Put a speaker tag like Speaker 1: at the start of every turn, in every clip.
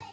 Speaker 1: God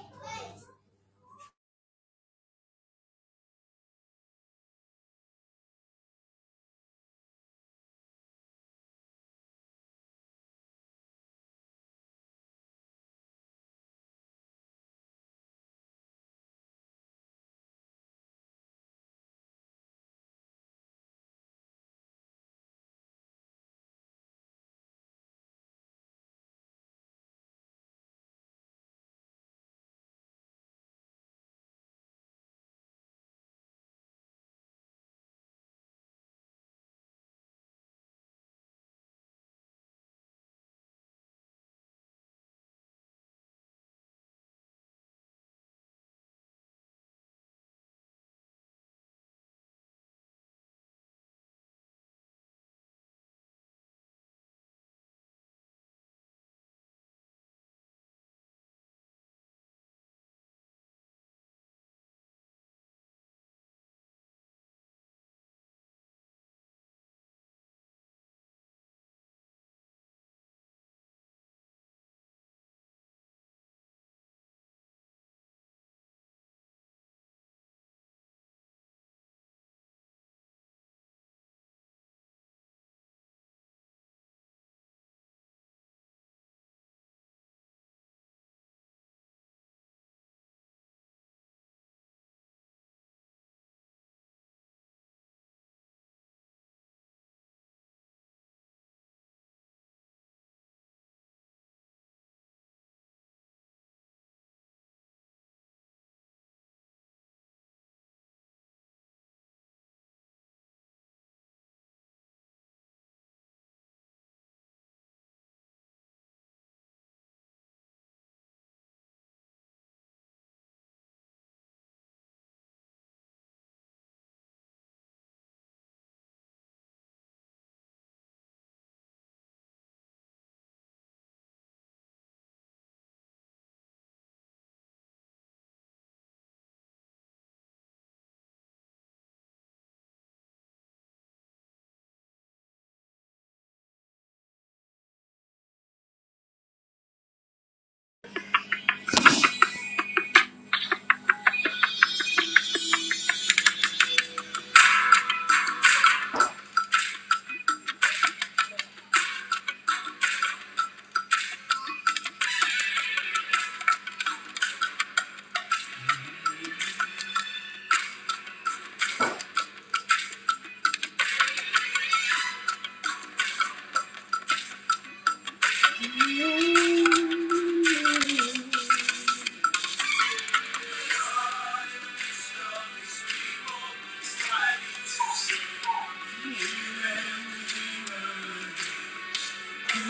Speaker 1: in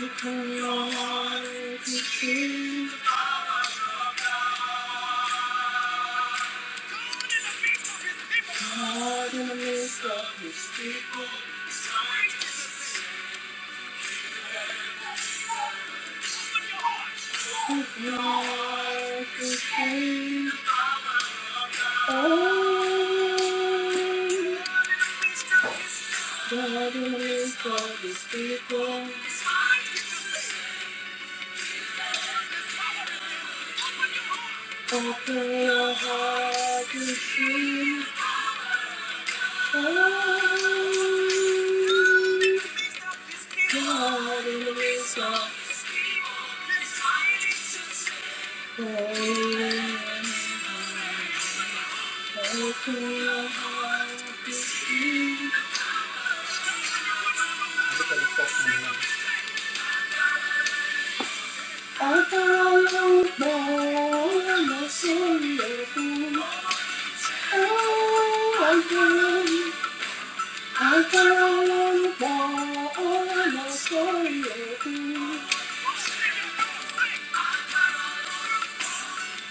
Speaker 1: the midst of his people. His life is free. Oh, God in the midst of his people. Open your heart to see. I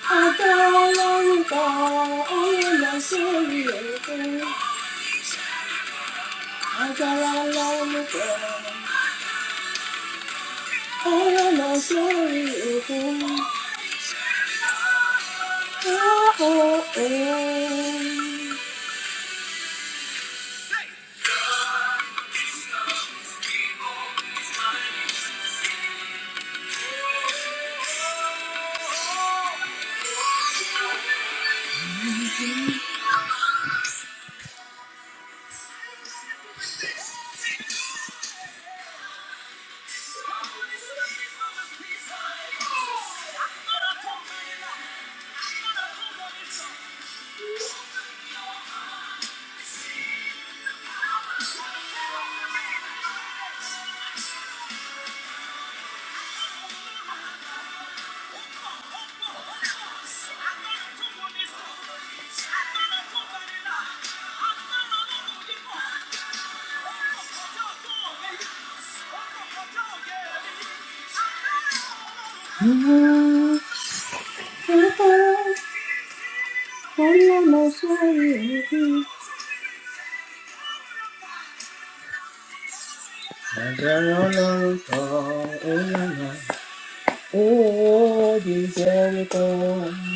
Speaker 1: I got a long ago, oh, I'm not sorry, oh, I got a long ago, oh, I'm not sorry, oh, oh, oh, oh. Oh, yeah. Oh, this Jericho.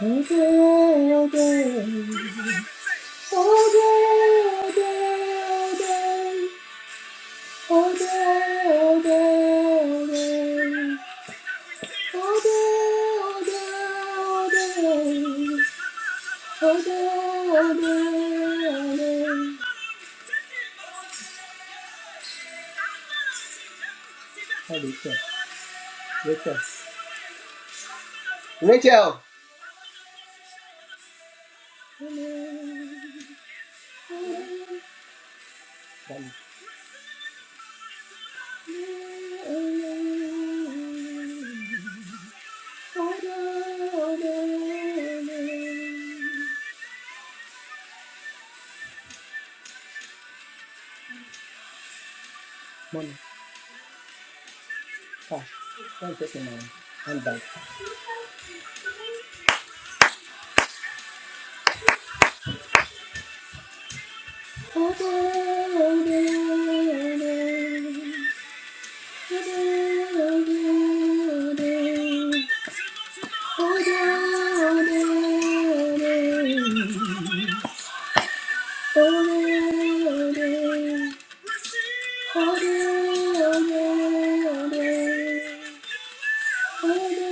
Speaker 1: All day, all day. All day, all day, all day. All day, all day, all day. All day, all day, all day. All day, all day, all day. Hi, Rachel. Rachel. Rachel! Money. Cash. Don't take my money. Handbag. Thank you.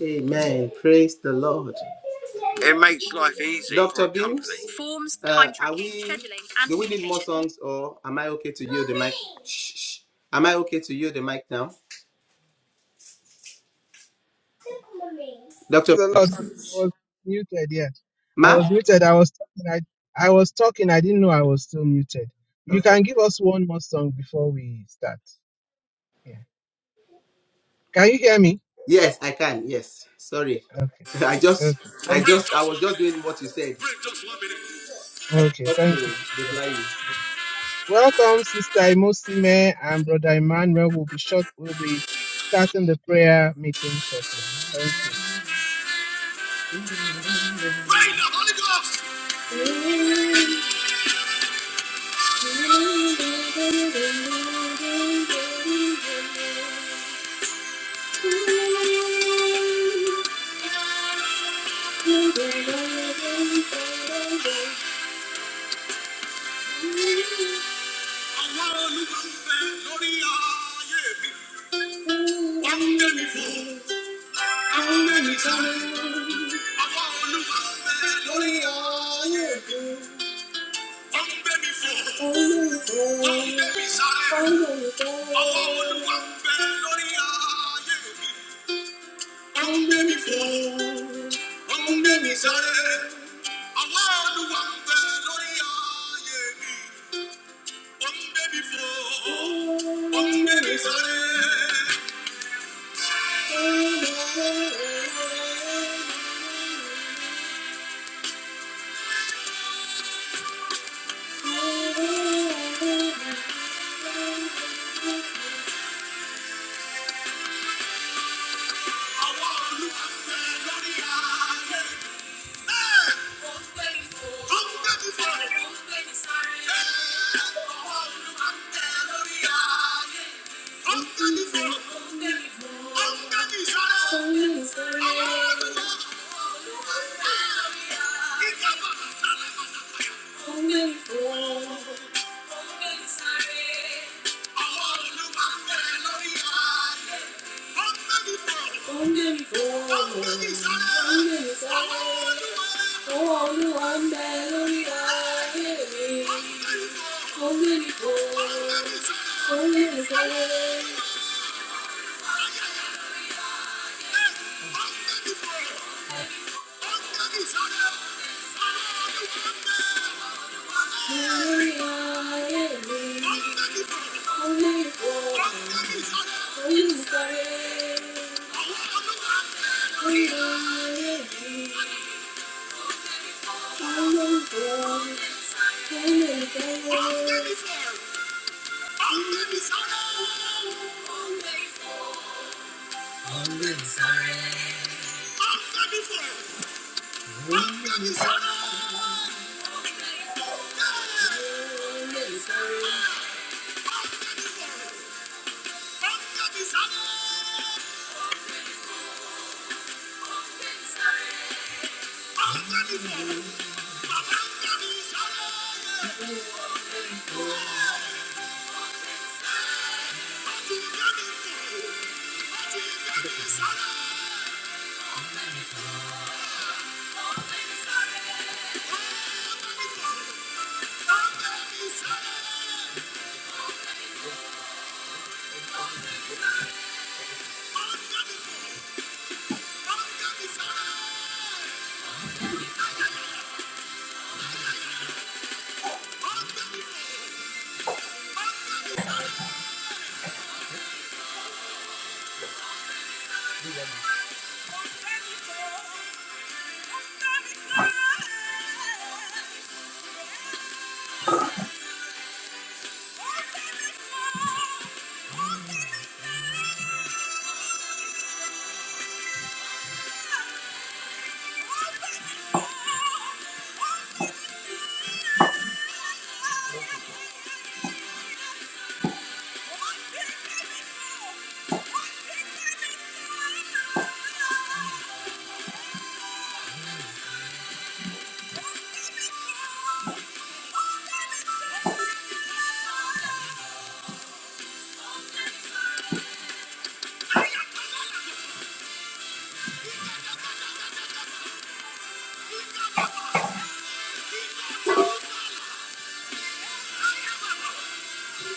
Speaker 1: Amen. Praise the Lord. It makes life easy Dr. a Beams, Forms, uh, time are we, scheduling, do we need more songs or am I okay to yield the mic? Shh, shh. Am I okay to yield the mic now? Dr.
Speaker 2: Praise a lot.
Speaker 1: Beams,
Speaker 2: I was muted, yeah. I
Speaker 1: ma?
Speaker 2: was muted. I was talking. I, I was talking. I didn't know I was still muted. You
Speaker 1: Okay.
Speaker 2: can give us one more song before we start. Yeah. Can you hear me?
Speaker 1: Yes, I can. Yes. Sorry.
Speaker 2: Okay.
Speaker 1: I just,
Speaker 2: Okay.
Speaker 1: I
Speaker 2: Thank
Speaker 1: just, I was just doing what you said.
Speaker 2: you.
Speaker 1: I
Speaker 2: Okay.
Speaker 1: forgot
Speaker 2: Thank you.
Speaker 1: to reply you.
Speaker 2: Yeah. Welcome, Sister Imosime and Brother Emmanuel. We'll be short. We'll be starting the prayer meeting shortly. Thank you.
Speaker 1: Rain the Holy Ghost! Sáré, I Hey! Oh, I'm Sorry. Thank you.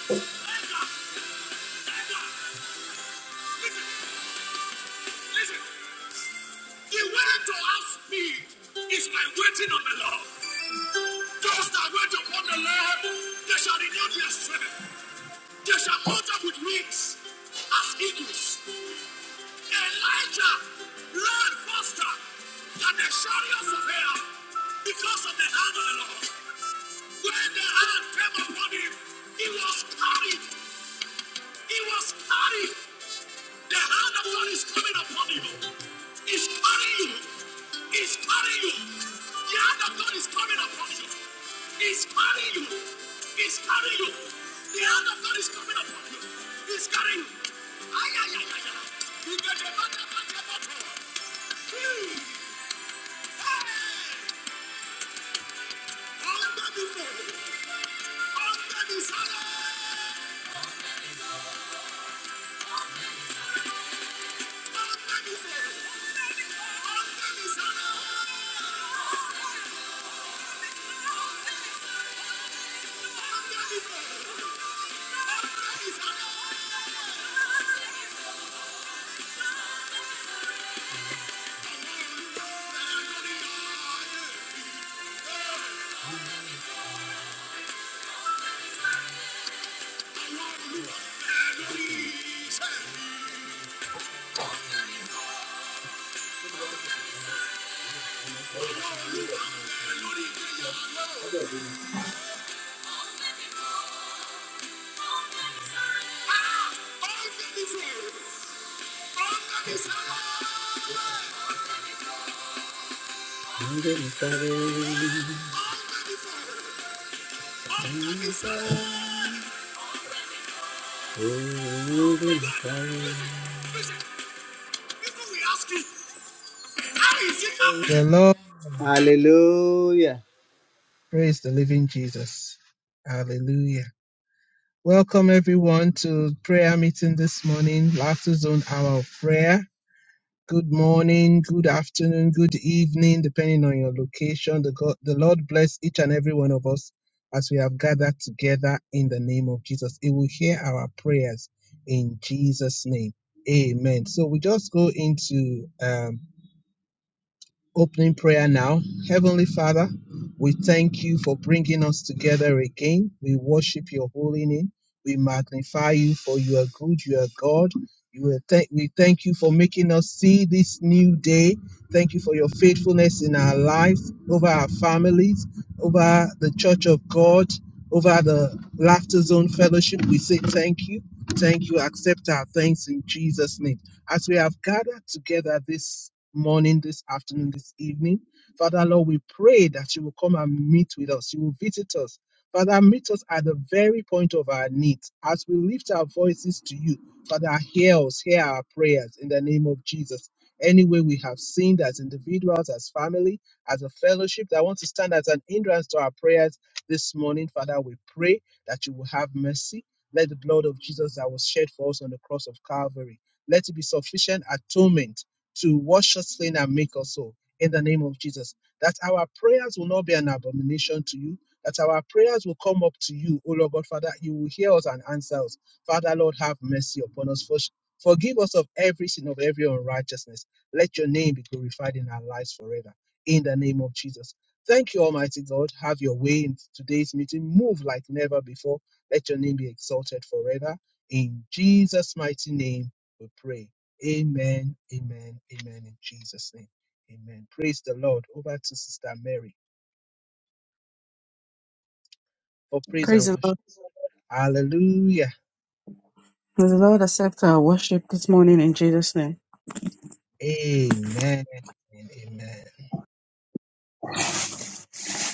Speaker 1: Thank you. Listen, listen. He went to have speed, eating on the Lord. As they went they shall renew their strength. They shall mount up with wings as eagles. Elijah ran faster than the chariots of hell because of the hand of the Lord. When the hand came upon him, he was carried. He was carried. The hand of God is coming upon you. It's carrying you. It's carrying you. The hand of God is coming upon you. It's carrying you. It's carrying you. The hand of God is coming upon you. It's carrying you. Ay, ay, ay, ay, ay. You get the back of the bottle. Hmm. Hey. Under the foe. Under the saddle.
Speaker 2: Praise the Lord.
Speaker 1: Hallelujah.
Speaker 2: Praise the living Jesus. Hallelujah. Welcome everyone to prayer meeting this morning, Laughter Zone Hour of Prayer. Good morning, good afternoon, good evening, depending on your location. The, God, the Lord bless each and every one of us as we have gathered together in the name of Jesus. He will hear our prayers in Jesus' name. Amen. So we just go into um, Opening prayer now. Heavenly Father, we thank you for bringing us together again. We worship your holy name. We magnify you for you are good, you are God. You are thank we thank you for making us see this new day. Thank you for your faithfulness in our lives, over our families, over the church of God, over the Laughter Zone Fellowship. We say thank you. Thank you. Accept our thanks in Jesus' name. As we have gathered together this morning, this afternoon, this evening. Father, Lord, we pray that you will come and meet with us. You will visit us. Father, meet us at the very point of our needs. As we lift our voices to you, Father, hear us, hear our prayers in the name of Jesus. Any way we have sinned as individuals, as family, as a fellowship that want to stand as an hindrance to our prayers this morning, Father, we pray that you will have mercy. Let the blood of Jesus that was shed for us on the cross of Calvary, let it be sufficient atonement to wash us clean and make us whole in the name of Jesus. That our prayers will not be an abomination to you, that our prayers will come up to you, O Lord God, Father. You will hear us and answer us. Father, Lord, have mercy upon us. For- Forgive us of every sin, of every unrighteousness. Let your name be glorified in our lives forever. In the name of Jesus. Thank you, Almighty God. Have your way in today's meeting. Move like never before. Let your name be exalted forever. In Jesus' mighty name, we pray. Amen, amen, amen in Jesus' name. Amen. Praise the Lord. Over to Sister Mary for praise and
Speaker 3: Praise the Lord.
Speaker 2: worship. Hallelujah.
Speaker 3: May the Lord accept our worship this morning in Jesus' name.
Speaker 2: Amen. Amen.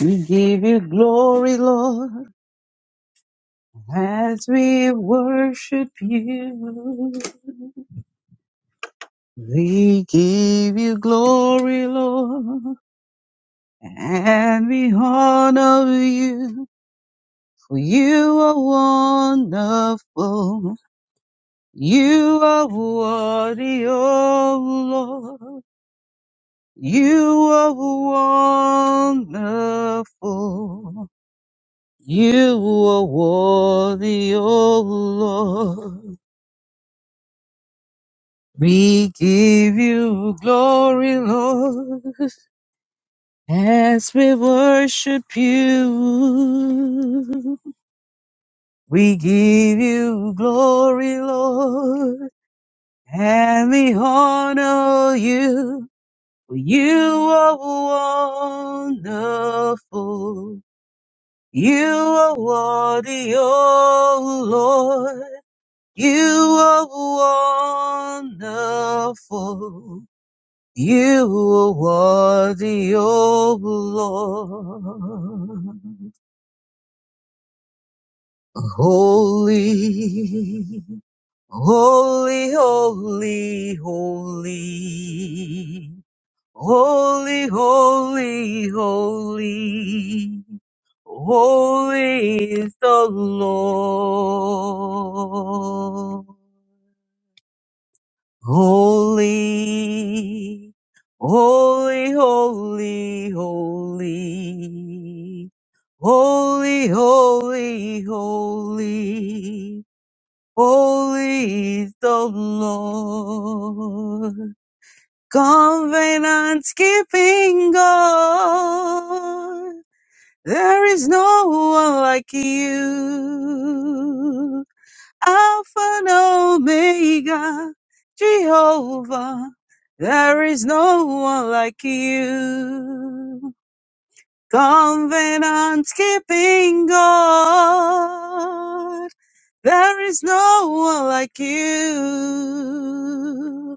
Speaker 3: We give you glory, Lord, as we worship you. We give you glory, Lord, and we honor you, for you are wonderful. You are worthy, oh Lord. You are wonderful. You are worthy, O Lord. We give you glory, Lord, as we worship you. We give you glory, Lord, and we honor you. You are wonderful. You are worthy, O Lord. You are wonderful. You are worthy, O Lord. Holy, holy, holy, holy. Holy, holy, holy. Holy is the Lord. Holy, holy, holy, holy, holy, holy, holy, holy is the Lord. Covenant keeping God, there is no one like you. Alpha and Omega, Jehovah, there is no one like you. Covenant keeping God, there is no one like you.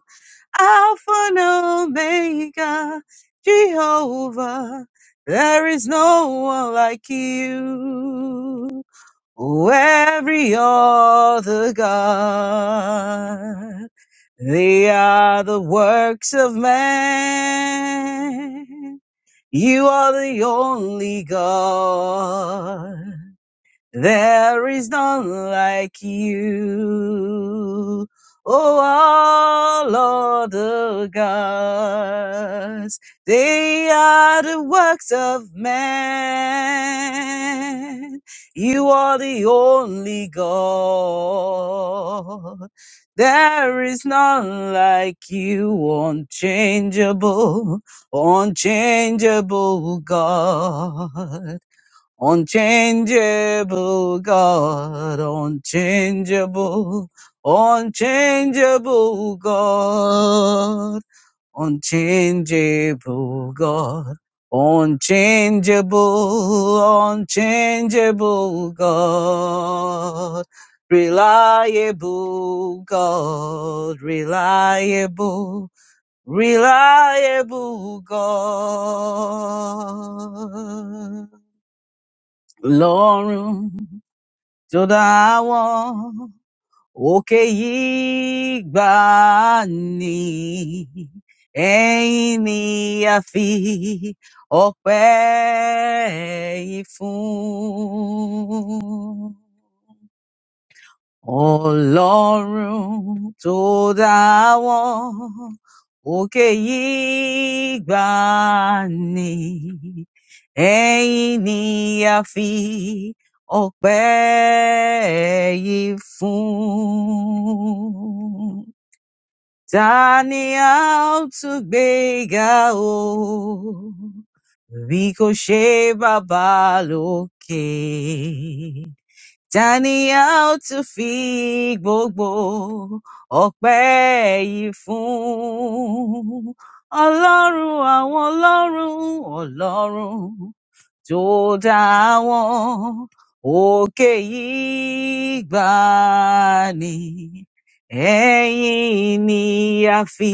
Speaker 3: Alpha and Omega, Jehovah, there is no one like you. Oh, every other God, they are the works of man. You are the only God. There is none like you. Oh, all other gods, they are the works of man. You are the only God. There is none like you, unchangeable, unchangeable God. Unchangeable God, unchangeable, unchangeable God, unchangeable God, unchangeable, unchangeable God, reliable God, reliable, reliable God lọ́rùn tó dá wọn òkè yìí gbà ní ẹ̀yìn ni a fi ọpẹ́ yìí fún. Ọlọ́run tó dá wọn òkè yìí gbà ní ẹ̀yìn ni a fi ọpẹ́ yìí fún. Ta ni a ó tún gbé ga o? Bí kò ṣe bàbá lókè. Tani a ó tún fi gbogbo ọpẹ́ yìí fún? Ọlọ́run àwọn ọlọ́run, ọlọ́run tó dá wọn. Òkè yìí gbà ní, ẹ̀yìn ni a fi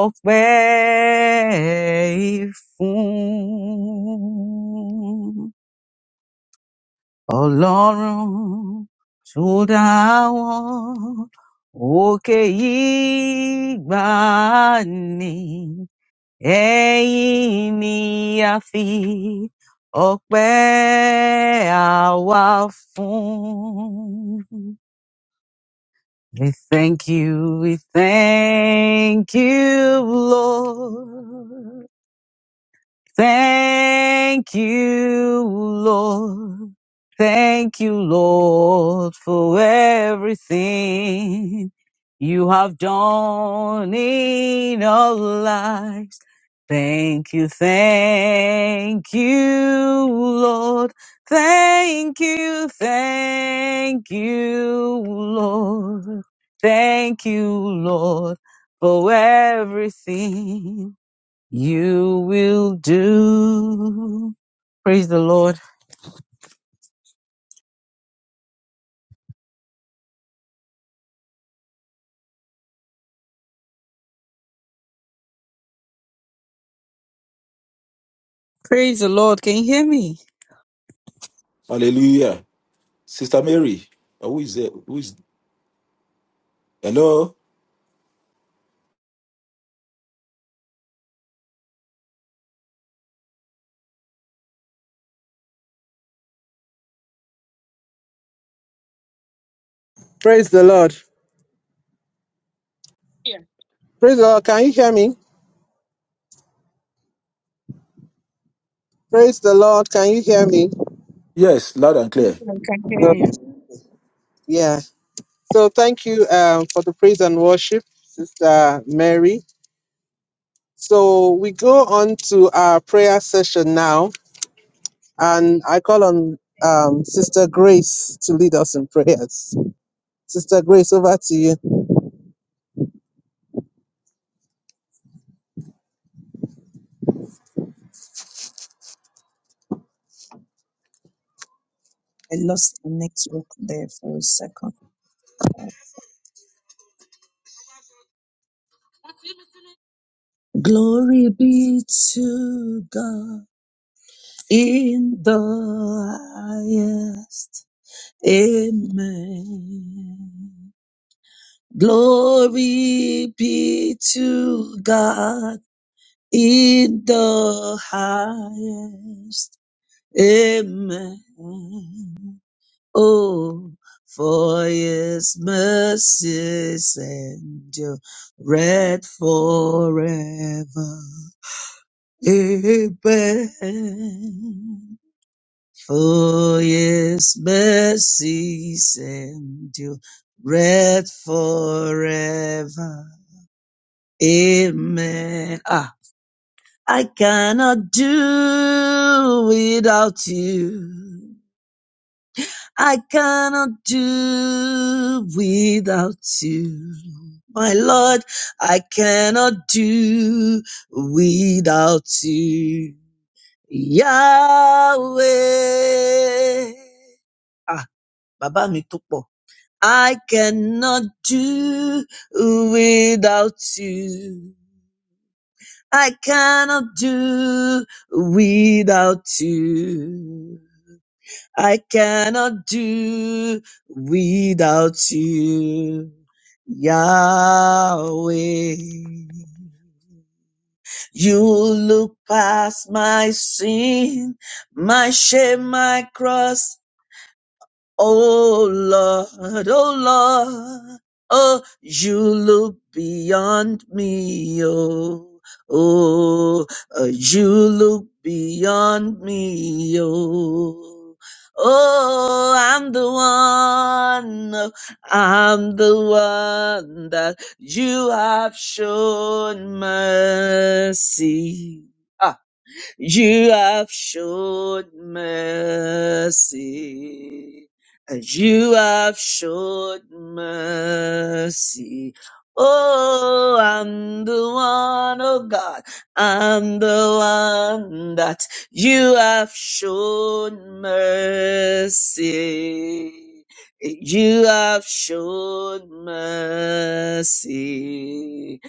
Speaker 3: ọpẹ́ yìí fún. Ọlọ́run tó dá wọn òkè yìí gbà ní ẹ̀yìn ni a fi ọpẹ́ àwa fún. We thank you, we thank you, Lord. Thank you, Lord. Thank you, Lord, for everything you have done in our lives. Thank you, thank you, Lord. Thank you, thank you, Lord. Thank you, Lord, for everything. You will do. Praise the Lord. Praise the Lord. Can you hear me?
Speaker 4: Hallelujah. Sister Mary, who is there? Who is hello?
Speaker 5: Yeah.
Speaker 2: me ready
Speaker 4: Yes, loud and
Speaker 3: Yeah,
Speaker 4: clear.
Speaker 3: I can hear
Speaker 2: Well,
Speaker 3: you.
Speaker 2: yeah so thank you um, for the praise and worship sister mary so we go on to our prayer session now and i call on um, sister grace to lead us in prayers sister grace over to you
Speaker 6: I lost the network there for a second. Glory be to God in the highest. Amen. Glory be to God in the highest. Amen. Oh, for his mercies endureth forever. Amen. For his mercies endureth forever. Amen. Ah, I cannot do without you. I cannot do without you. My Lord, I cannot do without you. Yahweh. Ah, Baba mi tó I cannot do without you. I cannot do without you. I cannot do without you, Yahweh. You look past my sin, my shame, my cross, Oh Lord, oh Lord, oh, you look beyond me, oh, oh, uh, you look beyond me, oh. Oh, I'm the one, oh, I'm the one that you have shown mercy. Ah, you have showed mercy. You have showed mercy. Oh, I'm the one, oh God, I'm the one that you have shown mercy. You have shown mercy.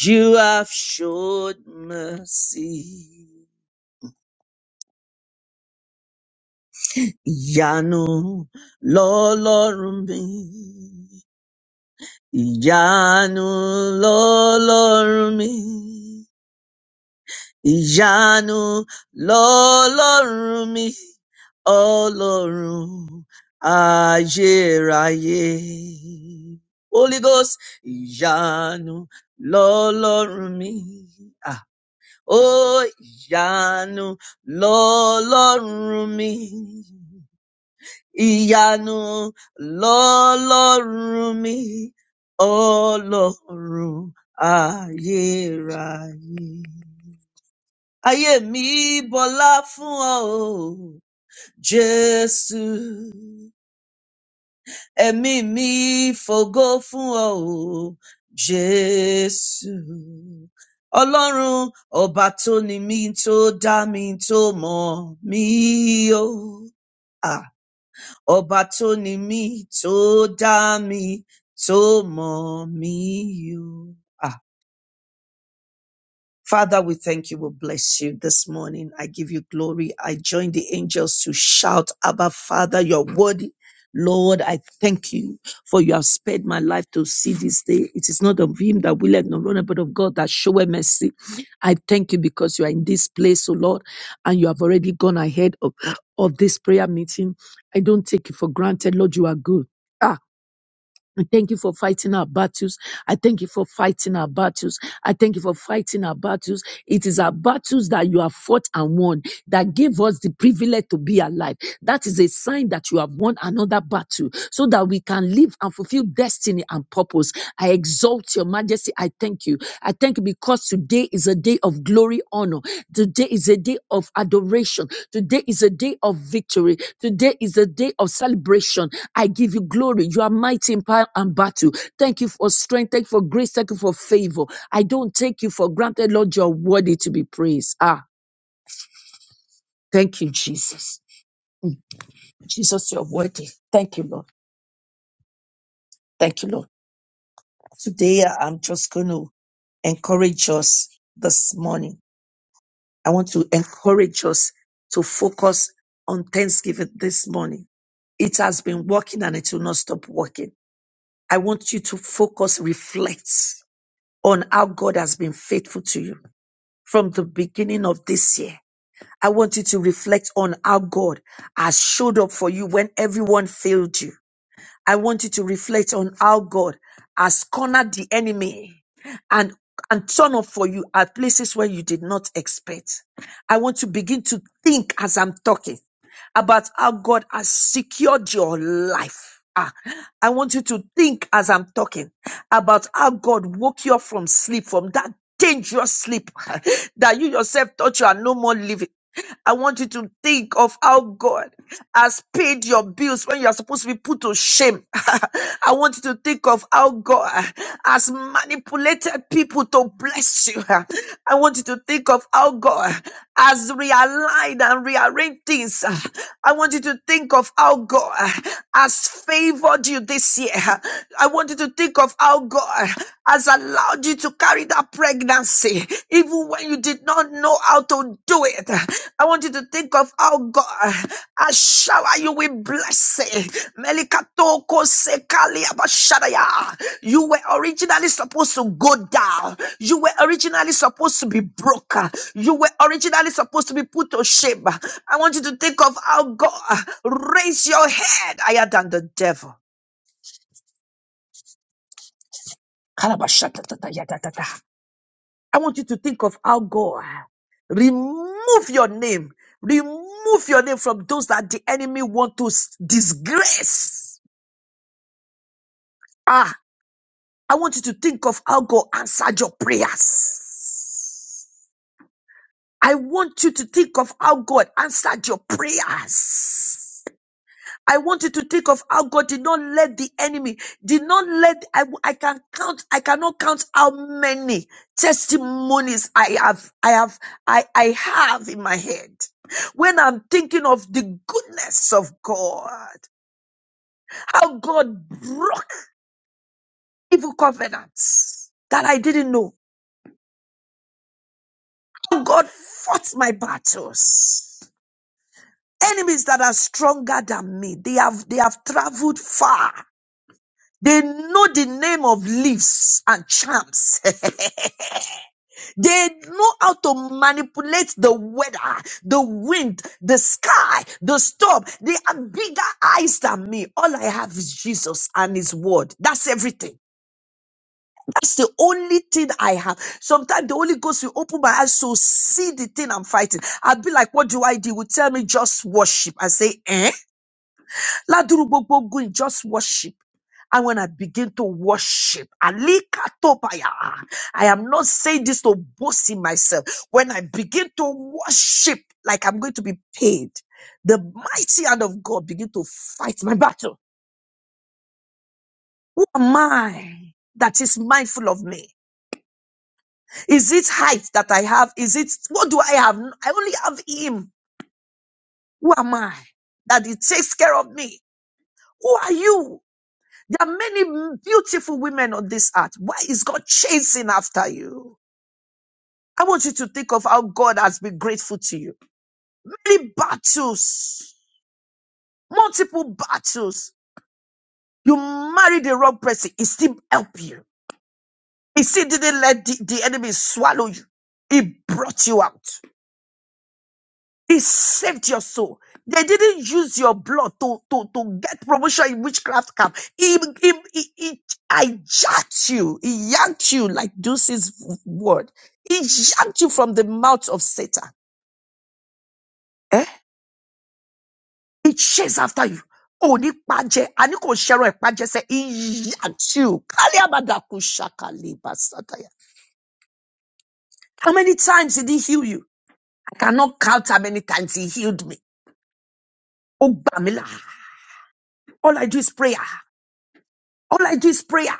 Speaker 6: You have shown mercy. ìyanu lọ́lọ́run mi. Ìyanu lọ́lọ́run mi. Ìyanu lọ́lọ́run mi. Ọlọ́run ayérayé. Holy Ghost, ìyanu lọ́lọ́run mi. Ah, ó ìyanu lọ́lọ́run mi. ìyanu lọ́lọ́run mi ọlọ́run ayérayé. Ayé mi bọlá fún ọ o, Jésù. Ẹ̀mí mi fògo fún ọ o, Jésù. Ọlọ́run ọba tó ni mí tó dá mi tó mọ̀ mí o. ọba tó ni mí tó dá mi tó mọ̀ mí o. Father, we thank you. We bless you this morning. I give you glory. I join the angels to shout, Abba, Father, you're worthy. Lord, I thank you for you have spared my life to see this day. It is not of him that willeth nor runner, but of God that showeth mercy. I thank you because you are in this place, O Lord, and you have already gone ahead of, of this prayer meeting. I don't take it for granted, Lord, you are good. Ah. I thank you for fighting our battles. I thank you for fighting our battles. I thank you for fighting our battles. It is our battles that you have fought and won that gave us the privilege to be alive. That is a sign that you have won another battle so that we can live and fulfill destiny and purpose. I exalt your majesty. I thank you. I thank you because today is a day of glory, honor. Today is a day of adoration. Today is a day of victory. Today is a day of celebration. I give you glory. You are mighty in power and battle. Thank you for strength. Thank you for grace. Thank you for favor. I don't take you for granted, Lord. You're worthy to be praised. Ah, thank you, Jesus. Jesus, you're worthy. Thank you, Lord. Thank you, Lord. Today, I'm just going to encourage us this morning. I want to encourage us to focus on Thanksgiving this morning. It has been working and it will not stop working. I want you to focus, reflect on how God has been faithful to you from the beginning of this year. I want you to reflect on how God has showed up for you when everyone failed you. I want you to reflect on how God has cornered the enemy and and turn up for you at places where you did not expect. I want to begin to think as I'm talking about how God has secured your life. Ah, I want you to think as I'm talking about how God woke you up from sleep, from that dangerous sleep that you yourself thought you are no more living. I want you to think of how God has paid your bills when you are supposed to be put to shame. I want you to think of how God has manipulated people to bless you. I want you to think of how God has realigned and rearranged things I want you to think of how God has favored you this year. I want you to think of how God has allowed you to carry that pregnancy, even when you did not know how to do it. I want you to think of how God has showered you with blessing. Melikatoko sekali abashadaya. You were originally supposed to go down. You were originally supposed to be broken. You were originally supposed to be put to shame. I want you to think of how God raised your head higher than the devil. Kalabashatatatayatatata. I want you to think of how God remove your name, remove your name from those that the enemy want to s- disgrace. Ah, I want you to think of how God answered your prayers. I want you to think of how God answered your prayers. I want you to think of how God did not let the enemy, did not let, I, I can count, I cannot count how many testimonies I have, I have, I, I have in my head. When I'm thinking of the goodness of God, how God broke evil covenants that I didn't know. for any days and they know how to manage the wind, the sky, the storm. They have bigger eyes than me. All I have is Jesus and His word. That's it. It's the only thing. Sometimes the Holy Ghost will open my eyes to sin I'm fighting. I'll be like, what do you want? tell me? Just worship. I say, eh? Laduru gbogbo gun, just worship. And when I begin to worship, alikatopaya, I am not saying this to boast in myself. When I begin to worship, like I'm going to be paid, the mighty hand of God begin to fight my battle. Who am I? There are many battles. You marry the wrong person, it still help you He still didn't let the, the enemy swallow you. He brought you out. He saved your soul. They didn't use your blood to, to, to get promotion in witchcraft camp. He, he, he, he hijacked you. He yanked you like Deuce's word. He yanked you from the mouth of Satan. Eh? He chased after you. Oh, ni paje, ani ko shero e paje se he yanked you. Kali abada kushaka liba sataya. How many times did he heal you? cannot count how many times he healed me. Oh, Bamila. All I do is prayer. All I do is prayer.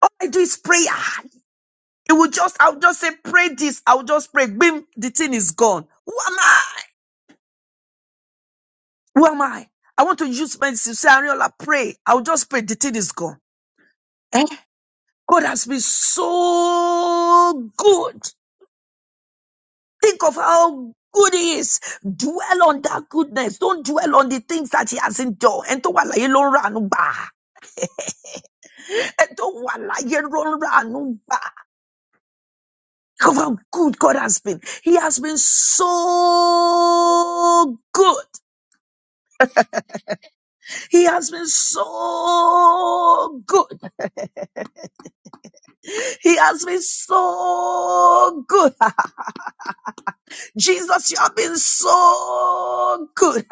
Speaker 6: All I do is prayer. It will just, I'll just say, pray this. I'll just pray. Bim, the thing is gone. Who am I? Who am I? I want to use my sincere Ariola, pray. I'll just pray. The thing is gone. Eh? God has been so good. Think of how good he is. Dwell on that goodness. Don't dwell on the things that he hasn't done. And to wala ye lo ra nu ba. Edowala, Yerora, Anumba. How good God has been. He has been so good. He has been so good. He has been so good. Jesus, you have been so good.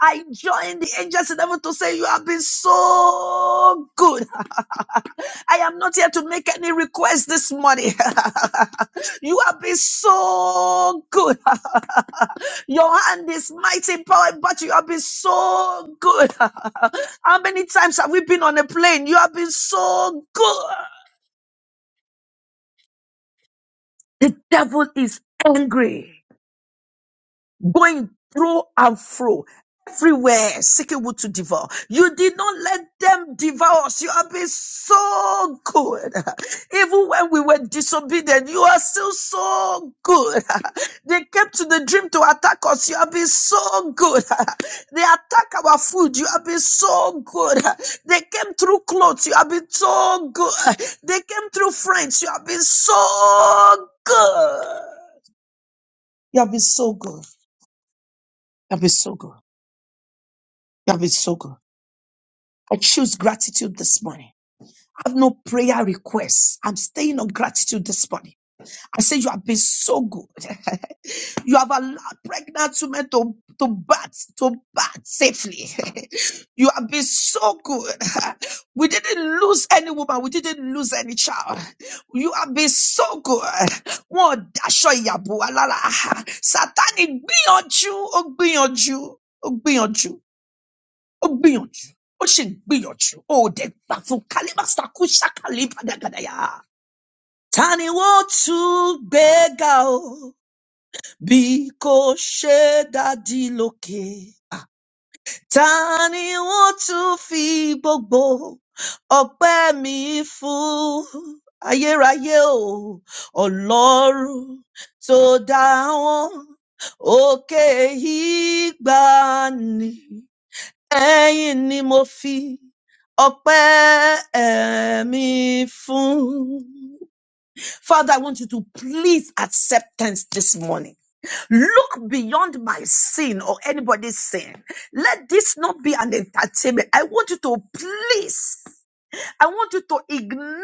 Speaker 6: I join the angels in heaven to say you have been so good. I am not here to make any request this morning. you have been so good. Your hand is mighty in power, but you have been so good. How many times have we been on a plane? You have been so good. The devil is angry. going through and through everywhere seeking wood to devour you did not let them devour us you have been so good even when we were disobedient you are still so good they came to the dream to attack us you have been so good they attack our food you have been so good they came through clothes you have been so good they came through friends you have been so good you have been so good you have been so good That is so good. I choose gratitude this morning. I have no prayer requests. I'm staying on gratitude this morning. I say you have been so good. you have allowed pregnant women to, to birth, to birth safely. you have been so good. we didn't lose any woman. We didn't lose any child. You have been so good. Wọ́n ò daṣọ ìyàbò wa lára. Sátánì gbìyànjú, ó gbìyànjú, ó gbìyànjú. ó gbìyànjú ó sì gbìyànjú ó dẹ̀ gbà fún kálíbàṣákú ṣàkàlíbàdàgàdàyà. ta ni wọ́n tún gbé ga o bí kò ṣe dádì lókè? ta ni wọ́n tún fi gbogbo ọpẹ́ mi fún? ayérayé o ọlọ́run tó dá wọn òkè ìgbàanì ẹ̀yin ni mo fi ọpẹ́ eh, mi fún. Father, I want you to please acceptance this morning. Look beyond my sin or anybody's sin. Let this not be an entertainment. I want you to please I want you to ignore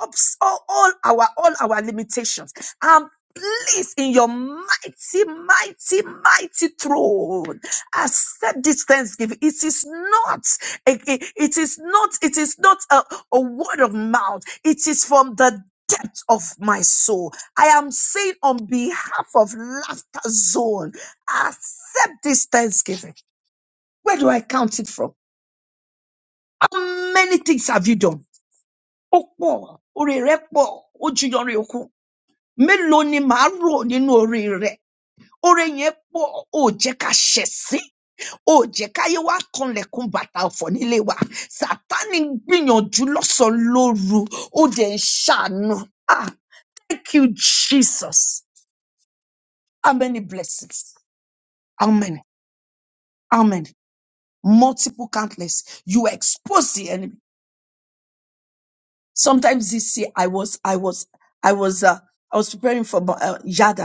Speaker 6: obs- all, all our all our limitations and place in your mighty, mighty, mighty throne. Accept this thanksgiving. It is not. It, it it is not. It is not a, a word of mouth. It is from the depth of my soul. I am saying on behalf of Laughter Zone, accept this thanksgiving. Where do I count it from? How many things have you done? ó pọ̀ oore rẹ̀ pọ̀ ó ju yanrìn òkun mélòó ni màá rò nínú oore rẹ̀ oore yẹn pọ̀ ó jẹ́ ká ṣẹ̀ sí ó jẹ́ káyé wá kanlẹ̀kùn bàtà ọ̀fọ̀ nílé wa sátani ń gbìyànjú lọ́sàn-án lóru ó dẹ̀ ń ṣàánú ah thank you jesus how many blessings how many how many multiple countless you expose the enemy sometimes this year i was i was i was uh, i was preparing for uh, yada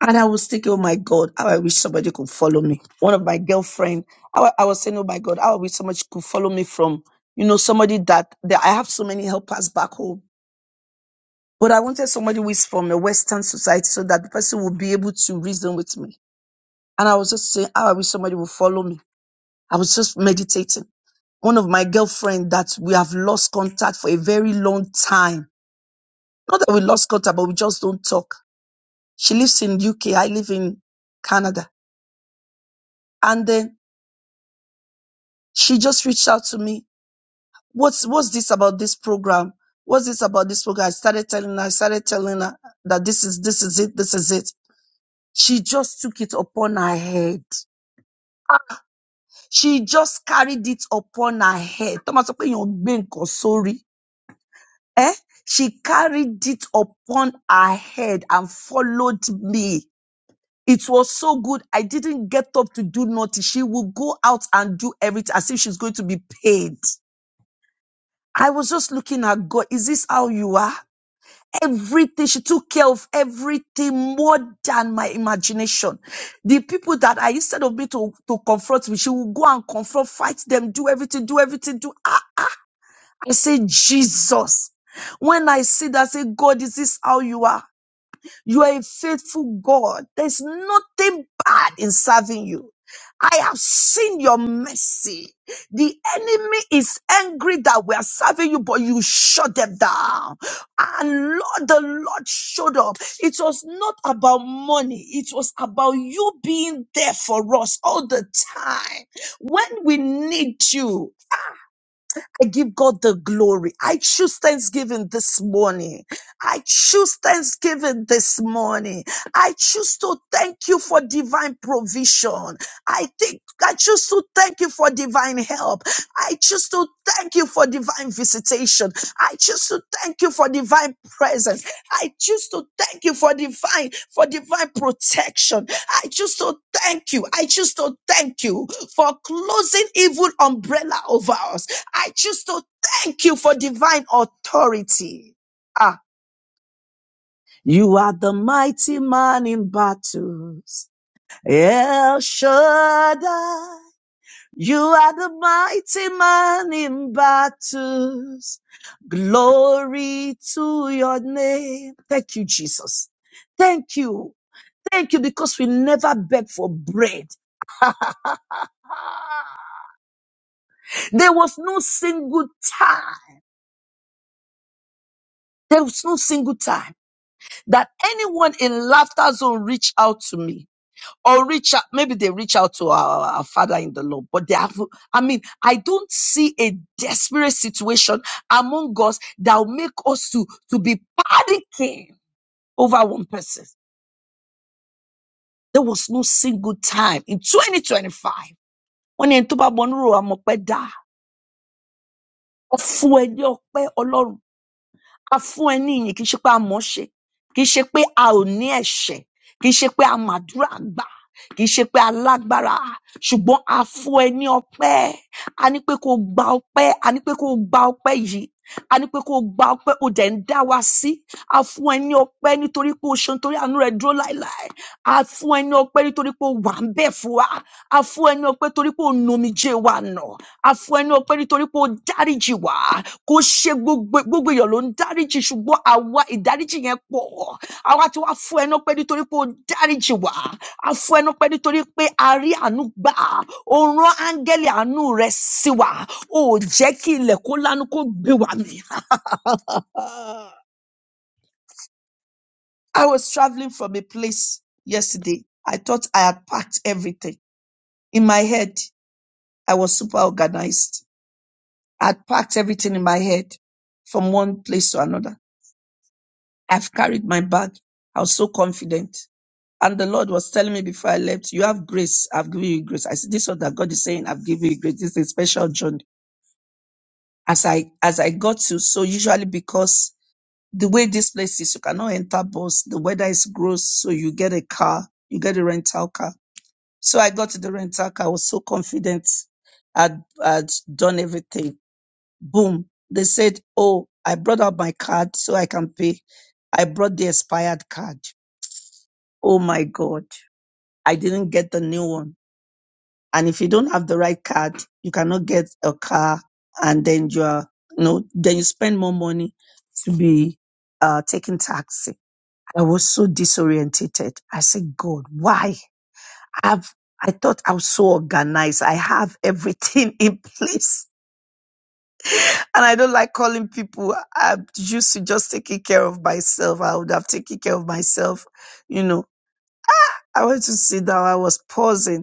Speaker 6: And I was thinking, oh my God, how I wish somebody could follow me. One of my girlfriend, I, I was saying, oh my God, how I wish somebody could follow me from, you know, somebody that, that I have so many helpers back home. But I wanted somebody who is from a Western society so that the person will be able to reason with me. And I was just saying, how I wish somebody would follow me. I was just meditating. One of my girlfriend that we have lost contact for a very long time. Not that we lost contact, but we just don't talk. She lives in UK. I live in Canada. And then she just reached out to me. What's what's this about this program? What's this about this program? I started telling her, I started telling her that this is this is it, this is it. She just took it upon her head. She just carried it upon her head. Thomas sọ pé èèyàn gbé nǹkan sórí. Eh? She carried it upon her head and followed me. It was so good. I didn't get up to do nothing. She will go out and do everything as if she's going to be paid. I was just looking at God. Is this how you are? Everything. She took care of everything more than my imagination. The people that I, instead of me to, to confront me, she will go and confront, fight them, do everything, do everything, do. Ah, I say, Jesus. When I see that, I say, God, is this how you are? You are a faithful God. There's nothing bad in serving you. I have seen your mercy. The enemy is angry that we are serving you, but you shut them down. And Lord, the Lord showed up. It was not about money. It was about you being there for us all the time. When we need you, I give God the glory. I choose Thanksgiving this morning. I choose Thanksgiving this morning. I choose to thank you for divine provision. I think I choose to thank you for divine help. I choose to thank you for divine visitation. I choose to thank you for divine presence. I choose to thank you for divine for divine protection. I choose to thank you. I choose to thank you for closing evil umbrella over us. I choose to thank you for divine authority. Ah, you are the mighty man in battles. El Shaddai, you are the mighty man in battles. Glory to your name. Thank you, Jesus. Thank you. Thank you because we never beg for bread. There was no single time. There was no single time that anyone in laughter zone reached out to me or reach out. Maybe they reach out to our, our father in the Lord, but they have, I mean, I don't see a desperate situation among us that will make us to, to be panicking over one person. There was no single time in 2025. when ní ẹni tó bá mọ onírúurú àmọ̀pẹ́ dá. Ọ̀fun ẹni ọpẹ́ Ọlọ́run. a fún ẹ ní ìyìn kì í ṣe pé a mọ̀ ọ́ se kì í ki pé a ò ní ẹ̀ṣẹ̀ í ṣe pé a màdúrà gbà kì í ṣe pé a lágbára ṣùgbọ́n a fún ẹ ní ọpẹ́ a ní pé kó o gba ọpẹ́ a ní pé kó o gba ọpẹ́ yìí a ní pé kó o gba ọpẹ́ o dẹ̀ ń dá wa sí a fún ẹ ní ọpẹ́ nítorí pé o ṣe nítorí àánú rẹ dúró láéláé a fún ẹ ní ọpẹ́ nítorí pé o wà ń bẹ̀ fún wa a fún ẹ ní ọpẹ́ torí pé o nomijé wa nà a fún ẹ ní ọpẹ́ nítorí pé o dáríjì wá kò ṣe gbogbo gbogbo èèyàn ló ń dáríjì ṣùgbọ́n àwa ìdáríjì yẹn pọ̀ àwa tí wàá fún ẹnu pé nítorí pé ó dáríjì wá a fún ẹnu pé nítorí pé a rí àánú gbà ó rán áńgẹ́lì àánú rẹ̀ sí wa ó jẹ́ kí ilẹ̀ kó lánú kó gbé wa mì. Ah, I was traveling from a place yesterday I thought I had packed everything in my head I was super organized I had packed everything in my head from one place to another I've carried my bag I was so confident And the Lord was telling me before I left, you have grace. I've given you grace. I said, this is what that God is saying. I've given you grace. This is a special journey. As I, as I got to, so usually because the way this place is, you cannot enter bus. The weather is gross. So you get a car, you get a rental car. So I got to the rental car. I was so confident. I'd, I'd done everything. Boom. They said, oh, I brought out my card so I can pay. I brought the expired card. Oh my God. I didn't get the new one. And if you don't have the right card, you cannot get a car, and then you are, you know, then you spend more money to be uh, taking taxi. I was so disorientated. I said, God, why? I've I thought I was so organized. I have everything in place. And I don't like calling people. I'm used to just taking care of myself. I would have taken care of myself, you know. I went to sit down. I was pausing.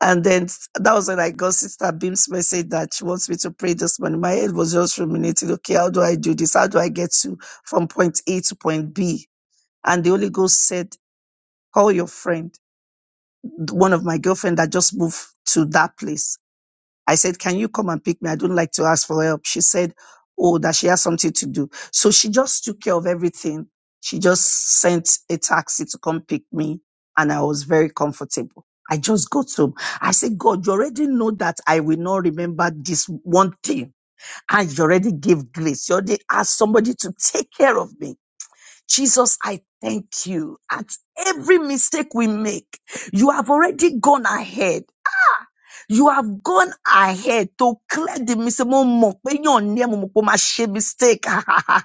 Speaker 6: And then s- that was when I got Sister Beam's message that she wants me to pray this morning. My head was just ruminating, okay, how do I do this? How do I get to from point A to point B? And the Holy Ghost said, call your friend, one of my girlfriend that just moved to that place I said, Can you come and pick me? I don't like to ask for help. She said, Oh, that she has something to do. So she just took care of everything. She just sent a taxi to come pick me, and I was very comfortable. I just got home. I said, God, you already know that I will not remember this one thing. And you already gave grace. You already asked somebody to take care of me. Jesus, I thank you. At every mistake we make, you have already gone ahead you have gone ahead to clear the mistake. Mo mọ̀ pé èèyàn ni ẹ́, mo mọ̀ pé o máa ṣe mistake.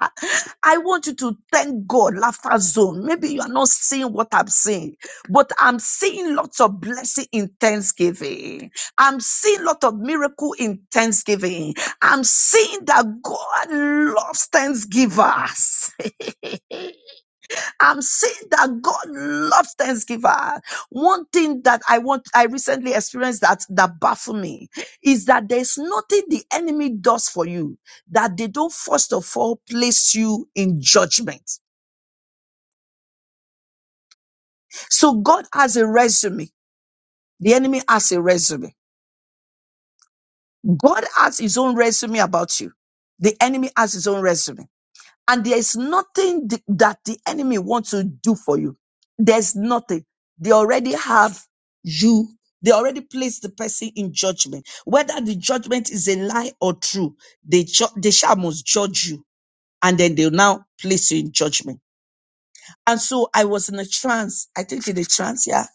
Speaker 6: I want you to thank God, laughter zone. Maybe you are not seeing what I'm seeing, but I'm seeing lots of blessing in Thanksgiving. I'm seeing lot of miracle in Thanksgiving. I'm seeing that God loves Thanksgivers. I'm saying that God loves Thanksgiver. One thing that I want, I recently experienced that that baffled me is that there's nothing the enemy does for you that they don't first of all place you in judgment. So God has a resume. The enemy has a resume. God has his own resume about you. The enemy has his own resume. and there is nothing th- that the enemy wants to do for you. There's nothing. They already have you. They already place the person in judgment. Whether the judgment is a lie or true, they ju- they shall must judge you, and then they'll now place you in judgment. And so I was in a trance. I think in a trance, yeah.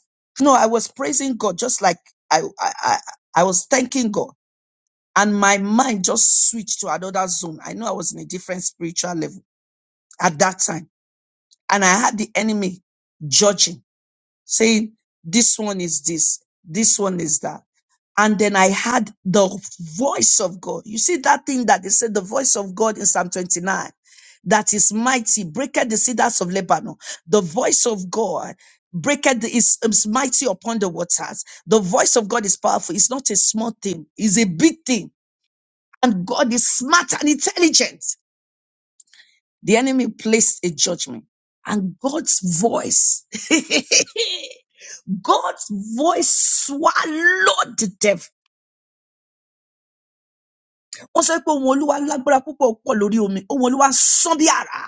Speaker 6: No, I was praising God, just like I I I, I was thanking God, and my mind just switched to another zone. I know I was in a different spiritual level at that time and I had the enemy judging, saying, This one is this, this one is that. And then I had the voice of God. You see that thing that they said, the voice of God in Psalm 29, that is mighty, breaketh the cedars of Lebanon. The voice of God breaketh the, is, is mighty upon the waters. The voice of God is powerful. It's not a small thing, it's a big thing. And God is smart and intelligent. The enemy placed a judgment. And God's voice, God's voice swallowed the devil. Wọ́n sọ pé ohun Olúwa lágbára púpọ̀ pọ̀ lórí omi. Ohun Olúwa sán bí àrá.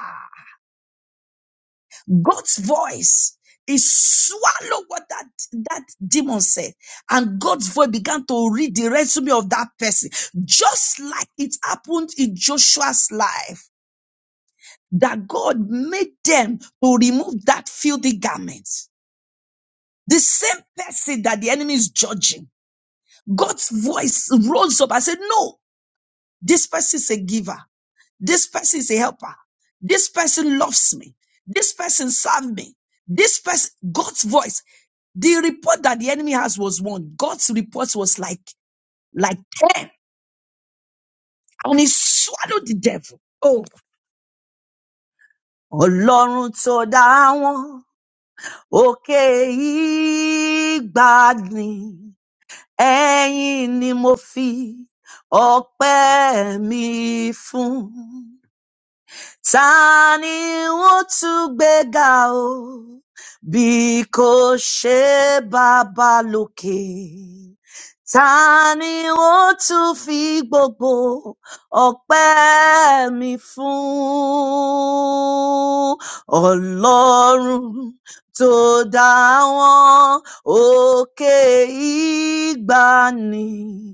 Speaker 6: God's voice, he swallowed what that, that demon said. And God's voice began to read the resume of that person. Just like it happened in Joshua's life, that God made them to remove that filthy garment. The same person that the enemy is judging, God's voice rose up and said, No, this person is a giver. This person is a helper. This person loves me. This person served me. This person, God's voice. The report that the enemy has was one. God's report was like, like 10. And he swallowed the devil. Oh, Ọlọ́run tó dá wọn òkè ìgbàgbìn ẹ̀yin ni mo fi ọpẹ́ mi fún ta ni ó tún gbéga o bí kò ṣe bàbá lókè ta ni ó tún fi gbogbo ọpẹ mi fún ọlọrun tó dá wọn òkè ìgbàanì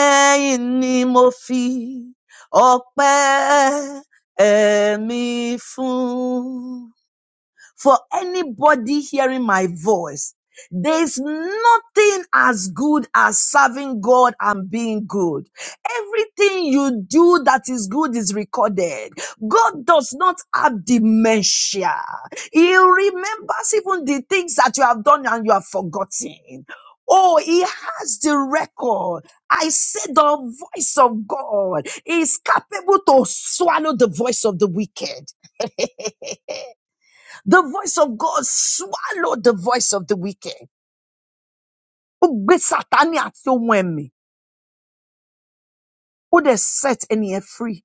Speaker 6: ẹyìn ni mo fi ọpẹ Ẹ̀mí fún. For anybody hearing my voice, there's nothing as good as serving God and being good. Everything you do that is good is recorded. God does not have dementia. He remembers even the things that you have done and you have forgotten. Oh, he has the record. I said the voice of God is capable to swallow the voice of the wicked. The voice of God swallowed the voice of the wicked. Ó gbé Sátánì àti ohun ẹ̀mí, ó dẹ̀ set ẹni yẹn free.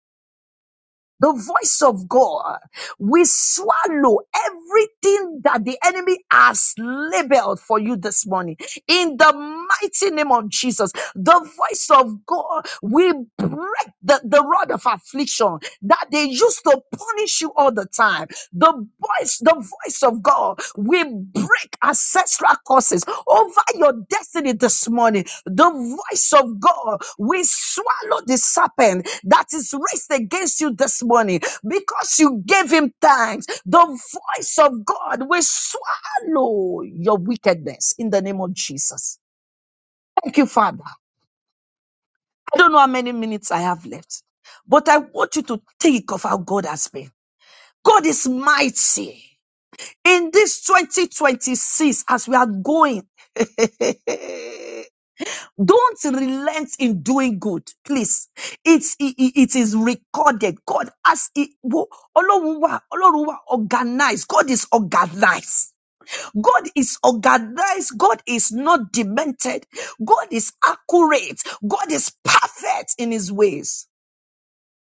Speaker 6: the voice of God. We swallow everything that the enemy has labeled for you this morning. In the mighty name of Jesus, the voice of God, we break the, the rod of affliction that they used to punish you all the time. The voice, the voice of God, we break ancestral curses over your destiny this morning. The voice of God, we swallow the serpent that is raised against you this morning because you gave him thanks. The voice of God will swallow your wickedness in the name of Jesus. Thank you, Father. I don't know how many minutes I have left, but I want you to think of how God has been. God is mighty in this 2026 as we are going. Don't relent in doing good, please. It's, it, it it is recorded. God has it. wo- Ọlọ́run wà, Ọlọ́run wà organized. God is organized. God is organized. God is not demented. God is accurate. God is perfect in his ways.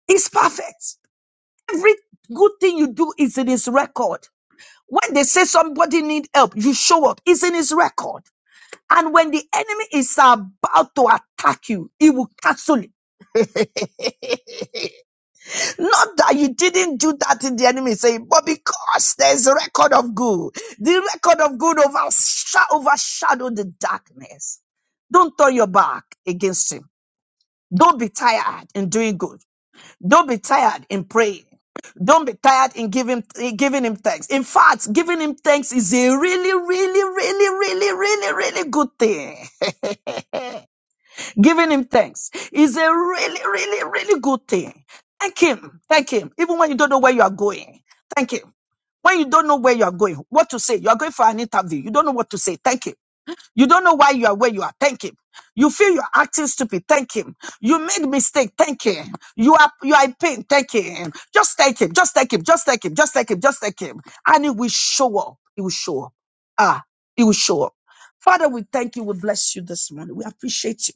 Speaker 6: He's perfect. Every good thing you do is in his record. When they say somebody need help, you show up. It's in his record. And when the enemy is about to attack you, he will cancel it. Not that you didn't do that in the enemy saying, but because there's a record of good, the record of good oversha- overshadow the darkness. Don't turn your back against him. Don't be tired in doing good. Don't be tired in praying. Don't be tired in giving in giving him thanks. In fact, giving him thanks is a really, really, really, really, really, really good thing. giving him thanks is a really, really, really good thing. Thank him. Thank him. Even when you don't know where you are going. Thank him. When you don't know where you are going, what to say, you are going for an interview, you don't know what to say, thank him. You don't know why you are where you are, thank him. You feel you're acting stupid, thank him. You make mistake, thank him. You are you are in pain, thank him. Just thank him, just thank him, just thank him, just thank him, just thank him. And it will show up. It will show up. Ah, it will show up. Father, we thank you, we bless you this morning. We appreciate you.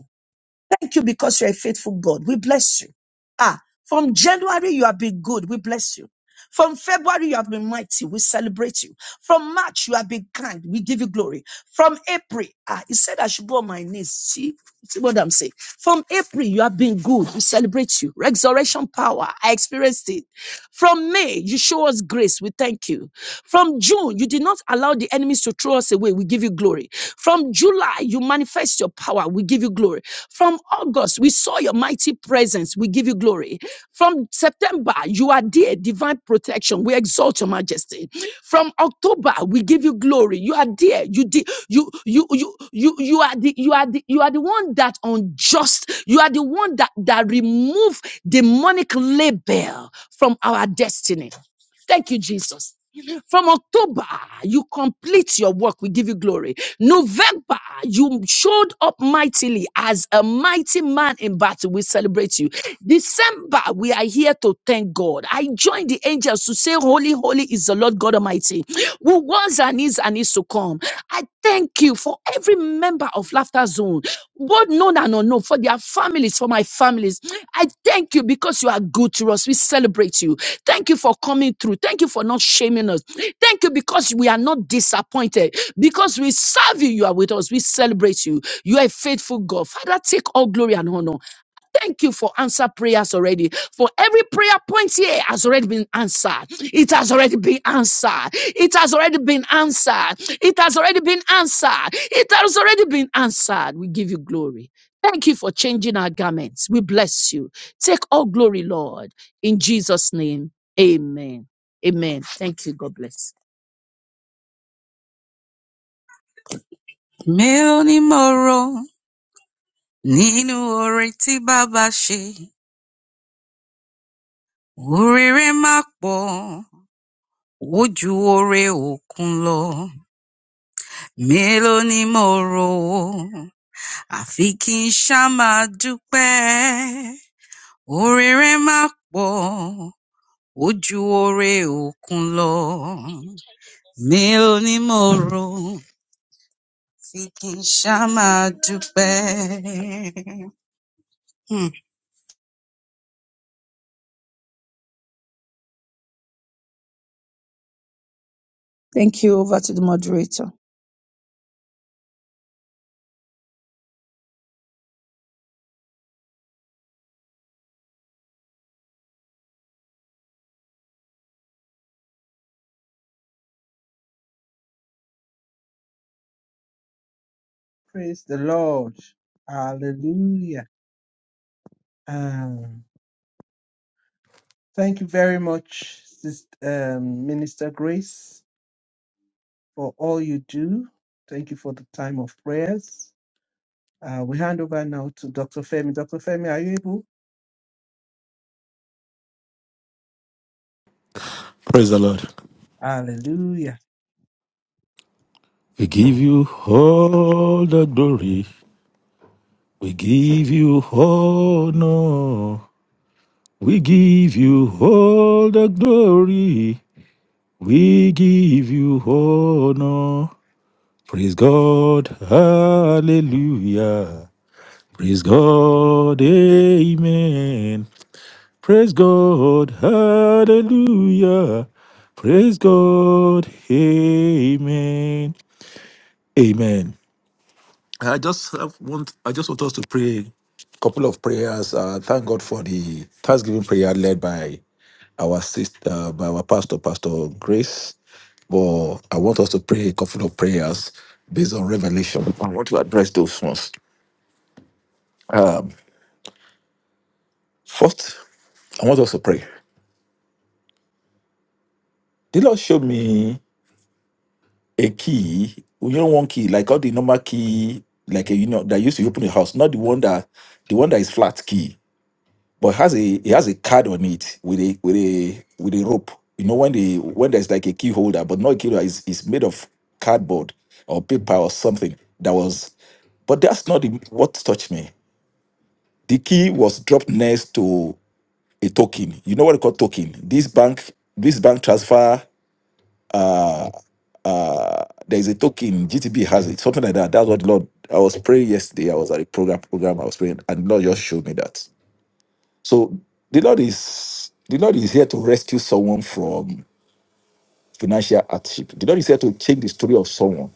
Speaker 6: Thank you because you're a faithful God. We bless you. Ah, from January, you have been good. We bless you. From February, you have been mighty. We celebrate you. From March, you have been kind. We give you glory. From April, ah, he said I should go on my knees. See, see what I'm saying? From April, you have been good. We celebrate you. Resurrection power. I experienced it. From May, you show us grace. We thank you. From June, you did not allow the enemies to throw us away. We give you glory. From July, you manifest your power. We give you glory. From August, we saw your mighty presence. We give you glory majesty. From September, you are dear, divine protection. We exalt your majesty. From October, we give you glory. You are dear. You di- you you you you you are the you are the you are the one that unjust. You are the one that that remove demonic label from our destiny. Thank you, Jesus. From October, you complete your work. We give you glory. November, you showed up mightily as a mighty man in battle. We celebrate you. December, we are here to thank God. I join the angels to say, Holy, holy is the Lord God Almighty, who was and is and is to come. I thank you for for every member of Laughter Zone, both known and unknown, for their families, for my families. I thank you because you are good to us. We celebrate you. Thank you for coming through. Thank you for not shaming us. Thank you because we are not disappointed. Because we serve you, you are with us. We celebrate you. You are a faithful God. Father, take all glory and honor. Thank you for answer prayers already. For every prayer point here has already been answered. It has already been answered. It has already been answered. It has already been answered. It has already been answered. We give you glory. Thank you for changing our garments. We bless you. Take all glory, Lord. In Jesus' name, amen. Amen. Thank you. God bless.
Speaker 3: mi ní mọ̀rọ̀ nínú oore tí bàbá ṣe oríire má pọ̀ ó ju òkun lọ mélòó ni mo àfi kí n ṣáà dúpẹ́ oríire má pọ̀ ó ju òkun lọ Mélòó ni mo rò tí kì í ṣáá máa dúpẹ́? Hmm.
Speaker 6: Thank you. Over to the moderator.
Speaker 2: Praise the Lord. Hallelujah. Um, thank you very much, Sister, um, Minister Grace, for all you do. Thank you for the time of prayers. Uh, we hand over now to Dr. Femi. Dr. Femi, are you able?
Speaker 4: Praise the Lord.
Speaker 2: Hallelujah.
Speaker 4: We give you all the glory. We give you honor. We give you all the glory. We give you honor. Praise God. Hallelujah. Praise God. Amen. Praise God. Hallelujah. Praise God. Amen. Amen. I just have want I just want us to pray a couple of prayers. Uh, thank God for the Thanksgiving prayer led by our sister, by our pastor, Pastor Grace. But I want us to pray a couple of prayers based on revelation. I want to address those ones. Um, first, I want us to pray. The Lord showed me. a key, you know, one key, like all the normal key, like a, you know, that used to open the house, not the one that the one that is flat key, but has a it has a card on it with a with a with a rope. You know, when the when there's like a key holder, but not a key holder, it's, it's made of cardboard or paper or something that was but that's not the, what touched me. The key was dropped next to a token. You know what they call token? This bank, this bank transfer. There is a token, GTB has it, something like that. That's what the Lord, I was praying yesterday. I was at a program, program, I was praying, and the Lord just showed me that. So the Lord is the Lord is here to rescue someone from financial hardship. The Lord is here to change the story of someone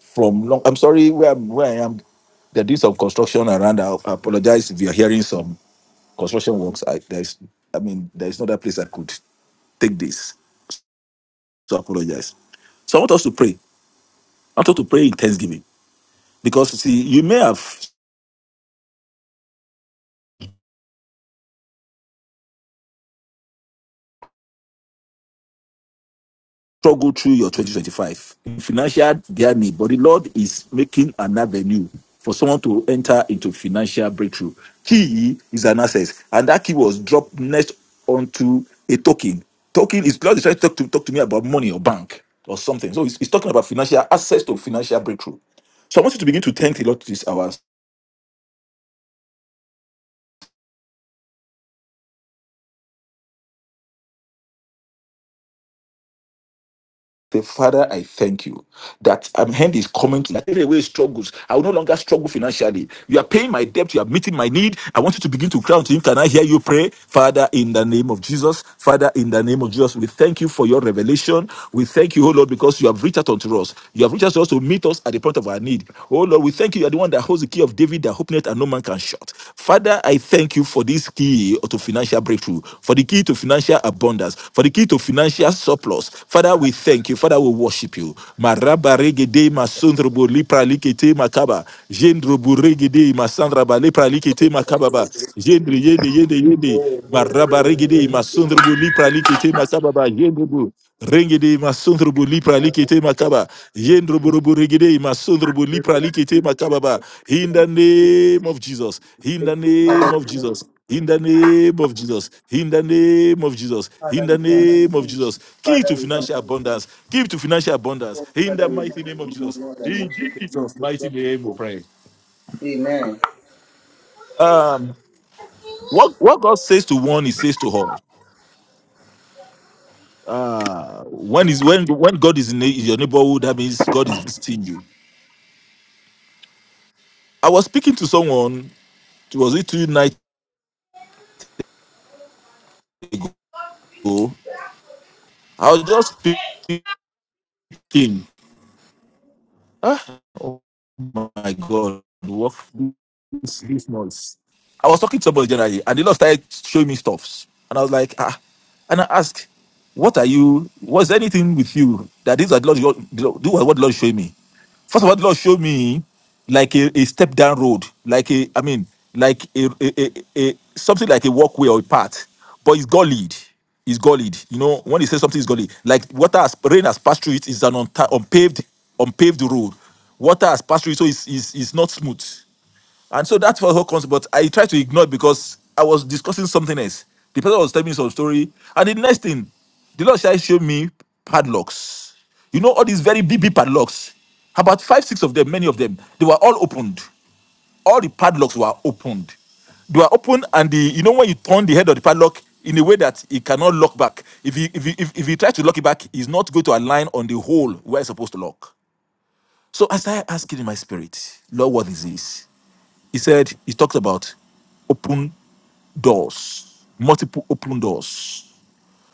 Speaker 4: from long. I'm sorry where I'm where I am. They're doing some construction around. I apologize if you're hearing some construction works. I there's I mean there's no other place I could take this. So I apologize. So I want us to pray. I want us to pray in thanksgiving because you see, you may have. struggle through your 2025 financial journey, but the Lord is making an avenue for someone to enter into financial breakthrough. Key is an access, and that key was dropped next onto a token. Token is God is trying to talk to talk to me about money or bank or something. So he's, he's talking about financial access to financial breakthrough. So I want you to begin to thank the Lord this hour. Say, Father, I thank you that um, hand is coming to that every way struggles. I will no longer struggle financially. You are paying my debt. You are meeting my need. I want you to begin to cry unto Him. Can I hear you pray, Father, in the name of Jesus? Father, in the name of Jesus, we thank you for your revelation. We thank you, oh Lord, because you have reached out unto us. You have reached out to us to meet us at the point of our need. Oh Lord, we thank you. You are the one that holds the key of David that openeth and no man can shut. Father, I thank you for this key to financial breakthrough, for the key to financial abundance, for the key to financial surplus. Father, we thank you. Father, we worship you. Maraba regede masondrobo lipra likete makaba. Jendrobo regede masandraba lipra likete makababa. Jendre yende yende yende. Maraba regede
Speaker 1: Father,
Speaker 4: masondrobo lipra likete makababa. Jendrobo. Rengede masondrobo lipra likete makaba. Yendroborobo regede masondrobo lipra likete makababa. In the name of Jesus. In the name of Jesus. In the name of Jesus. In the name of Jesus. In
Speaker 1: we
Speaker 4: the
Speaker 1: thank you.
Speaker 4: name of Jesus. Key
Speaker 1: Father,
Speaker 4: to
Speaker 1: we thank
Speaker 4: financial
Speaker 1: you.
Speaker 4: abundance. Key to financial abundance.
Speaker 1: Oh,
Speaker 4: In the
Speaker 1: Father, we bless
Speaker 4: mighty name of
Speaker 1: you, oh
Speaker 4: Jesus.
Speaker 1: Lord, I worship you. Lord. Amen.
Speaker 4: Um, what, what God says to one, He says to all. Uh, when is when when God is in your neighborhood, that means God is visiting you. I was speaking to someone. Was it two nights? go. I was just thinking, Oh my God. What? I was talking to somebody generally, and the Lord started showing me stuffs. And I was like, ah. And I asked, what are you? Was there anything with you that these are the Lord, the Lord- do what the Lord showed me? First of all, the Lord showed me like a, a step down road, like a, I mean, like a, a, a, a something like a walkway or a path, but it's gollied. It's gollied. You know, when he says something is gollied, like water has, rain has passed through it's an unta- unpaved, unpaved road. Water has passed through it, so it's, it's, it's not smooth. And so that was what comes, but I tried to ignore it because I was discussing something else. The person was telling me some story. And the next thing, the Lord shall show me padlocks. You know, all these very big, big padlocks. About five, six of them, many of them, they were all opened. All the padlocks were opened. They were open, and the you know when you turn the head of the padlock in a way that it cannot lock back. If you if you if, if you try to lock it back, it's not going to align on the hole where it's supposed to lock. So as I started asking in my spirit, Lord, what is this? He said, he talked about open doors, multiple open doors,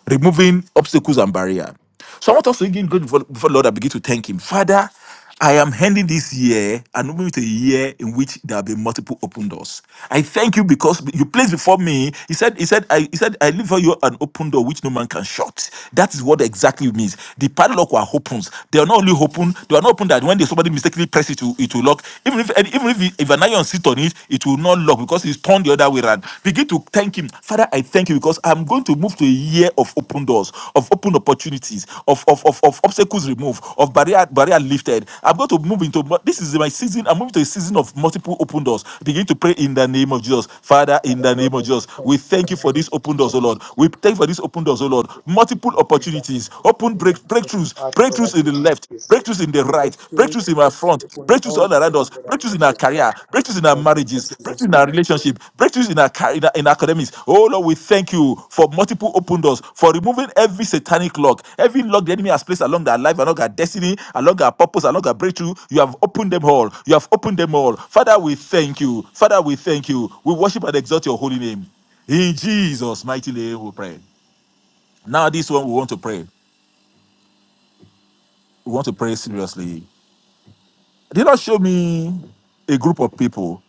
Speaker 4: removing obstacles and barrier. So I want us to begin going before, before the Lord and begin to thank Him. Father, I am handing this year and moving to a year in which there will be multiple open doors. I thank you because you placed before me. He said, He said, I he said, I leave for you an open door which no man can shut. That is what exactly it means. The padlock were opens. They are not only open, they are not open that when somebody mistakenly press it, it will lock. Even if and even if, if an iron sit on it, it will not not luck because he's turned the other way around. Begin to thank him. Father, I thank you because I'm going to move to a year of open doors, of open opportunities, of of, of, of obstacles removed, of barrier barrier lifted. I'm going to move into this is my season. I'm moving to a season of multiple open doors. Begin to pray in the name of Jesus. Father, in
Speaker 1: Father,
Speaker 4: the
Speaker 1: Lord,
Speaker 4: name
Speaker 1: I
Speaker 4: of
Speaker 1: say
Speaker 4: Jesus,
Speaker 1: thank
Speaker 4: we
Speaker 1: you
Speaker 4: thank
Speaker 1: for
Speaker 4: you for
Speaker 1: mercy
Speaker 4: these open doors, oh Lord. We thank you for these open doors, oh Lord. Multiple
Speaker 1: in the mighty
Speaker 4: opportunities, open break breakthroughs,
Speaker 1: Father, Lord, I
Speaker 4: breakthroughs
Speaker 1: say
Speaker 4: in the
Speaker 1: thank
Speaker 4: left,
Speaker 1: you
Speaker 4: breakthroughs in the
Speaker 1: for
Speaker 4: right,
Speaker 1: breakthrough,
Speaker 4: breakthroughs in our front,
Speaker 1: open
Speaker 4: breakthroughs
Speaker 1: doors.
Speaker 4: all around
Speaker 1: Father,
Speaker 4: us,
Speaker 1: Lord, I
Speaker 4: breakthroughs in
Speaker 1: bless
Speaker 4: our
Speaker 1: you
Speaker 4: career, breakthroughs in our
Speaker 1: in the name of
Speaker 4: marriages, breakthroughs
Speaker 1: Jesus.
Speaker 4: in our relationship, breakthroughs in our, car- in our in academics. Oh Lord, we thank you for multiple open doors, for removing every satanic lock, every lock the enemy has placed along our life, along our destiny, along our purpose, along our breakthrough. You have opened them all. You have opened them all. Father, we thank you. Father, we thank you. We worship and exalt your holy name. In Jesus' mighty name, we pray. Now, this one we want to pray. We want to pray seriously. Did not show me a group of people.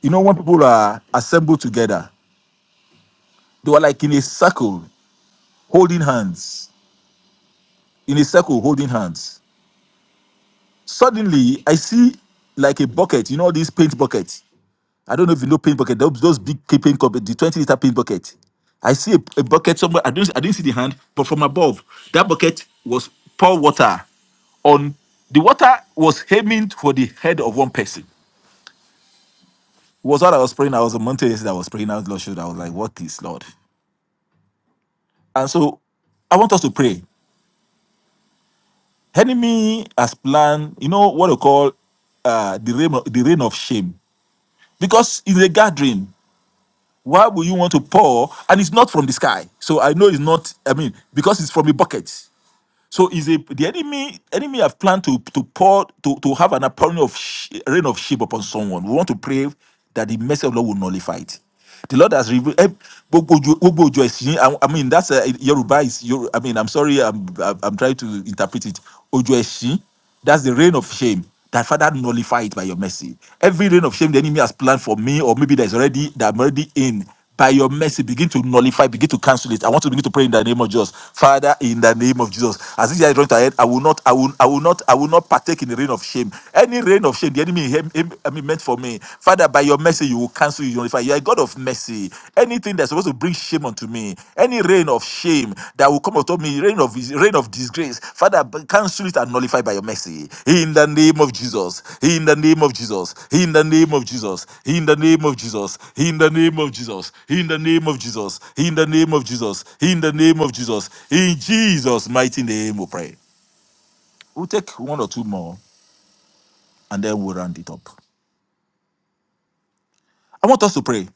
Speaker 4: You know, when people are assembled together, they were like in a circle holding hands. In a circle holding hands. Suddenly, I see like a bucket. You know these paint buckets. I don't know if you know paint bucket. Those, those big paint bucket, the twenty liter paint bucket. I see a, a bucket somewhere. I don't. I didn't see the hand, but from above, that bucket was pour water on. The water was aiming for the head of one person was what I was praying. I was on Monday. yesterday. I was praying out Lord should I was like, what is Lord? And so I want us to pray. Enemy has planned, you know what I call uh the reign of, the reign of shame. Because in a gathering, why would you want to pour? And it's not from the sky. So I know it's not, I mean, because it's from a bucket. So is a the enemy enemy have planned to to pour to to have an outpouring of sh- rain of sheep upon someone. We want to pray that the mercy of the Lord will nullify it. The Lord has revealed. eh, gbogbo ojo- gbogbo ojo ẹ̀sìn, yín, I I mean that's uh, Yoruba is Yoru- I mean I'm sorry I'm I'm I'm trying to interpret it. Ojo Esin. That's the reign of shame. That Father nullify it by your mercy. Every reign of shame the enemy has planned for me, or maybe there's already that I'm already in. By your mercy, begin to nullify, begin to cancel it. I want to begin to pray in the name of Jesus, Father, in the name of Jesus. As this year is running to an end, I will not, I will, I will not, I will not partake in the reign of shame. Any reign of shame the enemy him- him- I mean, meant for me, Father, by your mercy, you will cancel, you nullify. You are a God of mercy. Anything that's supposed to bring shame unto me, any reign of shame that will come upon me, reign of reign of disgrace, Father, b- cancel it and nullify by your mercy. In the name of Jesus. In the name of Jesus. In the name of Jesus. In the name of Jesus. In the name of Jesus. In the name of Jesus. In the name of Jesus. In the name of Jesus. In Jesus' mighty name, we pray. We'll take one or two more and then we'll round it up. I want us to pray.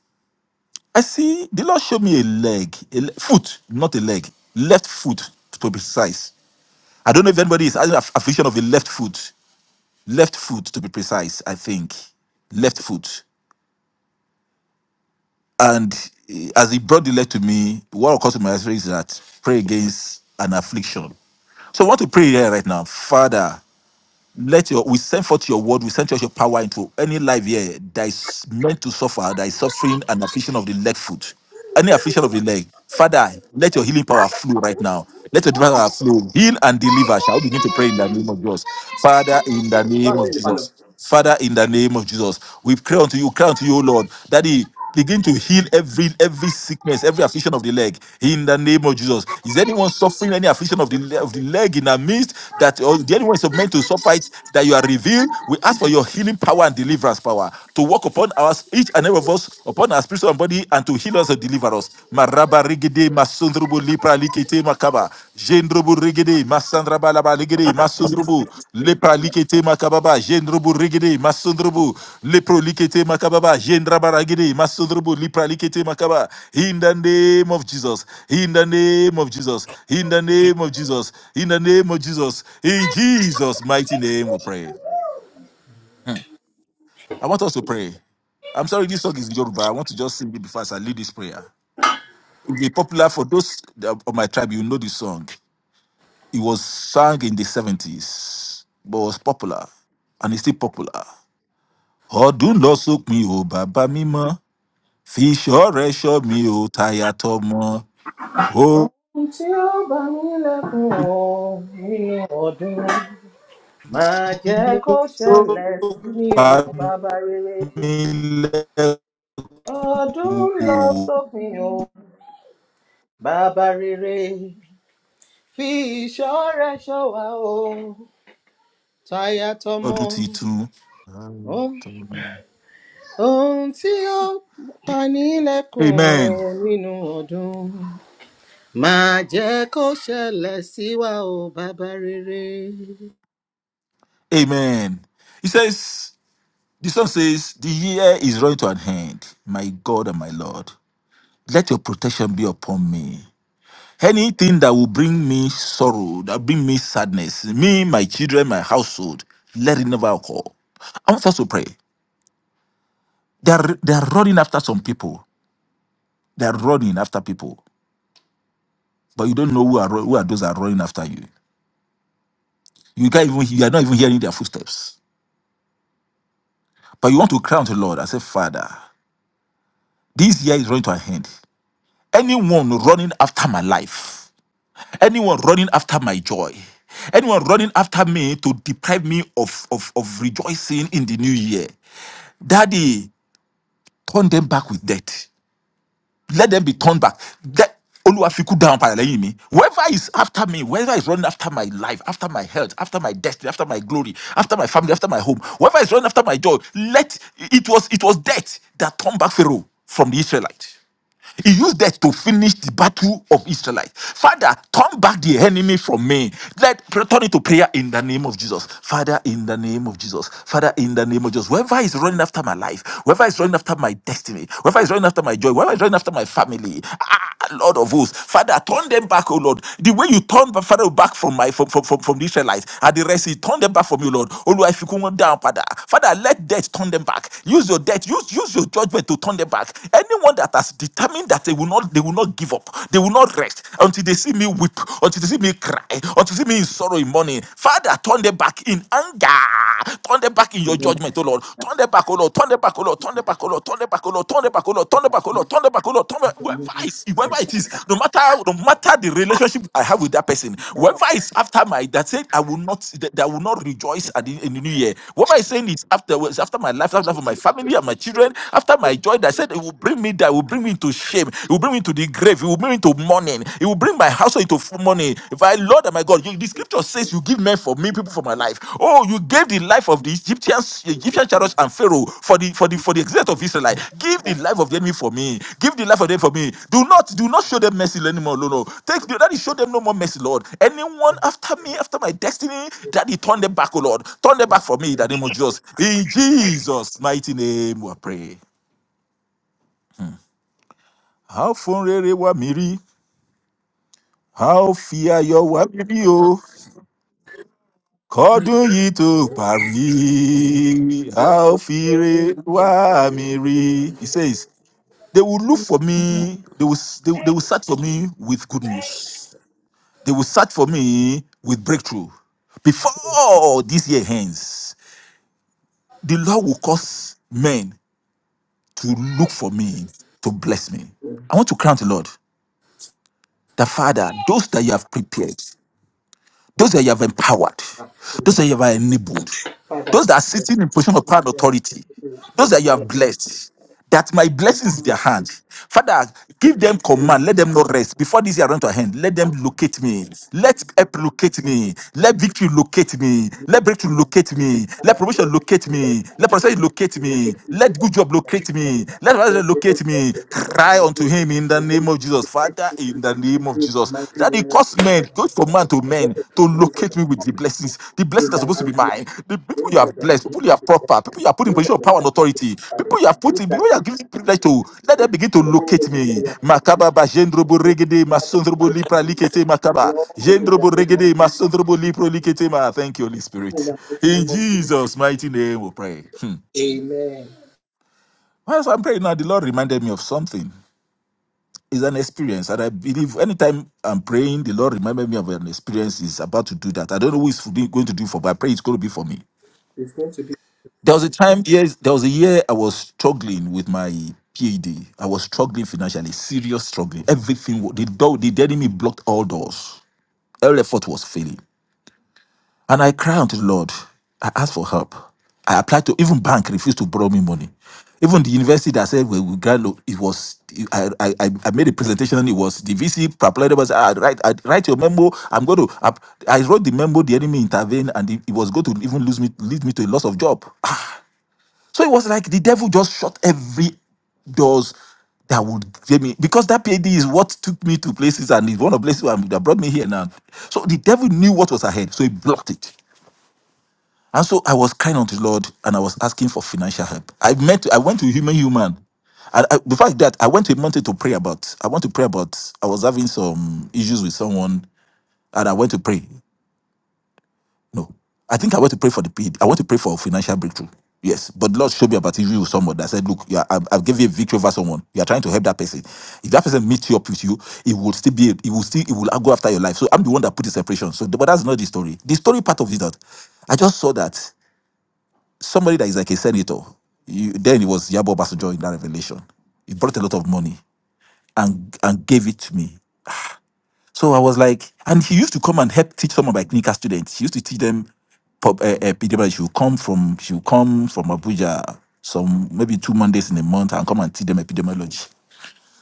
Speaker 4: I see the Lord showed me a leg, a le- foot, not a leg, left foot to be precise. I don't know if anybody is having a a vision of a left foot, left foot to be precise. I think left foot. And eh, as he brought the leg to me, what occurred to my spirit is that pray against an affliction. So I want to pray here right now, Father. let your we send forth your word, we send forth your power into any life here that is meant to suffer, that is suffering an affliction of the leg foot, any affliction of the leg. Father, let your healing power flow right now. Let your divine power flow. Heal and deliver. Shall we begin to pray in the name of Jesus? Father, in the name of Jesus. Father, in the name of Jesus, we pray unto you, cry unto you, O Lord, that He begin to heal every every sickness, every affliction of the leg. In the name of Jesus, is anyone suffering any affliction of the le- of the leg in our midst that or the anyone is meant to suffer it that you are revealed? We ask for your healing power and deliverance power to work upon us each and every of us upon our spiritual body and to heal us and deliver us. Gede masundrubu lipra likete makaba. Jendrubu regede masandraba laba legede masundrubu lepra likete makababa. Jendrubu regede masundrubu lepro likete makababa. Jendraba regede masundrubu lipra likete makaba. In the name of Jesus. In the name of Jesus. In the name of Jesus. In the name of Jesus. In Jesus' mighty name we pray. Hmm. I want us to pray. I'm sorry this song is Yoruba. I want to just sing it before I lead this prayer. It'd be popular for those that- of my tribe. You know the song. It was sung in the seventies, but was popular, and it's still popular. Ọdún lọ sópin o, bàbá mímọ́, fi ìṣọ́ rẹ ṣọ́ mi o, táyà tọmọ. Ohun
Speaker 1: tí ó bá mi lẹ́kùn nínú ọdún máa jẹ́
Speaker 4: tí
Speaker 1: kó
Speaker 4: Ó
Speaker 1: ṣẹlẹ̀ sí
Speaker 4: ló
Speaker 1: mi
Speaker 4: pa
Speaker 1: ò bàbá rere
Speaker 4: mí lẹ́kùn
Speaker 1: Ọdún lọ
Speaker 4: o,
Speaker 1: sópin o, bàbá rere fi ìṣọ́ rẹ̀ ṣọ́ wa o, táyà tọmọ.
Speaker 4: ọdún tuntun.
Speaker 1: o. Ohun tí ó pa nílẹ̀kùn o
Speaker 4: Amen.
Speaker 1: nínú ọdún máa jẹ́ kó ṣẹlẹ̀ sí wa o, bàbá rere.
Speaker 4: Amen. He says. The song says, The year is running to an end, my God and my Lord. Let your protection be upon me. Anything that will bring me sorrow, that bring me sadness, me, my children, my household, let it never occur. I want us to pray. They are, they are running after some people. They are running after people, but you don't know who are who are those that are running after you. You can't even you are not even hearing their footsteps. But you want to cry unto the Lord and say, Father, this year is running to an end. Anyone running after my life, anyone running after my joy anyone running after me to deprive me of, of, of rejoicing in the new year daddy turn them back with death let them be turned back that Oluwafiku down paralẹ́yìn mi. Whoever is after me, whoever is running after my life, after my health, after my destiny, after my glory, after my family, after my home, whoever is running after my joy, let it was it was death that turned back Pharaoh from the Israelites. He used that to finish the battle of Israelites. Father, turn back the enemy from me. Let turn it to prayer in the name of Jesus. Father, in the name of Jesus. Father, in the name of Jesus. Whoever is running after my life, whoever is running after my destiny, whoever is running after my joy, whoever is running after my family, ah, Lord of hosts, Father, turn them back, oh Lord. The way you turned Father back from my from from from, from the Israelites at the rest, Sea, turn them back from you, Lord. Olu, if you come down, Father, Father, let death turn them back. Use your death, use use your judgment to turn them back. Anyone that one that has determined that they will not they will not give up they will not rest until they see me weep until they see me cry until they see me in sorrow in mourning father turn them back in anger turn them back in your judgment oh lord turn them back oh lord turn them back oh lord turn them back oh lord turn them back oh lord turn them back oh lord turn them back oh lord turn them back oh lord turn them back oh lord whoever is whoever it is no matter no matter the relationship i have with that person whoever is after my that said i will not that, that I will not rejoice at the, in the new year whoever is saying it's after it's after my life after life of my family and my children after my joy that said it will bring me that will bring me into shame it will bring me into the grave it will bring me into mourning it will bring my household into f- mourning if i lord and my god you, the scripture says you give men for me people for my life oh you gave the life of the egyptians egyptian chariots and pharaoh for the for the for the exit of israelite give the life of the enemy for me give the life of them for me do not do not show them mercy anymore no no take daddy show them no more mercy lord anyone after me after my destiny daddy turn them back oh lord turn them back for me in the name of jesus in jesus mighty name we pray how fun rere wa miri how fear your wa miri oh. kọdún yìí tó parí a ó fi re wá mi rí he says they will look for me they will they, will- they will search for me with good news they will search for me with breakthrough before this year ends the lord will cause men to look for me to bless me i want to crown the lord the father those that you have prepared Those that you have empowered, those that you have enabled, those that are sitting in position of power and authority, those that you have blessed, that my blessings in their hand. Father, give them command. Let them not rest. Before this year run to an end, let them locate me. Let help locate me. Let victory locate me. Let breakthrough locate me. Let promotion locate me. Let prosperity locate me. Let good job locate me. Let rise locate me. Cry unto him in the name of Jesus. Father, in the in the name of Jesus. That it caused men, goes from man to man, to locate me with the blessings. The blessings that's supposed to be mine. The people you have blessed, people you have proper, people you have put in position of power and authority, people you have put in, people you have given privilege to, let them begin to locate me. Makaba ba jendrobo regede, masondrobo lipra likete makaba. Jendrobo regede, masondrobo lipro likete ma. Thank you, Holy Spirit. In Jesus' mighty name we pray. Hmm. Whilst I'm praying now, the Lord reminded me of something. It's an experience, and I believe anytime I'm praying, the Lord reminded me of an experience He's about to do that. I don't know who it's going to do for, but I pray it's going to be for me. There was a time, yes, there was a year I was struggling with my PhD. I was struggling financially, serious struggling. Everything, wa- the door, the enemy blocked all doors. All effort was failing. And I cry unto the Lord. I ask for help. I applied to even bank refused to borrow me money. Even the university that said we will grant lo- it was I, I I I made a presentation and it was the VC applied was I write I write your memo. I'm going to I, I wrote the memo. The enemy intervened and it, it was going to even lose me lead me to a loss of job. Ah, So it was like the devil just shut every doors that would give me because that PhD is what took me to places and is one of the places where I'm- that brought me here now. So the devil knew what was ahead, so he blocked it. And so I was kind unto the Lord and I was asking for financial help. I met I went to human human. And I, the fact that I went to a mountain to pray about, I went to pray about, I was having some issues with someone and I went to pray. No, I think I went to pray for the paid. I went to pray for financial breakthrough. Yes, but the Lord showed me about issue with someone that said, Look, you are, I've, I've given you a victory over someone. You are trying to help that person. If that person meets you up with you, it will still be, it will still, it will go after your life. So I'm the one that put the separation. So, but that's not the story. The story part of it is that I just saw that somebody that is like a senator. You, then it was Yabo Basajo in that revelation. He brought a lot of money and and gave it to me. So I was like, and he used to come and help teach some of my clinical students. He used to teach them pub- eh, eh, epidemiology. She would come from she would come from Abuja some maybe two Mondays in a month and come and teach them epidemiology.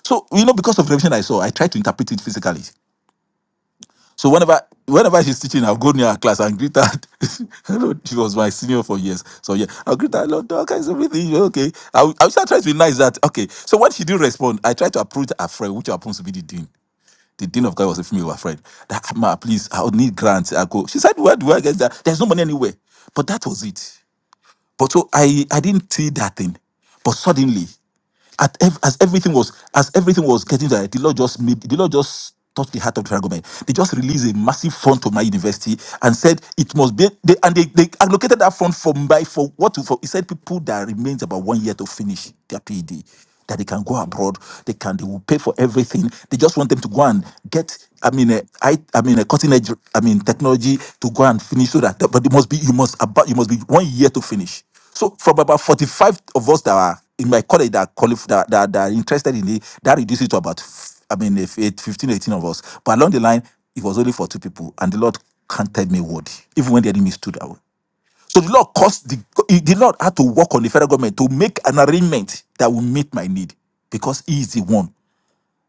Speaker 4: So you know, because of the revelation I saw, I tried to interpret it physically. So whenever whenever she's teaching, I'll go near her class and greet her. Hello, she was my senior for years. So yeah, I'll greet her, hello, doc, how's everything? You Okay. I'll, I'll start trying to be nice that, okay. So when she didn't respond, I tried to approach her friend, which happens to be the dean. The dean of God was a female friend. That, "Ah, ma, please, I'll need grants. I go. She said, where do I get that? There's no money anywhere. But that was it. But so I, I didn't see that thing. But suddenly, at ev- as everything was as everything was getting there, the Lord just made the Lord just touched the heart of the federal government. They just released a massive fund to my university and said it must be they and they, they allocated that fund for by for what to for He said people that remains about one year to finish their PhD. That they can go abroad, they can they will pay for everything. They just want them to go and get, I mean, a, I, I mean, a cutting edge, I mean, technology to go and finish so that. But it must be you must about you must be one year to finish. So from about 45 of us that are in my college that are, quali- that, that, that are interested in it, that reduces it to about, f- I mean, if eight, fifteen, eighteen of us. But along the line, it was only for two people. And the Lord counted me worthy, even when the enemy stood out. So the Lord caused the, he- the Lord had to work on the federal government to make an arrangement that will meet my need because he is the one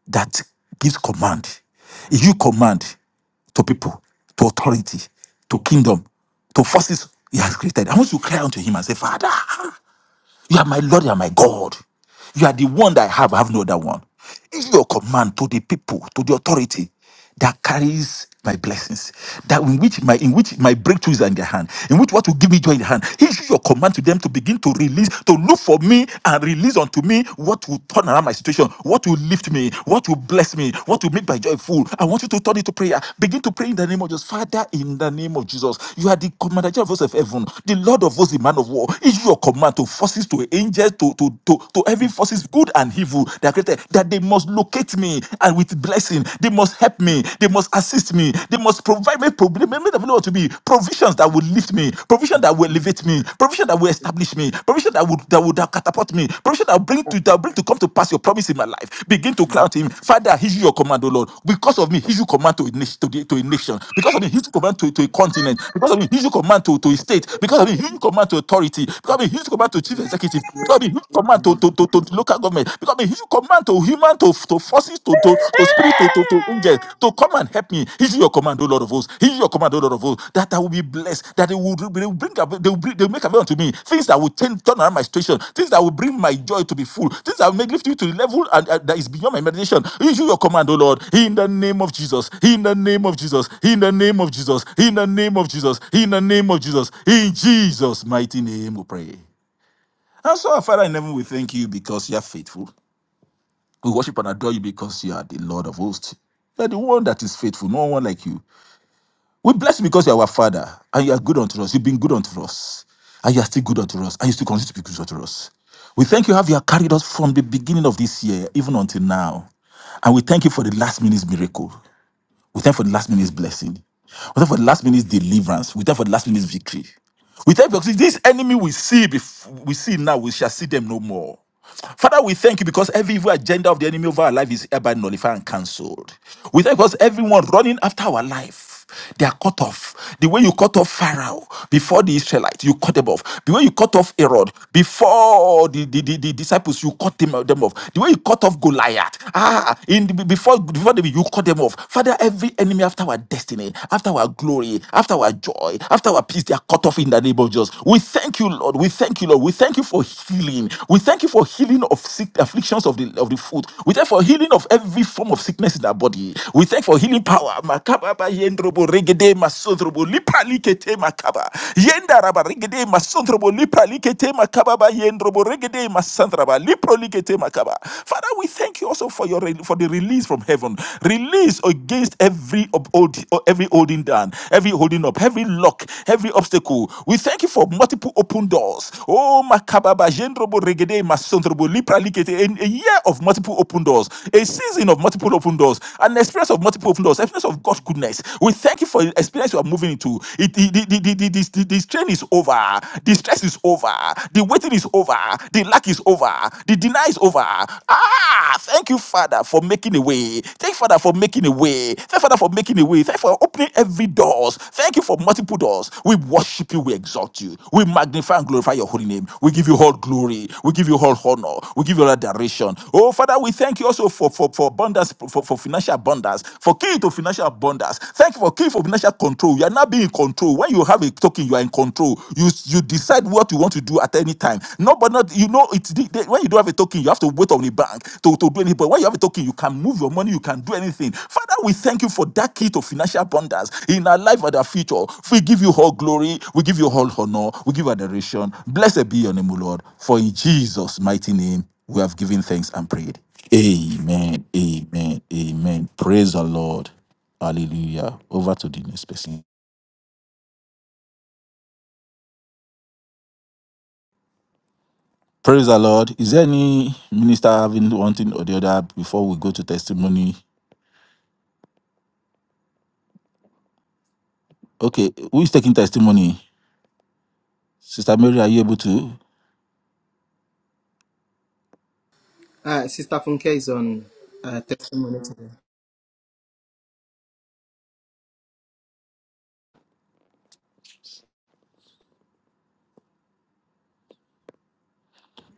Speaker 4: that gives command. If you command, to people, to authority, to kingdom, to forces he has created. I want you to cry unto him and say, Father. You are my Lord, you are my God. You are the one that I have, I have no other one. It's your command to the people, to the authority that carries my blessings, that in which my in which my breakthroughs are in their hand, in which what will give me joy in the hand. Issue your command to them to begin to release, to look for me and release unto me what will turn around my situation, what will lift me, what will bless me, what will make my joy full. I want you to turn it to prayer. Begin to pray in the name of Jesus. Father, in the name of Jesus, you are the commander of hosts of heaven, the Lord of hosts, the man of war. Issue your command to force forces to angels to to to, to every forces good and evil that are created that they must locate me and with blessing they must help me they must assist me they must provide me problem me that to be provisions that will lift me provision that will elevate me provision that will establish me provision that would that would catapult me provision that will bring to that will bring to come to pass your promise in my life begin to cry out to him father issue your command o lord because of me issue command to a nation to, the, to a nation because of me issue command to, to a continent because of me issue command to, to a state because of me issue command to authority because of me issue command command to chief executive, become a huge command to, to, to, to the local government, become a huge command to human, to, to forces, to, to, to spirit, to, to, to angels, to come and help me. Issue your command, O Lord of hosts. Issue your command, O Lord of hosts, that I will be blessed, that they will, they will bring, ab- they will, bring, they will make available unto me things that will change, turn around my situation, things that will bring my joy to be full, things that will make lift you to the level and, and that is beyond my imagination. Issue your command, O Lord, in the name of Jesus, in the name of Jesus, in the name of Jesus, in the name of Jesus, in the name of Jesus, in Jesus' mighty name we pray. And so, our Father in heaven, we thank you because you are faithful. We worship and adore you because you are the Lord of hosts. You are the one that is faithful, no one like you. We bless you because you are our Father and you are good unto us. You've been good unto us and you are still good unto us and you still continue to be good unto us. We thank you how you have carried us from the beginning of this year, even until now. And we thank you for the last minute's miracle. We thank for the last minute's blessing. We thank for the last minute's deliverance. We thank for the last minute's victory. We thank you because this enemy we see bef- we see now, we shall see them no more. Father, we thank you because every evil agenda of the enemy of our life is hereby nullified and cancelled. We thank you because everyone running after our life off. They are cut off. The way you cut off Pharaoh before the Israelites, you cut them off. The way you cut off Herod before the, the, the, the disciples, you cut them, them off. The way you cut off Goliath, ah, in the, before before the, you cut them off. Father, every enemy after our destiny, after our glory, after our joy, after our peace, they are cut off in the name of Jesus. We thank you, Lord. We thank you, Lord. We thank you for healing. We thank you for healing of sick afflictions of because of the of the food. We thank for healing of every form of sickness in our body. We thank for healing power. Makababa yendrobo regede masodrobo lipa likete makaba. Yendaraba regede masodrobo lipa likete makababa yendrobo regede masandraba lipro likete makaba. Father, we thank you also for your re- for the release from heaven. Release against every ob- hold- every holding down, every holding up, every lock, every obstacle. We thank you for multiple open doors. Oh, Makababa, Jendrobo, Regede, Masondrobo, Lipra, Likete, a a year of multiple open doors, a season of multiple open doors, an experience of multiple open doors, experience of God's goodness. We thank you for the experience you are moving into. It, the, the, the, the, the, the, the strain is over, the stress is over, the waiting is over, the lack is over, the deny is over. Ah, thank you, Father, for making a way. Thank you, Father, for for making a way. Thank you, Father, for making a way. Thank you for opening every doors. Thank you for multiple doors. We worship you. We exalt you. We magnify and glorify your holy name. We give you all glory. We give you all honor. We give you all adoration. Oh, Father, we thank you also for, for, for abundance, for, for financial abundance, for key to financial abundance. Thank you for key for financial control. You are not being in control. When you have a token, you are in control. You, you decide what you want to do at any time. Nobody you know it's the, the- when you don't have a token you have to wait on the bank to, to do anything but when you have a token you can move your money you can do anything father we thank you for that key to financial abundance in our life and our future we give you all glory we give you all honor we give adoration blessed be your name o lord for in jesus mighty name we have given thanks and prayed amen amen amen praise the lord hallelujah over to the next person Praise the Lord. Is there any minister having one thing or the other before we go to testimony? Okay, who is taking testimony? Sister Mary, are you able to?
Speaker 1: Uh, Sister Funke is on uh, testimony today.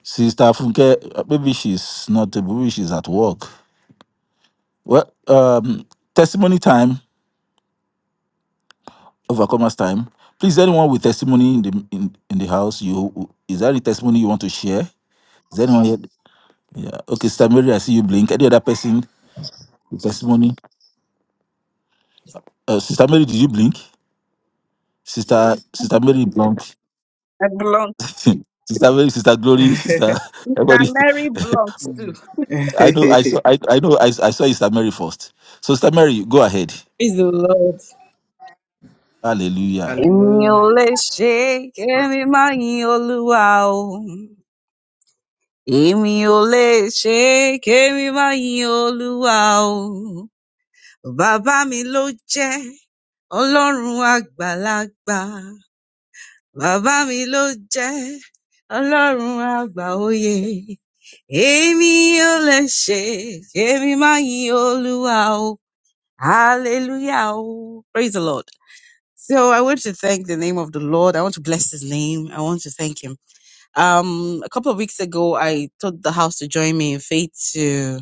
Speaker 4: Sister Funke, uh, maybe she's not able, maybe she's at work. Well, um, testimony time, overcomers time. Please, anyone with testimony in the in, in the house, you is there any testimony you want to share? Is there anyone here? Yeah. Okay, Sister Mary, I see you blink. Any other person with testimony? Uh, Sister Mary, did you blink? Sister Sister Mary blink.
Speaker 3: I belong.
Speaker 4: Sister Mary, Sister Glory, Sister
Speaker 3: Mr.
Speaker 4: everybody.
Speaker 3: Mary belongs to.
Speaker 4: I know. I saw. I, I know. I, I saw Sister Mary first. So Sister Mary, go ahead.
Speaker 3: Praise the Lord.
Speaker 4: Hallelujah.
Speaker 3: Èmi ò lè ṣe é, kémi má yin Olúwa o. Èmi ò lè ṣe é, kémi má yin Olúwa o. emi o le se kemi ma yin oluwa o baba mi ló jẹ́ Ọlọ́run àgbàlagbà. Bàbá mi ló jẹ́ Ọlọ́run àgbà òye. Èmi ò lè ṣe, èmi máa yìn Olúwa o. Hallelujah o. Praise the Lord. So I want to thank the name of the Lord. I want to bless his name. I want to thank him. Um, a couple of weeks ago, I told the house to join me in faith to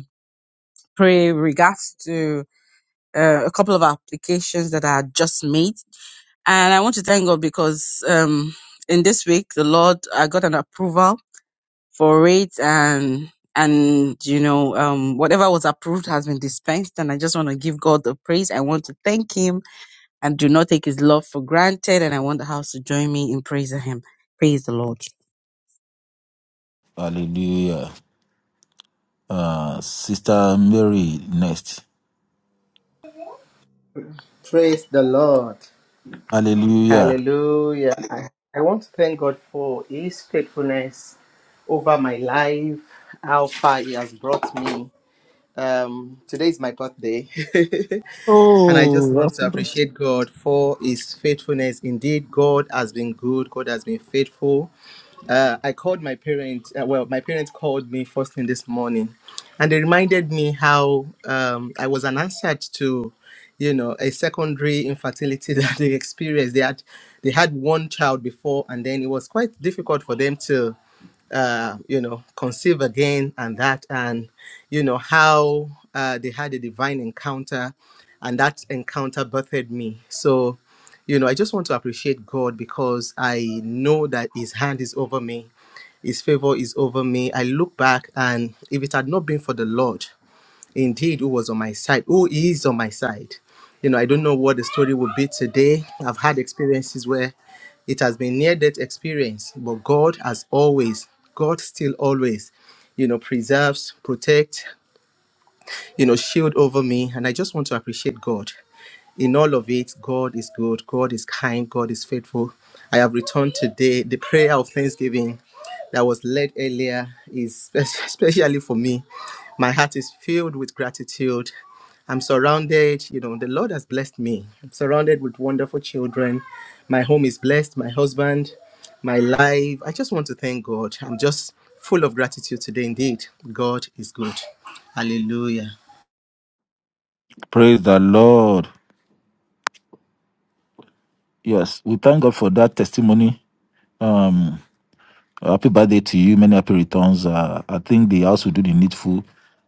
Speaker 3: pray regards to uh, a couple of applications that I had just made. And I want to thank God because um, in this week, the Lord, I got an approval for it and and you know um whatever was approved has been dispensed and i just want to give god the praise i want to thank him and do not take his love for granted and i want the house to join me in praising him praise the lord
Speaker 4: Hallelujah. Uh, Sister Mary next.
Speaker 1: Praise the Lord.
Speaker 4: Hallelujah.
Speaker 1: Hallelujah. I want to thank God for His faithfulness over my life, how far He has brought me. Today is my birthday, and I just
Speaker 4: Oh,
Speaker 1: want to
Speaker 4: that's-
Speaker 1: appreciate God for His faithfulness. Indeed, God has been good, God has been faithful. Uh, I called my parents, uh, well, my parents called me first thing this morning, and they reminded me how um, I was an answer to you know a secondary infertility that they experienced they had they had one child before and then it was quite difficult for them to uh, you know, conceive again and that, and, you know, how uh, they had a divine encounter and that encounter birthed me. So, you know, I just want to appreciate God because I know that His hand is over me, His favor is over me. I look back and if it had not been for the Lord, indeed who was on my side, who is on my side. You know, I don't know what the story will be today. I've had experiences where it has been near death experience, but God has always, God still always, you know, preserves, protects you know, shield over me. And I just want to appreciate God. In all of it, God is good, God is kind, God is faithful. I have returned today. The prayer of thanksgiving that was led earlier is spe- especially for me. My heart is filled with gratitude. I'm surrounded, you know, the Lord has blessed me. I'm surrounded with wonderful children. My home is blessed, my husband, my life. I just want to thank God. I'm just full of gratitude today. Indeed, God is good. Hallelujah.
Speaker 4: praise the Lord. Yes, we thank God for that testimony. Um, Uh, happy birthday to you. Many happy returns. Uh, I think they also do the needful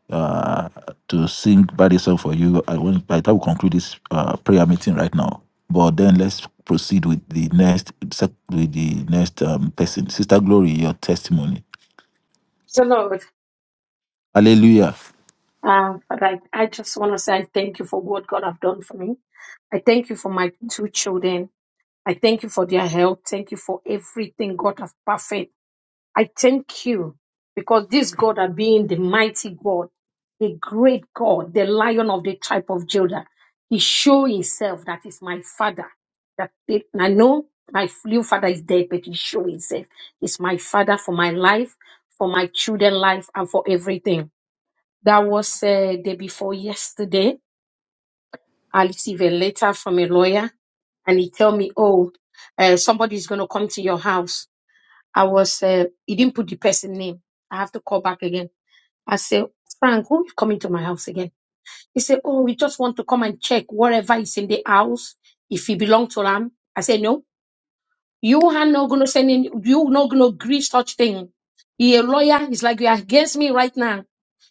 Speaker 4: uh, to sing birthday song for you. I want by the time we conclude this uh, prayer meeting right now. But then let's proceed with the next sec- with the next um, person. Sister Glory, your testimony.
Speaker 5: So Lord,
Speaker 4: Hallelujah.
Speaker 5: uh, Father, I, I just want to say I thank you for what God have done for me. I thank you for my two children. I thank you for their health. Thank you for everything God have perfect. I thank you because this God are being the mighty God, the great God, the lion of the tribe of Judah. He show himself that is my father. That it- I know my real father is dead, but he show himself. It's my father for my life, for my children life, and for everything. That was uh, day before yesterday. I received a letter from a lawyer and he told me, oh, uh, somebody is going to come to your house. I was, uh, he didn't put the person name. I have to call back again. I said, Frank, who is coming to my house again? He said, oh, we just want to come and check whatever is in the house, if it belongs to them. I said, no, you are not going to send in, you not going to agree such thing. He a lawyer. He's like, you're against me right now.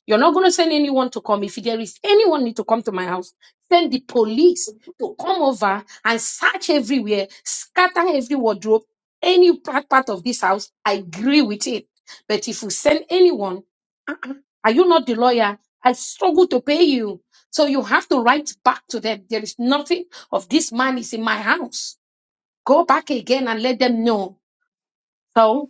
Speaker 5: You're not going to send anyone to come. If there is anyone need to come to my house, send the police to come over and search everywhere, scatter every wardrobe, any part part of this house. I agree with it. But if you send anyone, are you not the lawyer? I struggle to pay you. So you have to write back to them. There is nothing of this man is in my house. Go back again and let them know so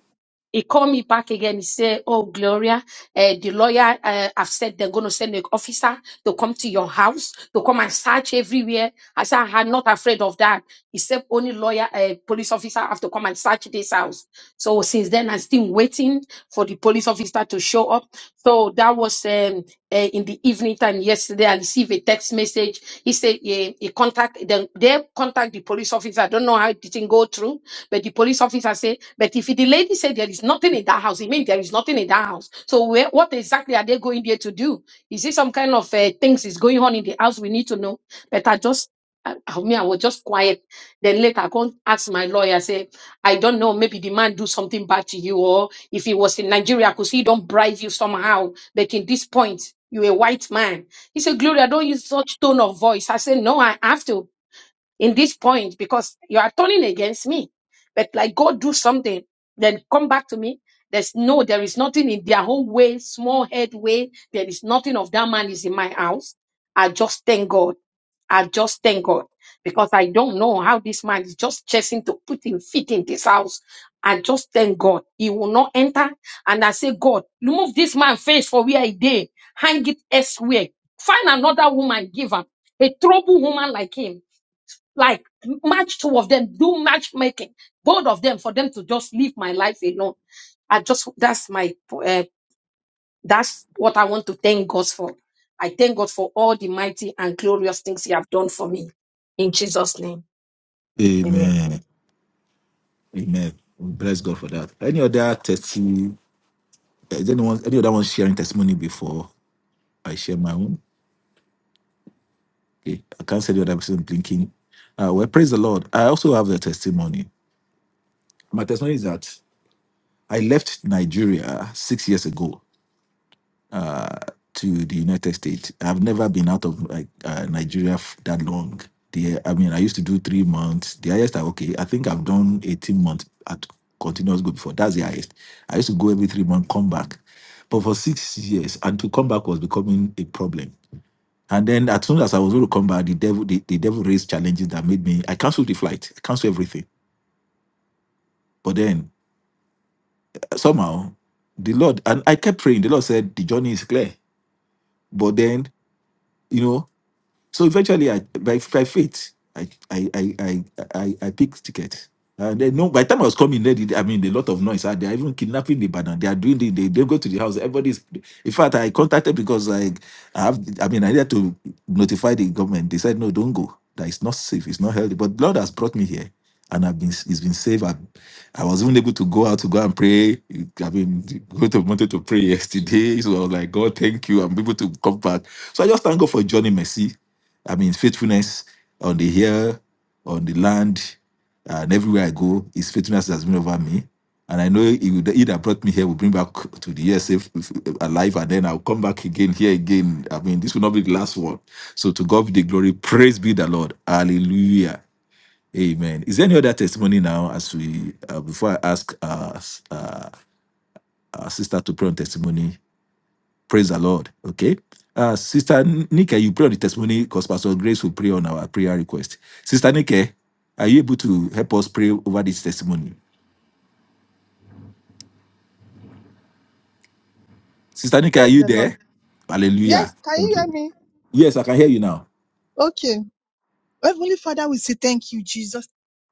Speaker 5: he called me back again. He said, Oh, Gloria, uh, the lawyer uh, have said they're going to send an officer to come to your house, to come and search everywhere. I said, I'm not afraid of that. He said, Only lawyer, uh, police officer have to come and search this house. So since then, I'm still waiting for the police officer to show up. So that was um, uh, in the evening time yesterday. I received a text message. He said, yeah, he contact, then they contact the police officer. I don't know how it didn't go through but the police officer said, but if the lady said there is nothing in that house, it means there is nothing in that house. So where, what exactly are they going there to do? Is it some kind of uh, things is going on in the house? We need to know. But I just, I, I mean, I was just quiet. Then later I go ask my lawyer, say, I don't know, maybe the man do something bad to you, or if he was in Nigeria, I could see he don't bribe you somehow. But in this point, you're a white man. He said, Gloria, don't use such tone of voice. I said, no, I have to in this point because you are turning against me. But like God do something, then come back to me. There's no, there is nothing in their own way, small head way. There is nothing of that man is in my house. I just thank God. I just thank God because I don't know how this man is just chasing to put him feet in this house. I just thank God. He will not enter. And I say, God, remove this man face for where he did. Hang it elsewhere. Find another woman, give him a trouble woman like him like match two of them, do matchmaking, both of them, for them to just leave my life alone. I just that's my uh, that's what I want to thank God for. I thank God for all the mighty and glorious things He have done for me. In Jesus' name, Amen.
Speaker 4: Amen. Amen. We bless God for that. Any other testimony? Is anyone any other one sharing testimony before I share my own? Okay. I can't say the other person blinking. Uh, well, praise the Lord. I also have a testimony. My testimony is that I left Nigeria six years ago to the United States. I've never been out of like uh, Nigeria f- that long. The, I mean, I used to do three months. The highest I okay, I think I've done eighteen months at continuous go before. That's the highest. I used to go every three months, come back, but for six years, and to come back was becoming a problem. And then as soon as I was going to come back, the devil, the, the devil raised challenges that made me. I canceled the flight. I canceled everything. But then somehow the Lord and I kept praying. The Lord said the journey is clear, but then you know so eventually, I by, by faith, I I I I I, I picked ticket. And then no, by the time I was coming, they did, I mean, a lot of noise. Ah, They are even kidnapping the banana. They are doing the, they don't go to the house. Everybody's. In fact, I contacted because I, I have, I mean, I needed to notify the government. They said no, don't go. That it's not safe. It's not healthy. But Lord has brought me here, and I've been, it's been safe. I, I was even able to go out to go and pray. I mean, go to wanted to pray yesterday. So I was like, God, thank you. I'm able to come back. So I just thank God for Johnny Mercy I mean, faithfulness on the hill, on the land, and everywhere I go, His faithfulness has been over me. And I know He, will. he that brought me here will bring back to the US safe, alive, and then I'll come back again here again. I mean, this will not be the last one. So to God be the glory. Praise be the Lord. Hallelujah. Amen. Is there any other testimony now as we uh, before I ask uh, s- uh, our sister to pray on testimony? Praise the Lord. Okay. Uh, Sister Nike, you pray on the testimony because Pastor Grace will pray on our prayer request. Sister Nike, are you able to help us pray over this testimony? Sister Nike, are
Speaker 7: Praise
Speaker 4: you
Speaker 7: the Lord.
Speaker 4: there? Hallelujah.
Speaker 7: Yes, can
Speaker 4: Thank
Speaker 7: you hear
Speaker 4: you.
Speaker 7: me?
Speaker 4: Yes, I can hear you now.
Speaker 7: Okay. Heavenly Father, we say thank you, Jesus.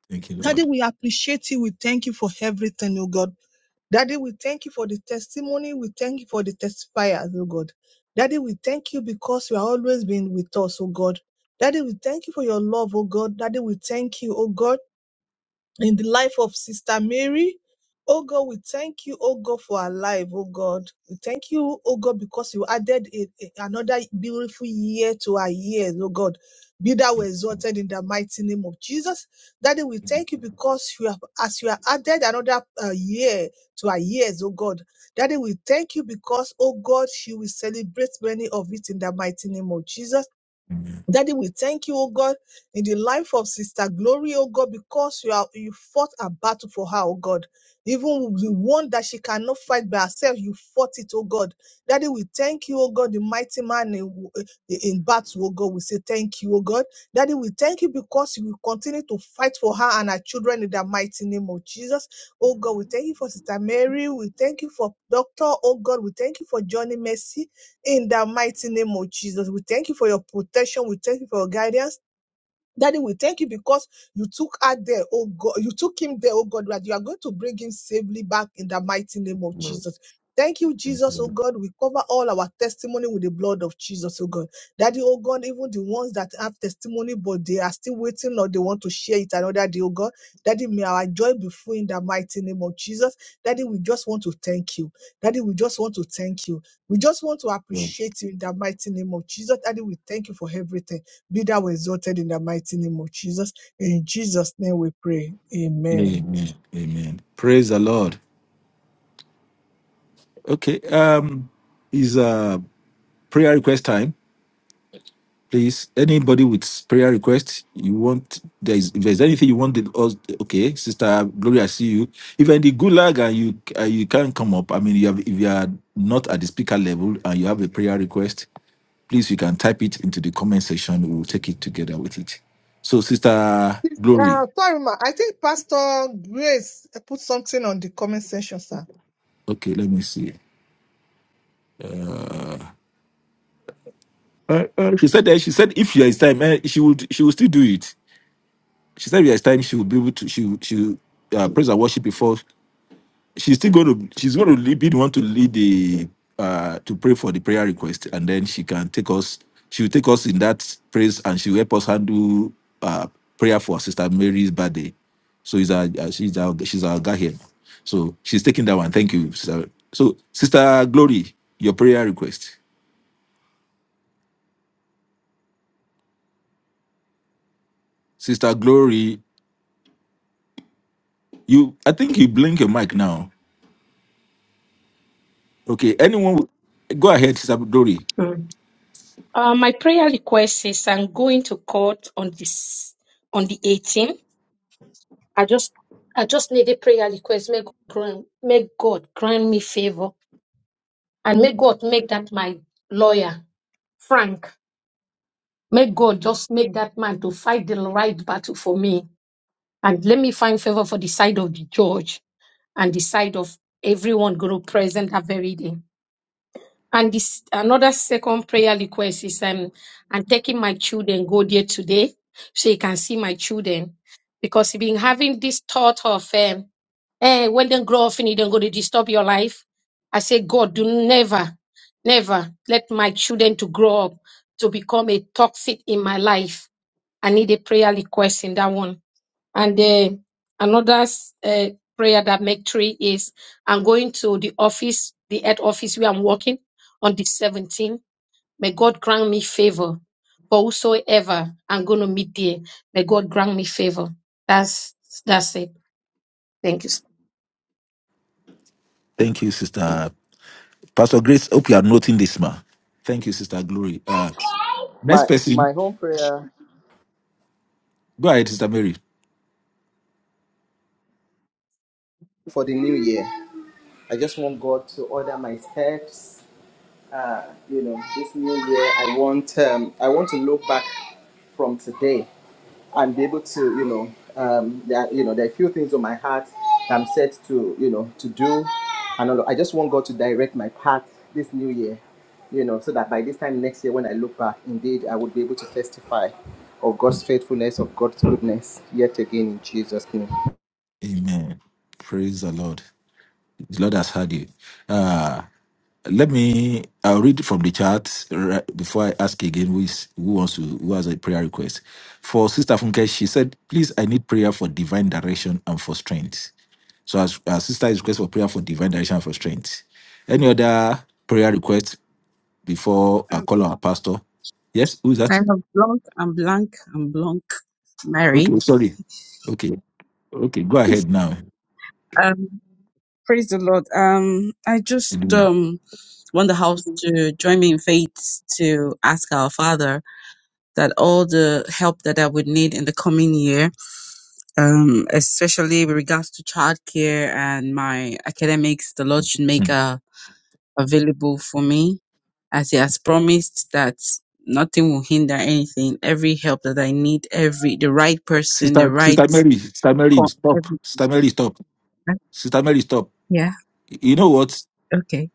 Speaker 4: Thank you,
Speaker 7: Daddy,
Speaker 4: Lord.
Speaker 7: we appreciate you. We thank you for everything, oh God. Daddy, we thank you for the testimony. We thank you for the testifiers, oh God. Daddy, we thank you because you have always been with us, oh God. Daddy, we thank you for your love, oh God. Daddy, we thank you, oh God. in the life of Sister Mary. Oh God, we thank you, oh God, for our life, oh God. We thank you, oh God, because you added a, a- another beautiful year to our years, oh God. Be that we
Speaker 4: Thank you.
Speaker 7: exalted in the mighty name of Jesus. Daddy, we thank you because you have, as you have added another uh, year to our years, oh God. Daddy, we thank you because, oh God, you will celebrate many of it in the mighty name of Jesus.
Speaker 4: Amen.
Speaker 7: Daddy, we thank you, oh God, in the life of Sister Glory, oh God, because you are you fought a battle for her, oh God. Even the one that she cannot fight by herself, you fought it, oh God. Daddy, we thank you, oh God, the mighty man in, in battle, oh God. We say thank you, oh God. Daddy, we thank you because you will continue to fight for her and her children in the mighty name of Jesus. Oh God, we thank you for Sister Mary. We thank you for Doctor, oh God. We thank you for Johnny Mercy in the mighty name of Jesus. We thank you for your protection. We thank you for your guidance. Daddy, we thank you because you took her there, oh God. You took him there, oh God, that you are going to bring him safely back in the mighty name of
Speaker 4: Lord.
Speaker 7: Jesus. Thank you,
Speaker 4: Thank
Speaker 7: Jesus, oh
Speaker 4: you,
Speaker 7: God. We cover all our testimony with the blood of Jesus, oh God. Daddy, oh God, even the ones that have testimony, but they are still waiting or they want to share it another day, oh God. Daddy, may our joy be full in the mighty name of Jesus. Daddy, we just want to thank you. Daddy, we just want to thank you. We just want to
Speaker 4: Lord.
Speaker 7: appreciate you in the mighty name of Jesus. Daddy, we thank you for everything. Be thou exalted in the mighty name of Jesus. In Jesus' name we pray. Amen.
Speaker 4: Amen. Amen. Praise the Lord. Okay. Um, is uh prayer request time. Please, anybody with prayer requests, you want there is if there's anything you want the us okay, Sister Gloria, I see you. If any gulag and you uh, you can't come up, I mean, you have if you are not at the speaker level and you have a prayer request, please you can type it into the comment section. We will take it together with it. So, Sister Glory,
Speaker 7: Uh, sorry, ma. I think Pastor Grace put something on the comment section, sir.
Speaker 4: okay, let me see. Uh, uh, she said that she said if there is time, eh, she would she would still do it. She said if there is time, she would be able to she would- she would, uh, praise and worship before. she's still going to she's going to lead, be the one to lead the uh to pray for the prayer request and then she can take us she will take us in that praise and she will help us handle uh prayer for sister mary's birthday so is our uh, she's our she's our guy here so she's taking that one thank you sister. so sister glory your prayer request sister glory you i think you blink your mic now okay anyone go ahead sister glory
Speaker 5: Mm. Uh, my prayer request is I'm going to court on this on the 18th. I just I just need a prayer request. Make grant, make God grant me favor and may God make that my lawyer Frank. May God just make that man to fight the right battle for me. And let me find favor for the side of the judge and the side of everyone going to present that very day. And this another second prayer request is um I'm taking my children go there today so you can see my children because you've been having this thought of um eh when they grow up and they're going to disturb your life. I say God do never never let my children to grow up to become a toxic in my life. I need a prayer request in that one. And uh, another uh, prayer that make three is I'm going to the office, the head office where I'm working on the 17th. May God grant me favor for whosoever I'm going to meet there. May God grant me favor. That's that's it. Thank you.
Speaker 4: thank you sister Pastor Grace, hope you are noting this, ma. Thank you, Sister Glory. Uh, next
Speaker 1: I,
Speaker 4: person,
Speaker 1: my home prayer
Speaker 4: go ahead, Sister Mary.
Speaker 1: for the new year. I just want God to order my steps. Uh, you know, this new year, I want um, I want to look back from today and be able to, you know, um, there, are- you know, there are a few things on my heart that I'm set to, you know, to do, and all, I just want God to direct my path this new year. You know, so that by this time next year, when I look back, indeed, I would be able to testify of God's faithfulness, of God's goodness, yet again in Jesus'
Speaker 4: Amen. Praise the Lord. The Lord has heard you. Uh, let me. I'll read from the chat right before I ask again who is who wants to who has a prayer request. For Sister Funke, she said, "Please, I need prayer for divine direction and for strength." So, as our sister is request for prayer for divine direction and for strength. Any other prayer request before I
Speaker 3: um,
Speaker 4: call our pastor? Yes, who's that?
Speaker 3: time of blank i'm blank i'm blank
Speaker 4: Okay,
Speaker 3: mary
Speaker 4: sorry. Okay, okay, go ahead now.
Speaker 3: um praise the lord um i just
Speaker 4: Edwina.
Speaker 3: um want the house to join me in faith to ask our father that all the help that i would need in the coming year um, especially with regards to childcare and my academics, the Lord should make
Speaker 4: Hmm.
Speaker 3: uh, available for me as He has promised that nothing will hinder anything. Every help that I need, every the right person, the
Speaker 4: Sister,
Speaker 3: right
Speaker 4: Sister Mary, Sister Mary,
Speaker 3: con-
Speaker 4: stop.
Speaker 3: every,
Speaker 4: Sister Mary, stop. Sister Mary, stop.
Speaker 3: yeah,
Speaker 4: You know what?
Speaker 3: okay.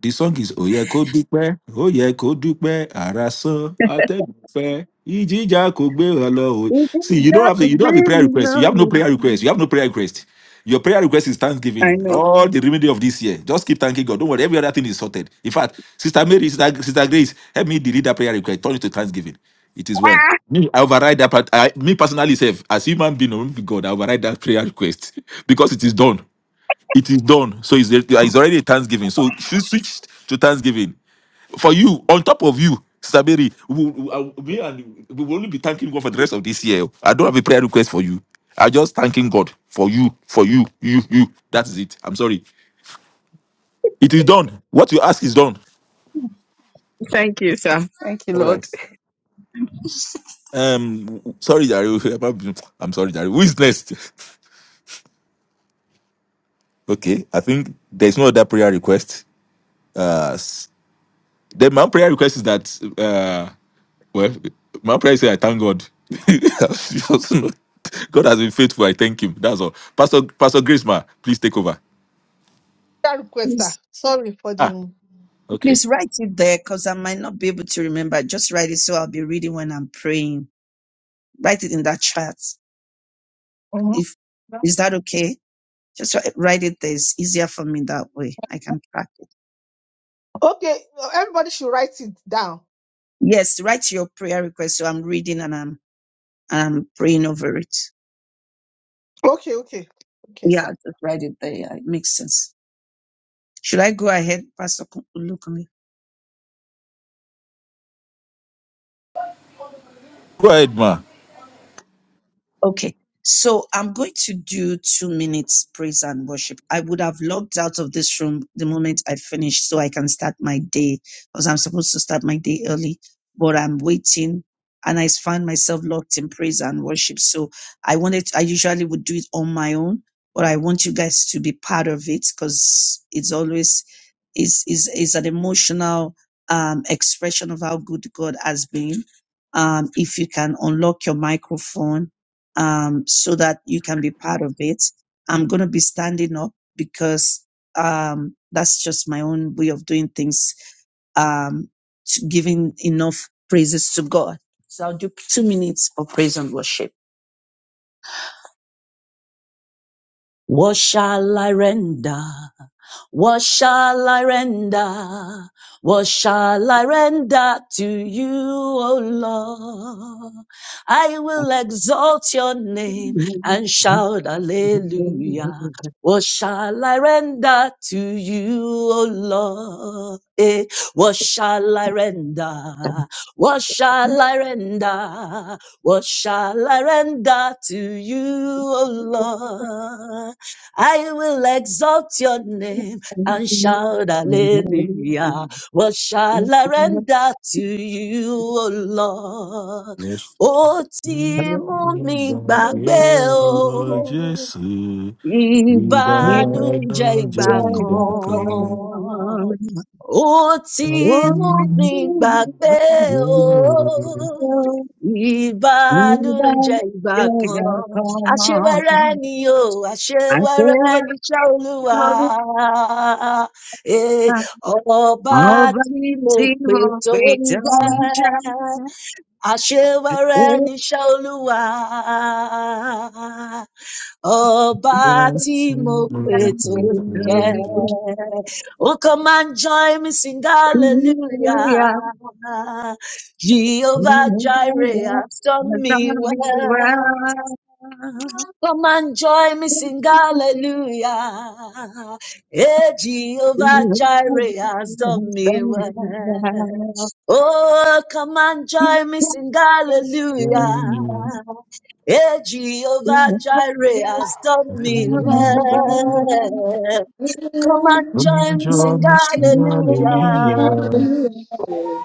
Speaker 4: The song is Oye Kodupe, Oye Kodupe, Araso, Atebufe, Ijija Kogbe Olo.
Speaker 3: It
Speaker 4: See,
Speaker 3: is
Speaker 4: you don't
Speaker 3: dark,
Speaker 4: have to, you don't have a
Speaker 3: very
Speaker 4: prayer request. You have no
Speaker 3: low.
Speaker 4: prayer request. You have no prayer request. Your prayer request is
Speaker 3: I
Speaker 4: thanksgiving.
Speaker 3: know.
Speaker 4: All the remainder of this year. Just keep thanking God. Don't worry, every other thing is sorted. In fact, Sister Mary, Sister, Sister Grace, help me delete that prayer request. Turn it to thanksgiving. It is well. Me, I override that part. I, me personally, self, as human being, I won't be God, I override that prayer request because it is done. It is done. So it's, it's already a Thanksgiving. So she switched to Thanksgiving. For you, on top of you, Sister Mary, we, we, I- me and we will only be thanking God for the rest of this year. I don't have a prayer request for you. I'm just thanking God for you, for you, you, you. That is it. I'm sorry. It is done. What you ask is done.
Speaker 3: Thank you, sir. Thank you,
Speaker 4: All
Speaker 3: Lord.
Speaker 4: right. Um, w- w- sorry, Jare. I'm sorry, Jare. Who is next? Okay, I think there's no other prayer request. Uh, Then my prayer request is that uh well my prayer is that I thank God. You also know, God has been faithful. I thank him. That's all. Pastor Pastor Grace ma, please take over.
Speaker 7: That request, sir.
Speaker 6: Please,
Speaker 7: Sorry for
Speaker 4: Ah,
Speaker 7: the.
Speaker 4: okay.
Speaker 6: please write it there because I might not be able to remember. Just write it so I'll be reading when I'm praying. Write it in that chat.
Speaker 7: Mhm.
Speaker 6: If is that okay? Just wri- write it there. It's easier for me that way. I can track it.
Speaker 7: Okay, everybody should write it down.
Speaker 6: Yes, write your prayer request. So I'm reading and I'm and I'm praying over it.
Speaker 7: Okay, okay. Okay,
Speaker 6: Yeah,
Speaker 7: sir.
Speaker 6: just write it there. Yeah, it makes sense. Should I go ahead, Pastor Luke?
Speaker 4: Go ahead, ma.
Speaker 6: Okay. So I'm going to do two minutes praise and worship. I would have logged out of this room the moment I finished so I can start my day because I'm supposed to start my day early, but I'm waiting and I find myself locked in praise and worship. So I wanted, I usually would do it on my own, but I want you guys to be part of it because it's always is is is an emotional um, expression of how good God has been. Um, if you can unlock your microphone um, so that you can be part of it, I'm going to be standing up because um, that's just my own way of doing things, um, to giving enough praises to God. So I'll do two minutes of praise and worship. What shall I render? What shall I render? What shall I render to you, O Lord? I will exalt your name and shout hallelujah. What shall I render to you, O Lord? Eh, what shall I render? What shall I render? What shall I render to you, O Lord? I will exalt your name and shout hallelujah. What shall I render to you, O Lord?
Speaker 4: Bless
Speaker 6: Ó
Speaker 4: you,
Speaker 6: ti mú mi
Speaker 4: the
Speaker 3: Thank
Speaker 6: gbàgbé
Speaker 4: dear Lord
Speaker 6: o.
Speaker 4: Jesus. We
Speaker 3: you.
Speaker 4: bow
Speaker 6: Ìbànújẹ́
Speaker 4: down
Speaker 6: ìgbà
Speaker 4: joy that comes.
Speaker 6: kan, ó ti mú mi gbàgbé
Speaker 4: We
Speaker 6: o. Ìbánújẹ́ ìgbà kan, àṣewẹ́rẹ́ ni o, àṣewẹ́rẹ́ ni iṣẹ́ Olúwa. Eh, Ọba tí mo pè tó ń jẹ́, àṣewẹ́rẹ́ ni iṣẹ́ Olúwa. Ọba tí
Speaker 4: ask
Speaker 6: mo
Speaker 4: you,
Speaker 6: pè
Speaker 4: Lord,
Speaker 6: tó
Speaker 4: to
Speaker 6: ń jẹ.
Speaker 4: forgive us.
Speaker 6: Oh, come and join me, sing hallelujah. Jehovah Jireh has done me well. Come and join me, sing hallelujah. Hey, Jehovah Jireh has done me well. Oh, come and
Speaker 3: You
Speaker 6: join me, sing hallelujah. Eh, Jehovah Jireh has done me
Speaker 4: Forgive us.
Speaker 6: well. Come and join me,
Speaker 4: Raja
Speaker 6: sing
Speaker 4: Mr.
Speaker 6: hallelujah.
Speaker 4: Hallelujah,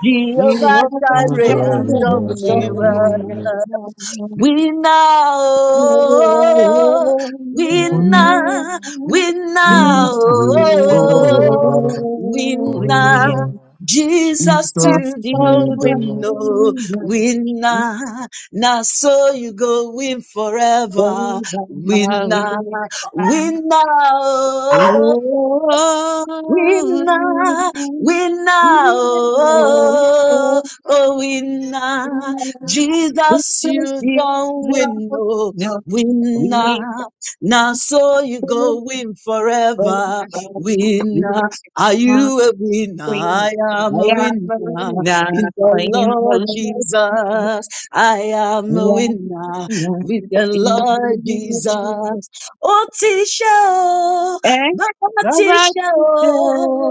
Speaker 6: Jehovah
Speaker 4: Raja
Speaker 6: Jireh has done
Speaker 4: Rasa
Speaker 6: me well. Winner, winner,
Speaker 4: Wina
Speaker 6: winner,
Speaker 4: Sura,
Speaker 6: winner,
Speaker 4: Wina,
Speaker 6: Jesus to
Speaker 4: Jesus,
Speaker 6: go,
Speaker 4: you
Speaker 6: we winner, we Now so you go win forever. winner,
Speaker 3: don't
Speaker 6: winner.
Speaker 3: Oh, I
Speaker 6: Winner, winner, oh, oh, oh, winner. Jesus, you don't win, no winner. Now, so you go win forever, winner. Are you a winner? I am a winner
Speaker 3: am now
Speaker 6: in the Lord Jesus. I am a winner with the
Speaker 3: in the
Speaker 6: Lord
Speaker 3: Lord.
Speaker 6: Jesus. Oh, Tisha.
Speaker 3: and
Speaker 6: Bàbá
Speaker 3: the
Speaker 6: teacher,
Speaker 3: righteous
Speaker 6: oh o,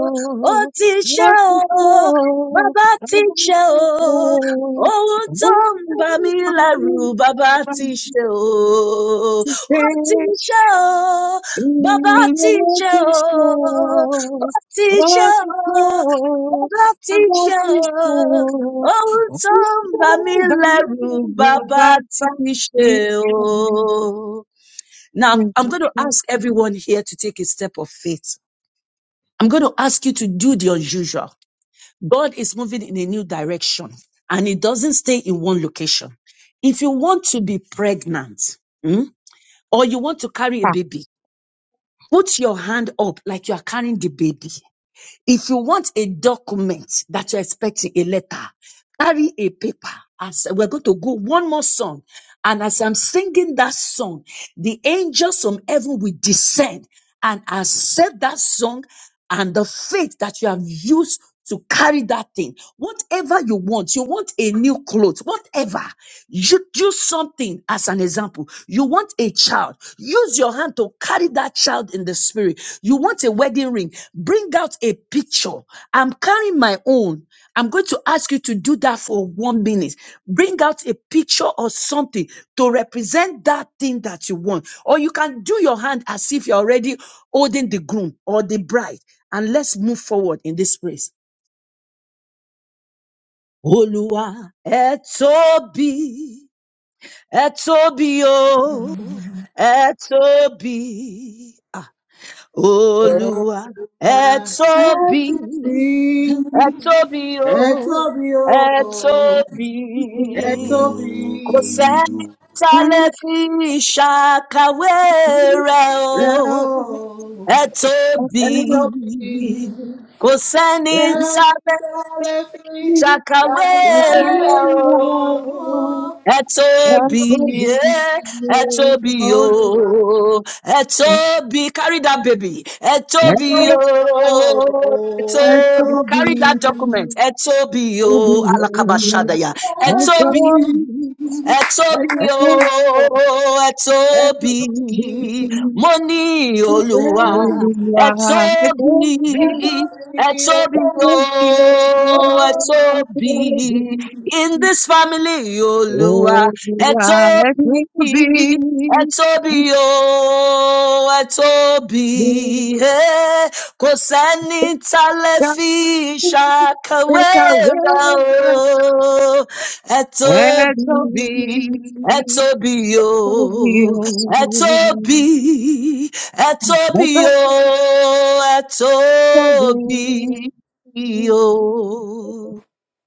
Speaker 6: ó ti ṣe
Speaker 3: what to
Speaker 6: o,
Speaker 3: show,
Speaker 6: bàbá
Speaker 3: and
Speaker 6: ti ṣe
Speaker 3: what to
Speaker 6: o,
Speaker 3: show,
Speaker 6: ohun tó ń bà mí lẹ́rù bàbá
Speaker 3: what
Speaker 6: ti ṣe o,
Speaker 3: to
Speaker 6: ó ti
Speaker 3: stand
Speaker 6: ṣe o,
Speaker 3: in
Speaker 6: bàbá
Speaker 3: the
Speaker 6: ti
Speaker 3: what
Speaker 6: ṣe
Speaker 3: to
Speaker 6: o,
Speaker 3: show,
Speaker 6: ti
Speaker 3: what to show,
Speaker 6: bàbá
Speaker 3: and what
Speaker 6: teacher,
Speaker 3: to
Speaker 6: oh o,
Speaker 3: show,
Speaker 6: ohun
Speaker 3: what
Speaker 6: tó
Speaker 3: to
Speaker 6: ń bà
Speaker 3: show, by the
Speaker 6: bàbá
Speaker 3: by
Speaker 6: teacher, oh o o ti baba teacher, se o ti baba
Speaker 3: the
Speaker 6: teacher, oh o ohun to n ba baba teacher. se Now, I'm, I'm going to ask everyone here to take a step of faith. I'm going to ask you to do the unusual. God is moving in a new direction and it doesn't stay in one location. If you want to be pregnant, hmm, be like if that are, carry a paper As we're going to go one more song. And as I'm singing that song, the angels from heaven will descend and accept that song and the faith that you have used to carry that thing. Whatever you want, you want a new clothes, whatever. You do. Nua etobi, etobi o, etobi, ah, Olua etobi,
Speaker 1: name.
Speaker 6: etobi
Speaker 1: Ẹ
Speaker 6: o,
Speaker 1: tóbi o,
Speaker 6: etobi.
Speaker 1: ẹ tóbi
Speaker 6: Kose sẹ́ni tá a lè
Speaker 3: Thank
Speaker 6: fi ṣàkàwé rẹ̀
Speaker 1: rẹ
Speaker 6: o,
Speaker 1: o, ẹ
Speaker 6: etobi.
Speaker 1: tóbi
Speaker 3: you.
Speaker 6: Kò sẹ́ni
Speaker 3: Oh,
Speaker 1: rẹ ìṣẹ̀lẹ̀ fi dàbílẹ̀
Speaker 6: Shakawera
Speaker 1: rẹ
Speaker 6: o.
Speaker 1: o. Ẹ
Speaker 3: yeah,
Speaker 1: tóbi
Speaker 6: Etobi,
Speaker 3: it
Speaker 6: eh, Etobi,
Speaker 1: olúwa,
Speaker 6: oh, Etobi, carry that baby,
Speaker 1: ẹ
Speaker 6: Etobi,
Speaker 1: tóbi o,
Speaker 6: oh,
Speaker 1: ẹ
Speaker 6: Etobi,
Speaker 1: tóbi olúwa,
Speaker 6: carry that document, Etobi,
Speaker 3: will
Speaker 6: oh,
Speaker 1: ẹ tóbi, ẹ tóbi
Speaker 6: Alakabashadaya, Etobi, Etobi, oh, Etobi, Moni Olua, Etobi, Etobi, oh, Etobi, in this family, Olua, Etobi, Etobi, oh, Etobi, eh, kò sẹ́ni ta lè
Speaker 3: be.
Speaker 6: fi ṣàkàwé
Speaker 3: Like a river that
Speaker 6: Etobi,
Speaker 3: shall be,
Speaker 6: Etobi,
Speaker 3: shall be
Speaker 6: oh, Etobi,
Speaker 3: on. Like
Speaker 6: Ẹ̀tóbi
Speaker 3: a
Speaker 6: o,
Speaker 3: river shall be
Speaker 6: Ẹ̀tóbi o.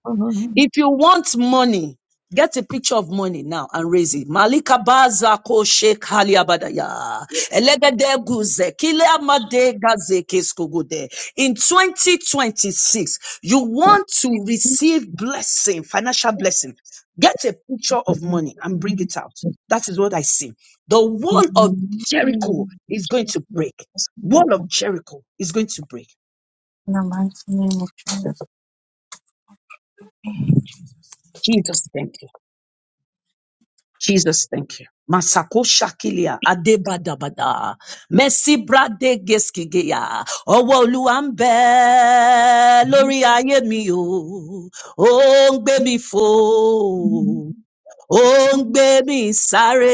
Speaker 3: on.
Speaker 6: If you want money, get a picture of money now and raise it. Malika baza ko shek hali abadaya. Elegede guze kile amade gaze keskogude. In 2026, you want to receive blessing, financial blessing. Get a picture of money and bring it out. That is what I see. The
Speaker 3: In
Speaker 6: wall of Jericho is going to break. Wall of Jericho is going to break.
Speaker 3: the mighty name of Jesus.
Speaker 6: Jesus, thank you. Jesus, thank you. Masako shakilia adebadabada mercy brade geskigeya ọwọ́ Olúwa ń lórí ayé mi o ó ń gbé mi fò ó ń gbé mi sáré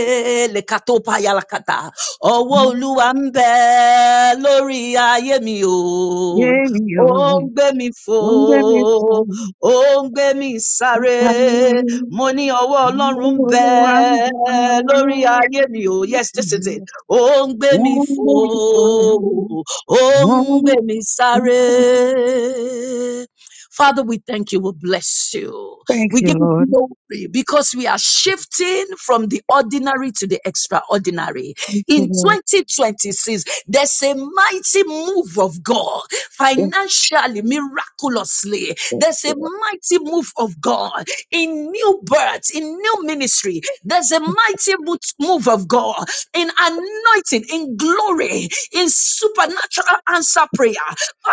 Speaker 6: lẹ́ka tó páyà lákàtà ọwọ́ olúwa ń bẹ lórí ayé mi o
Speaker 3: Yerio,
Speaker 6: ó ń gbé mi fò
Speaker 3: unde me
Speaker 6: ó ń gbé mi sáré
Speaker 3: conquistaré,
Speaker 6: mo ní ọwọ́ ọlọ́run ń bẹ
Speaker 3: oh,
Speaker 6: lórí
Speaker 3: andar,
Speaker 6: ayé mi o yes this is it ó ń gbé mi fò
Speaker 3: unde me fue.
Speaker 6: ó ń gbé
Speaker 3: Thank
Speaker 6: mi
Speaker 3: you, Lord.
Speaker 6: sáré. Father, we thank you. We bless you.
Speaker 3: Thank
Speaker 6: We
Speaker 3: you,
Speaker 6: give you
Speaker 3: Lord.
Speaker 6: glory because we are shifting from the ordinary to the extraordinary.
Speaker 3: Yes,
Speaker 6: In
Speaker 3: Lord.
Speaker 6: 2026, there's a mighty move of God financially, miraculously. There's a mighty move of God in new birth, in new ministry. There's a mighty mo- move of God in anointing, in glory, in supernatural answer prayer.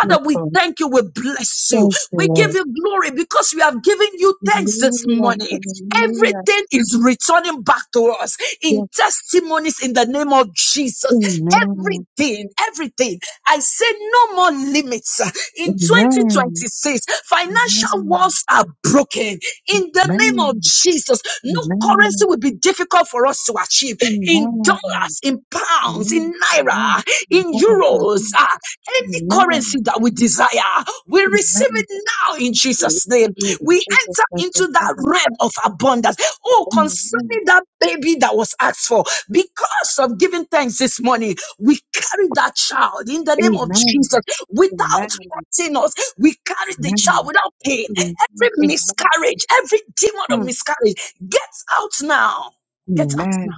Speaker 3: Yes,
Speaker 6: we
Speaker 3: Lord.
Speaker 6: thank you. We bless you.
Speaker 3: Thank you,
Speaker 6: We give
Speaker 3: Lord.
Speaker 6: you glory because we have given you thanks this
Speaker 3: Hallelujah.
Speaker 6: morning.
Speaker 3: Hallelujah.
Speaker 6: Everything is returning back to us in
Speaker 3: Yes.
Speaker 6: testimonies in the name of Jesus.
Speaker 3: Amen. Amen.
Speaker 6: Everything, everything. I say no more limits in
Speaker 3: Amen.
Speaker 6: 2026. Financial
Speaker 3: Amen.
Speaker 6: walls are broken in the name of
Speaker 3: Amen.
Speaker 6: Jesus.
Speaker 3: Amen.
Speaker 6: No currency
Speaker 3: Amen.
Speaker 6: will be difficult for us to achieve
Speaker 3: Amen.
Speaker 6: in dollars,
Speaker 3: Amen.
Speaker 6: in
Speaker 3: Amen.
Speaker 6: pounds, in
Speaker 3: Amen. Amen.
Speaker 6: naira, in
Speaker 3: Lord, in
Speaker 6: euros.
Speaker 3: Jesus'
Speaker 6: Ah,
Speaker 3: name,
Speaker 6: any
Speaker 3: Amen.
Speaker 6: currency that we desire,
Speaker 3: Amen.
Speaker 6: we receive
Speaker 3: Amen.
Speaker 6: it now in Jesus' name. We enter into that realm of abundance. Oh, concerning that baby that was asked for, because of giving thanks this morning, we carry that child in the name of Jesus without hurting us. We carry the child without pain.
Speaker 3: Amen. Amen.
Speaker 6: Every
Speaker 3: Amen.
Speaker 6: miscarriage, every demon of
Speaker 3: Amen.
Speaker 6: miscarriage, get out now. Get out
Speaker 3: Amen.
Speaker 6: now.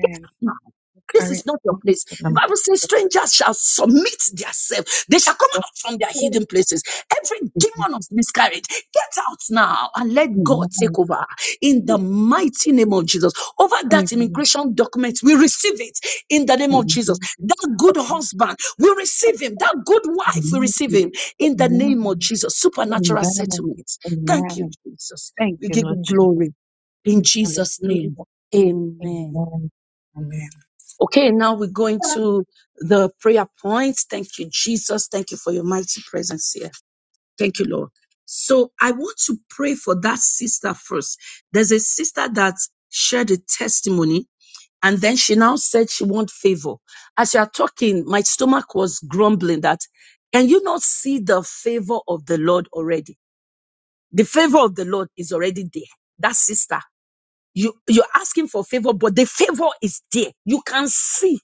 Speaker 6: Get out now. This is
Speaker 3: Current
Speaker 6: not your place.
Speaker 3: mindset
Speaker 6: The
Speaker 3: number
Speaker 6: Bible says, strangers shall submit themselves. They shall come out from their
Speaker 3: four.
Speaker 6: hidden places. Every demon of miscarriage, get out now and let
Speaker 3: Amen.
Speaker 6: God take over in the mighty name of Jesus. Over that
Speaker 3: Amen.
Speaker 6: immigration document, we receive it in the name of Jesus.
Speaker 3: Amen.
Speaker 6: That good husband, we receive him. That good wife, we receive him in the name
Speaker 3: Amen.
Speaker 6: of Jesus. Supernatural
Speaker 3: Amen.
Speaker 6: settlement. Thank you,
Speaker 3: Amen.
Speaker 6: Jesus.
Speaker 3: Thank
Speaker 6: We
Speaker 3: you,
Speaker 6: give
Speaker 3: Lord
Speaker 6: you
Speaker 3: Jesus.
Speaker 6: glory in Jesus' name.
Speaker 3: Hallelujah.
Speaker 6: Amen.
Speaker 3: Amen. Amen.
Speaker 6: Okay, now we're going to the prayer points. Thank you, Jesus. Thank you for your mighty presence here. Thank you, Lord. So I want to pray for that sister first. There's a sister that shared a testimony and then she now said she want favor. As you are talking, my stomach was grumbling that can you not see the favor of the Lord already? The favor of the Lord is already there. That sister, you, you're asking for favor, but the favor is there. You can see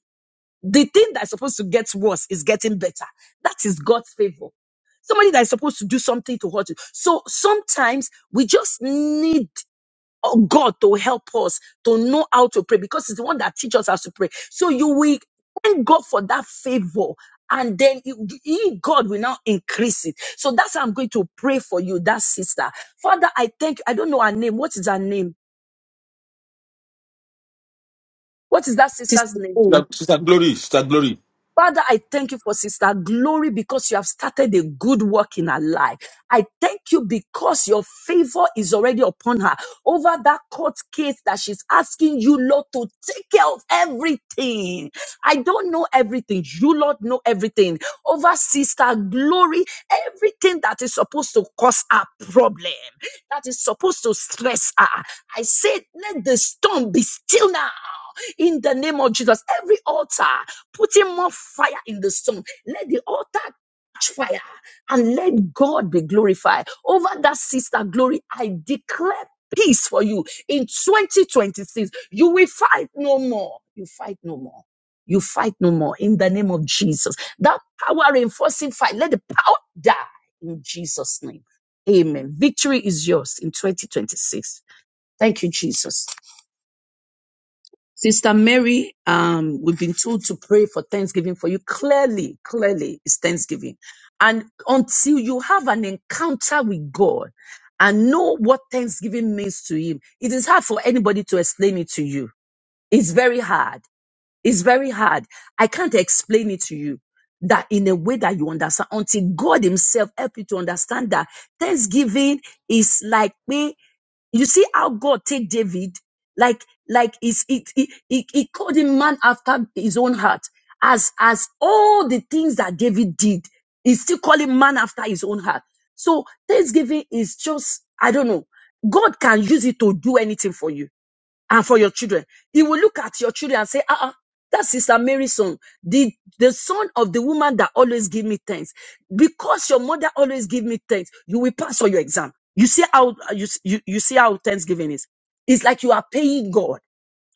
Speaker 6: the thing that's supposed to get worse is getting better. That is God's favor. Somebody that is supposed to do something to hurt you. So sometimes we just need uh, God to help us to know how to pray because it's the one that teaches us how to pray. So you will thank God for that favor. And then you, you- God will now increase it. So that's how I'm going to pray for you, that sister. Father, I thank you. I don't know her name. What is her name? What is that
Speaker 3: Just
Speaker 6: sister's name?
Speaker 4: Sister Sister Glory, Sister Glory.
Speaker 6: Father, I thank you for Sister Glory because you have started a good work in her life. I thank you because your favor is already upon her over that court case that she's asking you, Lord, to take care of everything. I don't know everything. You, Lord, know everything. Over Sister Glory, everything that is supposed to cause her problem, that is supposed to stress her. I said, let the storm be still now in the name of Jesus. Every altar putting more fire in the sun, let the altar catch fire and let God be glorified over that sister glory. I declare peace for you in 2026. You will fight no more. You fight no more. You fight no more in the name of Jesus. That power reinforcing fight, let the power die in Jesus' name. Amen. Victory is yours in 2026. Thank you, Jesus. Sister Mary, um, we've been told to pray for Thanksgiving for you. Clearly, clearly, it's Thanksgiving. And until you have an encounter with God and know what Thanksgiving means to Him, it is hard for anybody to explain it to you. It's very hard. It's very hard. I can't explain it to you that in a way that you understand until God Himself help you to understand that Thanksgiving is like me. You see how God take David, like like it's, it, it, it, it called him man after his own heart. As as all the things that David did, he still call him man after his own heart. So Thanksgiving is just I don't know. God can use it to do anything for you and for your children. He will look at your children and say, ah, uh that's Sister Mary's son, the, the son of the woman that always give me thanks. Because your mother always give me thanks, you will pass all your exam. You see how you, you, you see how Thanksgiving is. It's like you are paying God.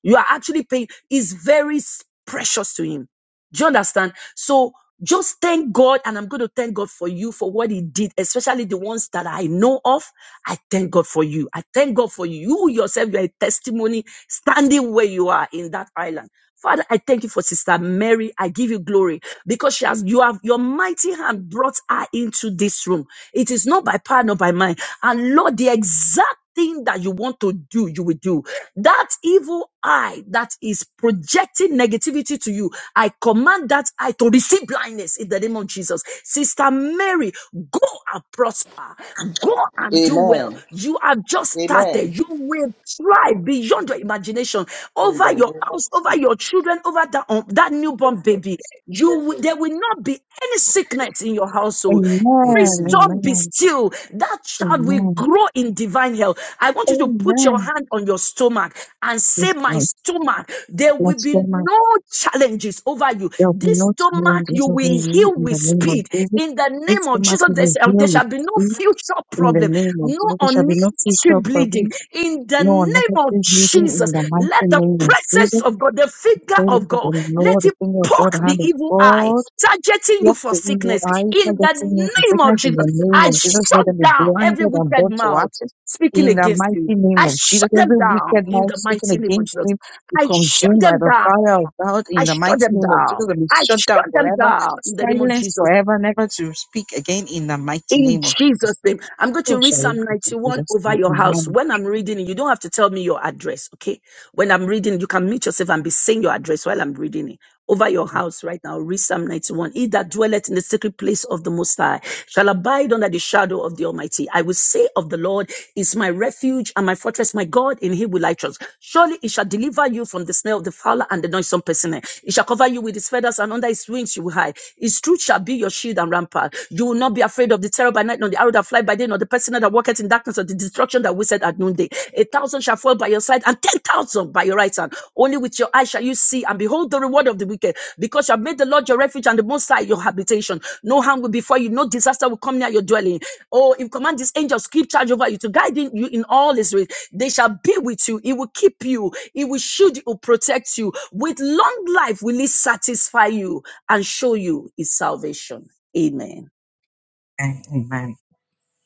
Speaker 6: You are actually paying is very s- precious to him. Do you understand? So just thank God, and I'm going to thank God for you for what He did, especially the ones that I know of. I thank God for you. I thank God for you. You yourself, you are a testimony standing where you are in that island. Father, I thank you for Sister Mary. I give you glory because she has you have your mighty hand brought her into this room. It is not by power nor by mind. And Lord, the exact thing that you want to do, you will do. That evil eye that is projecting negativity to you, I command that eye to receive blindness in the name of Jesus. Sister Mary, go and prosper. Go and do
Speaker 1: Amen.
Speaker 6: well. You have just
Speaker 1: Amen.
Speaker 6: started. You will thrive beyond your imagination over your house, over your children, over that, um, that newborn baby. You will, there will not be any sickness in your household
Speaker 3: Amen.
Speaker 6: every storm be
Speaker 3: Amen.
Speaker 6: still. That child will
Speaker 3: Amen.
Speaker 6: grow in divine health. I want you to put your
Speaker 3: Amen.
Speaker 6: hand on your stomach and say,
Speaker 3: Yes,
Speaker 6: My
Speaker 3: Lord.
Speaker 6: stomach, there will
Speaker 3: Bless
Speaker 6: be
Speaker 3: your might.
Speaker 6: no challenges over you.
Speaker 3: There will be
Speaker 6: This
Speaker 3: no
Speaker 6: stomach
Speaker 3: challenges
Speaker 6: you
Speaker 3: over
Speaker 6: will
Speaker 3: you
Speaker 6: heal
Speaker 3: in the
Speaker 6: with
Speaker 3: name of
Speaker 6: speed.
Speaker 3: Jesus.
Speaker 6: In the
Speaker 3: This
Speaker 6: name
Speaker 3: the
Speaker 6: of
Speaker 3: matter
Speaker 6: Jesus, there
Speaker 3: will
Speaker 6: shall
Speaker 3: heal
Speaker 6: there
Speaker 3: with
Speaker 6: shall be no
Speaker 3: speed
Speaker 6: future
Speaker 3: in the
Speaker 6: problem,
Speaker 3: name of
Speaker 6: no
Speaker 3: Jesus. There shall be no future
Speaker 6: unnecessary bleeding.
Speaker 3: problems
Speaker 6: In the
Speaker 3: Lord, let us
Speaker 6: name
Speaker 3: be
Speaker 6: of
Speaker 3: leading
Speaker 6: Jesus,
Speaker 3: in the mighty
Speaker 6: let the
Speaker 3: name of
Speaker 6: presence
Speaker 3: Jesus.
Speaker 6: of God, the finger
Speaker 3: Pray
Speaker 6: of
Speaker 3: that
Speaker 6: God,
Speaker 3: the
Speaker 6: let
Speaker 3: Lord, the
Speaker 6: it
Speaker 3: finger of God,
Speaker 6: poke
Speaker 3: the
Speaker 6: the
Speaker 3: hand of
Speaker 6: evil eye,
Speaker 3: God,
Speaker 6: targeting you
Speaker 3: block
Speaker 6: for
Speaker 3: the evil
Speaker 6: sickness.
Speaker 3: eye,
Speaker 6: In the
Speaker 3: targeting me from
Speaker 6: name of
Speaker 3: sickness in
Speaker 6: Jesus,
Speaker 3: the name
Speaker 6: I
Speaker 3: of Jesus. Let
Speaker 6: shut
Speaker 3: them be
Speaker 6: down every
Speaker 3: blinded and
Speaker 6: wicked
Speaker 3: brought to
Speaker 6: mouth
Speaker 3: ashes.
Speaker 6: speaking
Speaker 3: In the
Speaker 6: against you.
Speaker 3: mighty name
Speaker 6: I
Speaker 3: of Jesus,
Speaker 6: shut them
Speaker 3: every
Speaker 6: down
Speaker 3: wicked
Speaker 6: in
Speaker 3: mouth
Speaker 6: the
Speaker 3: speaking
Speaker 6: mighty name of
Speaker 3: against
Speaker 6: Jesus.
Speaker 3: me be
Speaker 6: I shut
Speaker 3: consumed by
Speaker 6: them
Speaker 3: the
Speaker 6: down.
Speaker 3: fire of God.
Speaker 6: I
Speaker 3: In the
Speaker 6: shut
Speaker 3: mighty
Speaker 6: them
Speaker 3: name of
Speaker 6: down.
Speaker 3: Jesus, and be
Speaker 6: I
Speaker 3: shut down
Speaker 6: shut them
Speaker 3: forever,
Speaker 6: down in the name of
Speaker 3: silenced
Speaker 6: Jesus.
Speaker 3: forever, never to speak again. In the mighty
Speaker 6: In
Speaker 3: name of Jesus.
Speaker 6: Jesus' name. I'm going
Speaker 3: So
Speaker 6: to read
Speaker 3: shall it
Speaker 6: Psalm
Speaker 3: be in
Speaker 6: 91
Speaker 3: Jesus'
Speaker 6: over
Speaker 3: name.
Speaker 6: your house.
Speaker 3: Amen.
Speaker 6: When I'm reading it, you don't have to tell me your address, okay? When I'm reading, you can mute yourself and be saying your address while I'm reading it. Over your house right now, read Psalm 91. He that dwelleth in the secret place of the Most High shall abide under the shadow of the Almighty. I will say of the Lord is my refuge and my fortress, my God, in him will I trust. Surely he shall deliver you from the snare of the fowler and the noisome person shall cover you with his feathers, and under his wings you will hide. His truth shall be your shield and rampart. You will not be afraid of the terror by night, nor the arrow that fly by day, nor the person that walketh in darkness, or the destruction that wasted at noonday. A thousand shall fall by your side, and ten thousand by your right hand. Only with your eyes shall you see and behold the reward of the wicked, because you have made the Lord your refuge and the Most High your habitation. No harm will befall you, no disaster will come near your dwelling. Oh, if command these angels keep charge over you to guide you in all Israel they shall be with you. He will keep you. He will shield you, protect you. With long life will he satisfy you and show you his salvation. Amen.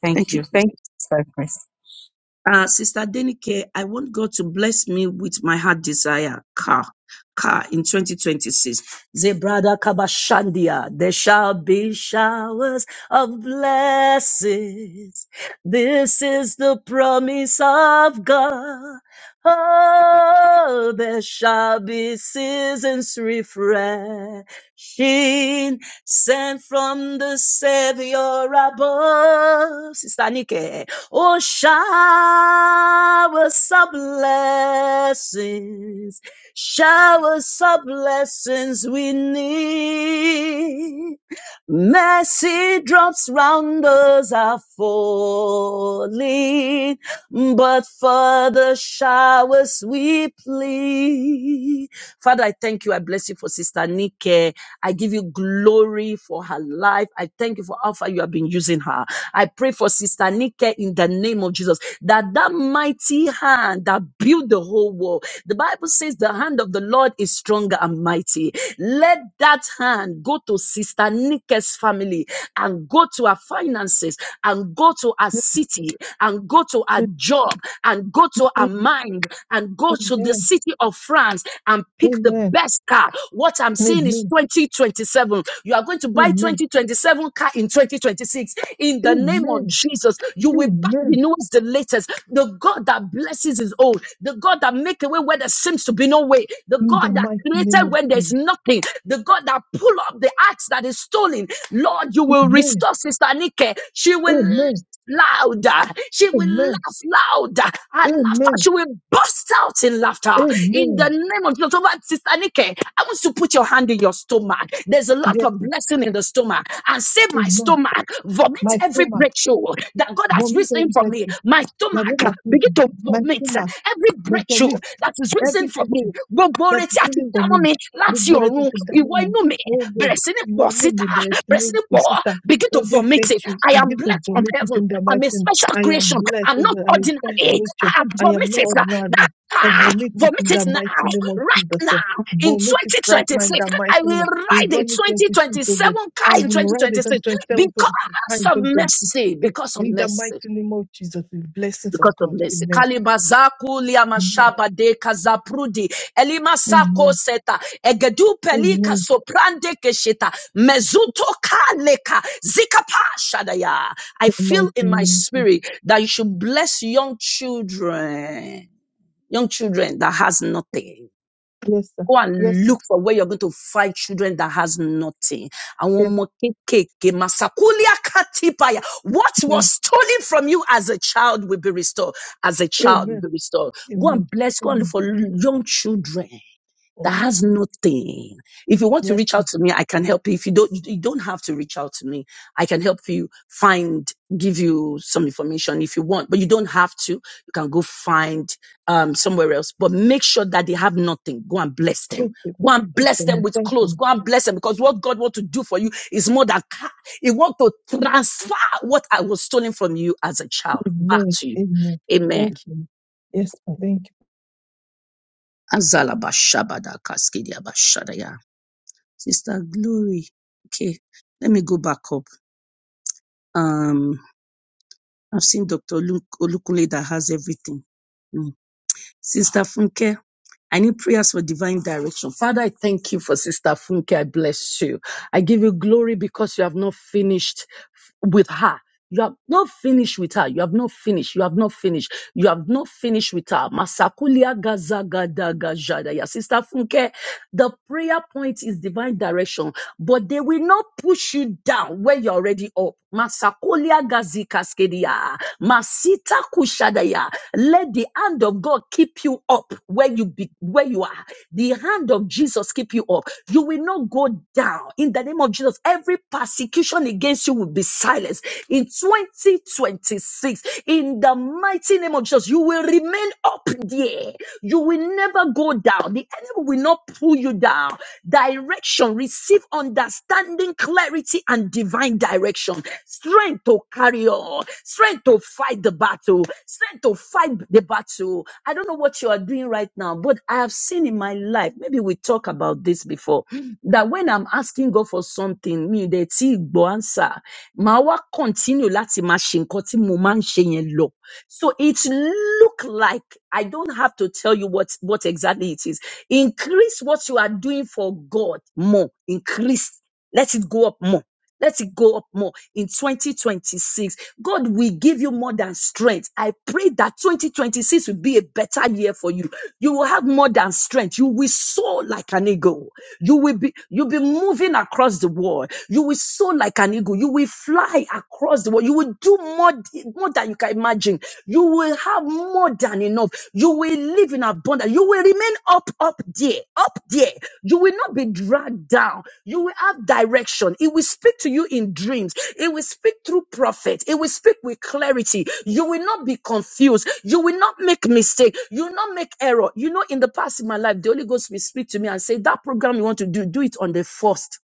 Speaker 3: Thank
Speaker 6: Thank you.
Speaker 3: you. Thank
Speaker 6: Uh, Sister Denike, I want God to bless me with my heart desire car, car in 2026. Zebrada Kabashandia, there shall be showers of blessings. This is the promise of God. Oh, there shall be seasons refreshing sent from the Savior above. Sister Nike, Oh, shower some blessings, shower some blessings we need. Mercy drops round us are falling but for the showers we plead. Father, I thank you. I bless you for Sister Nike. I give you glory for her life. I thank you for how far you have been using her. I pray for Sister Nike in the name of Jesus that that mighty hand that built the whole world. The Bible says the hand of the Lord is stronger and mighty. Let that hand go to Sister Nike's family and go go to our finances and go to our city and go to our job and go to our mind and go to the
Speaker 7: Amen.
Speaker 6: city of France and pick the
Speaker 7: Amen.
Speaker 6: best car. What I'm saying is
Speaker 7: Amen.
Speaker 6: 2027. You are going to buy
Speaker 7: Amen.
Speaker 6: 2027 car in 2026. In the name of
Speaker 7: Amen.
Speaker 6: Jesus, you will buy
Speaker 7: Amen.
Speaker 6: the newest, the latest. The God that blesses is old. The God that make a way where there seems to be no way. The
Speaker 7: In the
Speaker 6: God that
Speaker 7: mighty name
Speaker 6: created
Speaker 7: of
Speaker 6: when there's
Speaker 7: Jesus.
Speaker 6: nothing stolen, the God that pull up the axe that is stolen, Lord, you will
Speaker 7: Amen.
Speaker 6: restore Sister Nike. She will
Speaker 7: Amen.
Speaker 6: laugh louder. She will
Speaker 7: Amen.
Speaker 6: laugh louder. Her laughter,
Speaker 7: Amen.
Speaker 6: she will burst out in laughter. In the
Speaker 7: Amen.
Speaker 6: name of Jesus, over Sister Nike, I want you to put your hand in your stomach. There's a lot
Speaker 7: Yes.
Speaker 6: of blessing in the stomach. And say, my
Speaker 7: Amen.
Speaker 6: stomach, vomit
Speaker 7: My
Speaker 6: every
Speaker 7: stomach
Speaker 6: breakthrough that God has
Speaker 7: vomit
Speaker 6: risen
Speaker 7: every
Speaker 6: for me.
Speaker 7: virtue
Speaker 6: My
Speaker 7: that ever
Speaker 6: stomach, begin
Speaker 7: me.
Speaker 6: to
Speaker 7: My
Speaker 6: vomit
Speaker 7: stomach
Speaker 6: every
Speaker 7: must
Speaker 6: breakthrough issue
Speaker 7: vomit
Speaker 6: that is risen
Speaker 7: every
Speaker 6: from me
Speaker 7: virtue
Speaker 6: gbogbo oore
Speaker 7: That's
Speaker 6: tí a ti
Speaker 7: easy for
Speaker 6: dámọ́
Speaker 7: me.
Speaker 6: mi láti
Speaker 7: Gbogbo rẹ tó
Speaker 6: ọ̀run
Speaker 7: ti dá mọ́
Speaker 6: ìwọ
Speaker 7: mi,
Speaker 6: inú mi
Speaker 7: oh God,
Speaker 6: bẹ̀rẹ̀ sí ní
Speaker 7: ìwọ
Speaker 6: pọ̀
Speaker 7: náà lè
Speaker 6: síta
Speaker 7: bẹ̀rẹ̀ sí
Speaker 6: bẹ̀rẹ̀
Speaker 7: ní
Speaker 6: sí ní
Speaker 7: kò
Speaker 6: pọ̀
Speaker 7: síta.
Speaker 6: begin to
Speaker 7: Every
Speaker 6: vomit it
Speaker 7: virtue
Speaker 6: I am
Speaker 7: begin to
Speaker 6: blessed from
Speaker 7: vomit it
Speaker 6: heaven
Speaker 7: in the
Speaker 6: I'm a
Speaker 7: mighty name.
Speaker 6: special
Speaker 7: I am
Speaker 6: creation
Speaker 7: blessed,
Speaker 6: I'm
Speaker 7: oh
Speaker 6: not
Speaker 7: God, I'm a first
Speaker 6: ordinary I
Speaker 7: virtue.
Speaker 6: have
Speaker 7: I am not
Speaker 6: vomited that
Speaker 7: ordinary. I
Speaker 6: Ah,
Speaker 7: vomit it in
Speaker 6: vomit
Speaker 7: the
Speaker 6: it now,
Speaker 7: mighty name of
Speaker 6: right
Speaker 7: Jesus. eh.
Speaker 6: now, in
Speaker 7: Vomit it right now in
Speaker 6: 2026.
Speaker 7: the
Speaker 6: I
Speaker 7: mighty name
Speaker 6: will
Speaker 7: of We
Speaker 6: ride a
Speaker 7: vomit it, oh
Speaker 6: 2027
Speaker 7: God. I
Speaker 6: car in
Speaker 7: will write it on
Speaker 6: 2026
Speaker 7: 27,
Speaker 6: because
Speaker 7: 25,
Speaker 6: of mercy. Because of
Speaker 7: In the
Speaker 6: mercy
Speaker 7: mighty name of Jesus, the blessings of
Speaker 6: because of
Speaker 7: God.
Speaker 6: mercy.
Speaker 7: Amen.
Speaker 6: Kalimazaku
Speaker 7: Amen.
Speaker 6: liamashaba de kazaprudi elimasako
Speaker 7: Amen.
Speaker 6: seta egedu pelika
Speaker 7: Amen.
Speaker 6: soprande keshita mezuto kaleka zikapa shadaya. I
Speaker 7: In the
Speaker 6: feel
Speaker 7: mighty
Speaker 6: in
Speaker 7: name
Speaker 6: my
Speaker 7: of Jesus.
Speaker 6: spirit that you should bless young children, young children that has nothing
Speaker 7: Yes, sir.
Speaker 6: Go
Speaker 7: Yes,
Speaker 6: and
Speaker 7: sir.
Speaker 6: look for where you're going to find children that has nothing. Àwọn
Speaker 7: Yes.
Speaker 6: ọmọ kéékèèké, Masakulia Katipaya. What was
Speaker 7: Amen.
Speaker 6: stolen from you as a child will be restored. As a child will be
Speaker 7: Amen.
Speaker 6: restored. Go
Speaker 7: Amen.
Speaker 6: and bless, go and look
Speaker 7: Amen.
Speaker 6: for young children
Speaker 7: Oh,
Speaker 6: that has nothing. If you want to
Speaker 7: Yes,
Speaker 6: reach out
Speaker 7: sir.
Speaker 6: to me, I can help you. If you don't, you don't have to reach out to me. I can help you find, give you some information if you want, but you don't have to. You can go find um, somewhere else, but make sure that they have nothing. Go and bless them.
Speaker 7: Okay. ma.
Speaker 6: Go and
Speaker 7: Okay,
Speaker 6: bless
Speaker 7: ma.
Speaker 6: them with
Speaker 7: Thank you.
Speaker 6: clothes.
Speaker 7: ma.
Speaker 6: Go and bless them because what God wants to do for you is more than car. He wants to transfer what I was stolen from you as a child back
Speaker 7: Amen.
Speaker 6: to you.
Speaker 7: Amen.
Speaker 6: Amen.
Speaker 7: Thank you. ma. Yes, ma. Thank
Speaker 6: Azalabashabadakaskidiabashadaya. Sister Glory. Okay, let me go back up. Um, I've seen Dr. Olu- Olukunle that has everything. Sister Funke, I need prayers for divine direction. Father, I thank you for Sister Funke. I bless you. I give you glory because you have not finished with her. You have not finished with her. You have not finished. You have not finished. You have not finished with her. Masakulia gazagadagajada. Yeah, Sister Funke, the prayer point is divine direction, but they will not push you down where you're already up. Masakulia Legazikaskedia. Masita kushadaya. Let the hand of God keep you up where you be, where you are. The hand of Jesus keep you up. You will not go down. In the name of Jesus, every persecution against you will be silenced. In 2026, in the mighty name of Jesus, you will remain up there. You will never go down. The enemy will not pull you down down. Direction, receive understanding, clarity, and divine direction. Strength to carry on, strength to fight the battle, strength to fight the battle. I don't know what you are doing right now, but I have seen in my life, maybe we talk about this before, that when I'm asking God for something, me, the T answer, ma wa continue láti máa ṣe nǹkan tí mo máa ń ṣe yẹn lọ so it look like I don't have to tell you what what exactly it is. Increase what you are doing for God more. Increase. Let it go up more let it go up more in 2026. God will give you more than strength. I pray that 2026 will be a better year for you. You will have more than strength. You will soar like an eagle. You will be, you'll be moving across the world. You will soar like an eagle. You will fly across the world. You will do more, more than you can imagine. You will have more than enough than enough. You will live in abundance. You will remain up, up there, up there. You will not be dragged down. You will have direction. It will speak to you in dreams. It will speak through prophets. It will speak with clarity. You will not be confused. You will not make mistake. You will not make error. You know, in the past in my life, the Holy Ghost will speak to me and say, that program you want to do, do it on the first.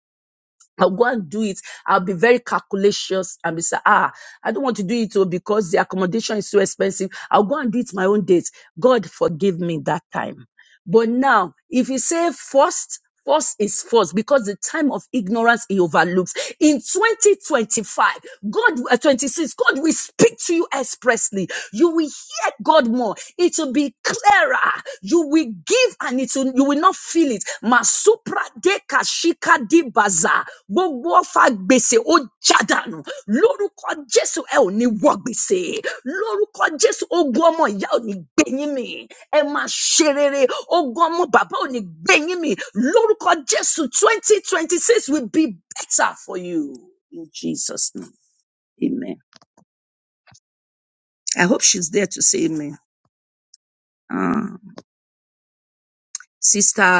Speaker 6: I'll go and do it. I'll be very calculacious and be say, ah, I don't want to do it oh, because the accommodation is so expensive. I'll go and do it my own date. God forgive me that time. But now, if you say first, first is first because the time of ignorance he overlooks. In 2025, God, uh, 26, God will speak to you expressly. You will hear God more. It will be clearer. You will give and it will, you will not feel it. Masupra deka kadibaza gbogbo ọfà gbèsè ó jádànù lórúkọ jésù ẹ ò ní wọ gbèsè lórúkọ jésù ogun ọmọ ìyá ò ní gbé yín mì ẹ máa ṣe rere ogun ọmọ bàbá ò ní gbé yín mì lórúkọ jésù twenty twenty six will be better for you in jesus name amen. amen. sister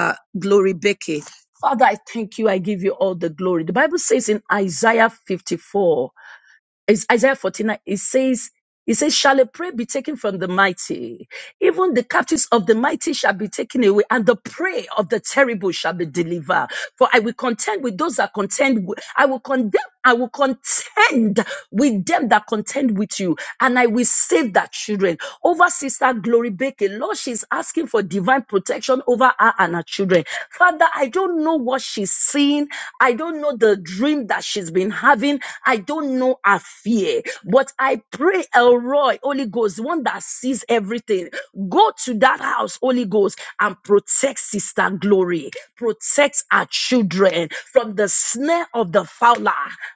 Speaker 6: glory becky. Father, I thank you. I give you all the glory. The Bible says in Isaiah 54 Is Isaiah 49, it says, it says, shall a prey be taken from the mighty? Even the captives of the mighty shall be taken away, and the prey of the terrible shall be delivered. For I will contend with those that contend. wi- I will condemn. I will contend with them that contend with you, and I will save that children. Over Sister Glory Baker, Lord, she's asking for divine protection over her and her children. Father, I don't know don't know what she's seeing. I don't know the dream that she's been having. I don't know her fear. But I pray, Elroy, Holy Ghost, one that sees everything, go to that house, Holy Ghost, and protect Sister Glory, protect our children from the snare of the fowler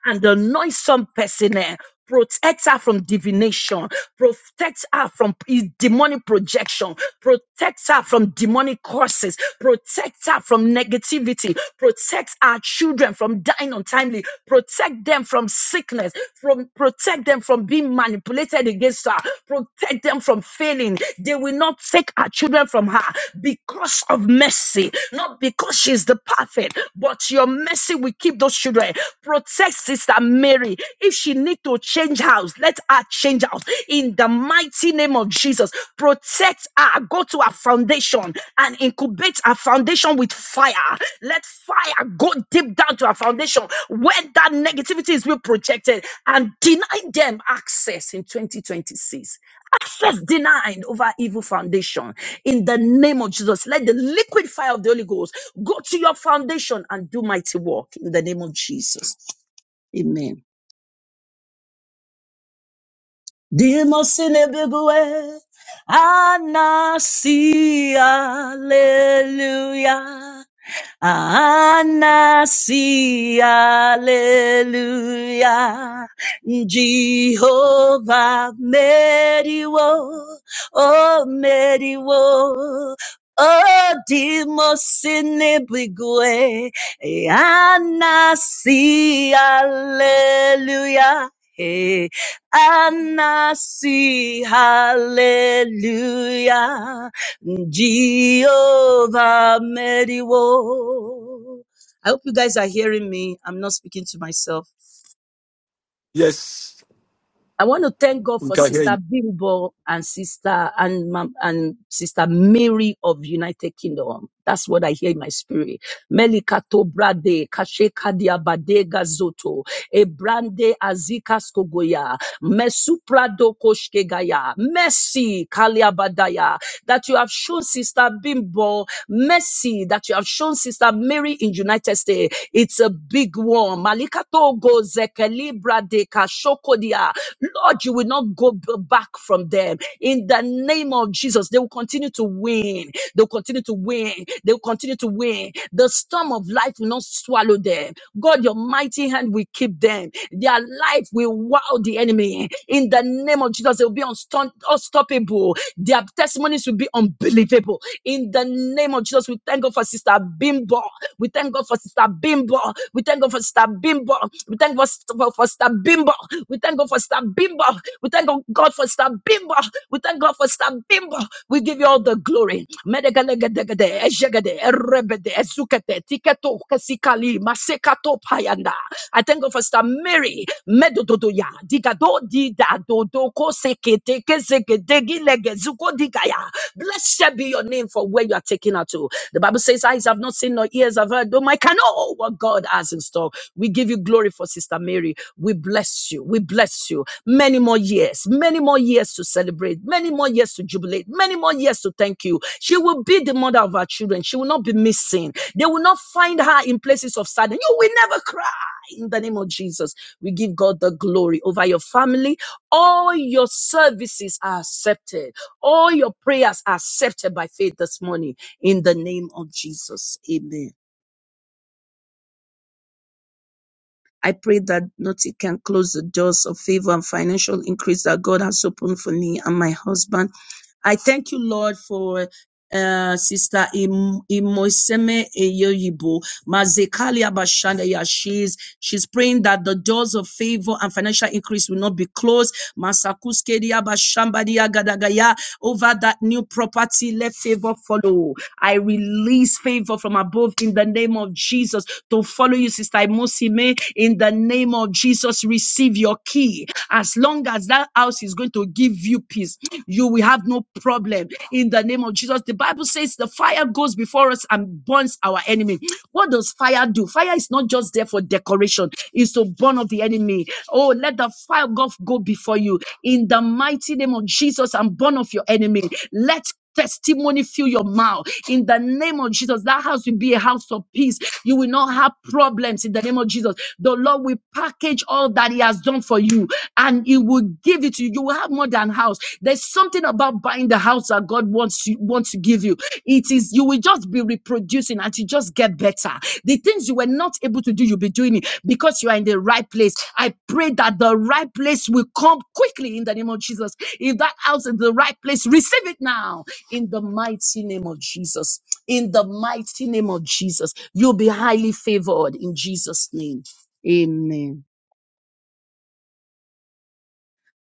Speaker 6: and the noisome person. eh, protect her from divination, protect her from p- demonic projection, protect her from demonic curses, protect her from negativity, protect our children from dying untimely, protect them from sickness, from protect them from being manipulated against her, protect them from failing. They will not take our children from her because of mercy, not because crushes the prophet, but your mercy will keep those children. Protect Sister Mary. If she need to change house, let her change house. In the mighty name of Jesus, protect her. Go to her foundation and incubate her foundation with fire. Let fire go deep down to her foundation where that negativity is being projected and deny them access in 2026 access denied over evil foundation in the name of Jesus. Let the liquid fire of the Holy Ghost go to your foundation and do mighty work in the name of Jesus. Amen. Dimos anasi, hallelujah. Anasi, hallelujah. Jehovah Meriwo, oh Meriwo. Oh, Dimos inebigwe, Anasi, hallelujah. Hey, Anasi, hallelujah. Jehovah Mediwo. I hope you guys are hearing me. I'm not speaking to myself.
Speaker 4: Yes,
Speaker 6: I want to thank God
Speaker 4: we
Speaker 6: for
Speaker 4: can hear you.
Speaker 6: Sister Bimbo and Sister and Mam- and Sister Mary of United Kingdom. That's what I hear in my spirit. Melikato brade kasheka diabade gazoto ebrande azika Mesuprado koshkegaya. Mercy, Kaliabadaya, that you have shown Sister Bimbo. Mercy, that you have shown Sister Mary in United States. It's a big one. Malikato go zekelibra de kashokodia. Lord, you will not go b- back from them. In the name of Jesus, they will continue to win. They will continue to win. They will continue to win. The storm of life will not swallow them. God, your mighty hand will keep them them. Their life will wow the enemy. In the name of Jesus, they'll be unstun- unstoppable. Their testimonies will be unbelievable. In the name of Jesus, we thank God for Sister Bimbo. We thank God for Sister Bimbo. We thank God for Sister Bimbo. We thank God for, for Sister Bimbo. We thank God for Sister Bimbo. We thank God for Sister Bimbo. We thank God for Sister Bimbo. We give you all the glory. Medegalegedegede, ejegede, erebede, ezukete, tiketo, kesikali, Masekato payanda. I thank God for Sister Mary. Medododoya. Digado dida dodoko sekete keseke degi lege zuko digaya. Blessed be your name for where you are taking her to. The Bible says, Eyes have not seen, nor ears have heard, though my can know what God has in store. We give you glory for Sister Mary. We bless you. We bless you. Many more years, many more years to celebrate, many more years to jubilate, many more years to thank you. She will be the mother of our children. She will not be missing. They will not find her in places of sadness. You will never cry in the name of Jesus. We give God the glory over your family. All your services are accepted. All your prayers are accepted by faith this morning in the name of Jesus. Amen. I pray that nothing can close the doors of favor and financial increase that God has opened for me and my husband I thank you, Lord, for uh, Sister Im- Imoseme Eyoyibo, Mazekalia Bashanda. Yeah, she's, she's praying that the doors of favor and financial increase will not be closed. Masakuskedia Bashambadia Gadagaya, over that new property, let favor follow. I release favor from above in the name of Jesus to follow you, Sister Imosime. In the name of Jesus, receive your key. As long as that house is going to give you peace, you will have no problem in the name of Jesus. The Bible says the fire goes before us and burns our enemy. What does fire do? Fire is not just there for decoration, it's to burn up the enemy. Oh, let the fire of God go before you in the mighty name of Jesus and burn of your enemy. Let testimony fill your mouth in the name of Jesus. That house will be a house of peace. You will not have problems in the name of Jesus. The Lord will package all that He has done for you and He will give it to you. You will have more than house. There's something about buying the house that God wants you wants to give you. It is you will just be reproducing. At you just get better. The things you were not able to do, you'll be doing it because you are in the right place. I pray that the right place will come quickly in the name of Jesus. If that house is the right place, receive it now in the mighty name of Jesus. In the mighty name of Jesus, you'll be highly favored in Jesus' name. Amen.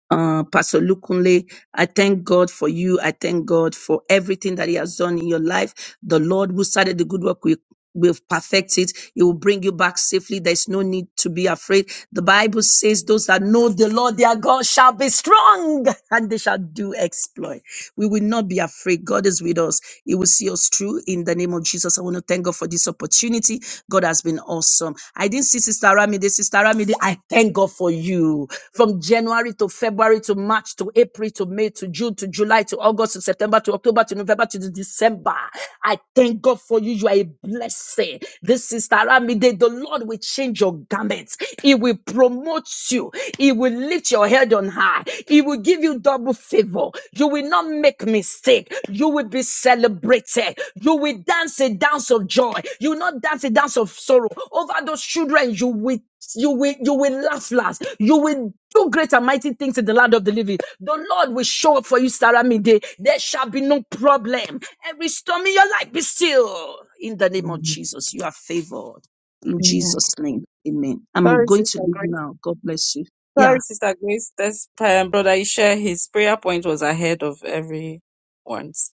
Speaker 6: uh, Pastor Lukunle. I thank God for you. I thank God for everything that He has done in your life. The Lord who started the good work will will perfect it. He will bring you back safely. There's no need to be afraid. The Bible says those that know the Lord their God shall be strong and they shall do exploit. We will not be afraid. God is with us. He will see us through in the name of Jesus. I want to thank God for this opportunity. God has been awesome. I didn't see Sister Ramide. Sister Ramide, I thank God for you. From January to February to March to April to May to June to July to August to September to October to November to December. I thank God for you you, are a blessing. This is Taramide. The Lord will change your garments. He will promote you. He will lift your head on high. He will give you double favor. You will not make mistake. You will be celebrated. You will dance a dance of joy. You will not dance a dance of sorrow. Over those children, you will you will you will laugh last. You will do great and mighty things in the land of the living. The Lord will show up for you, Saramide. There shall be no problem. Every storm in your life be still. In the name of Jesus, you are favored. In
Speaker 3: you.
Speaker 6: Jesus' name, amen. I'm
Speaker 3: Sorry,
Speaker 6: going to
Speaker 3: Sister
Speaker 6: leave
Speaker 3: Grace.
Speaker 6: now. God bless you.
Speaker 3: Sorry,
Speaker 6: Yeah,
Speaker 3: Sister Grace. This um, brother Isha, his prayer point was ahead of everyone's.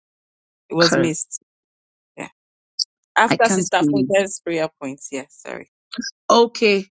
Speaker 3: It was
Speaker 6: okay.
Speaker 3: missed. Yeah.
Speaker 6: I
Speaker 3: After
Speaker 6: can't see
Speaker 3: Sister
Speaker 6: you.
Speaker 3: Funke's prayer point. Yeah, sorry.
Speaker 6: Okay.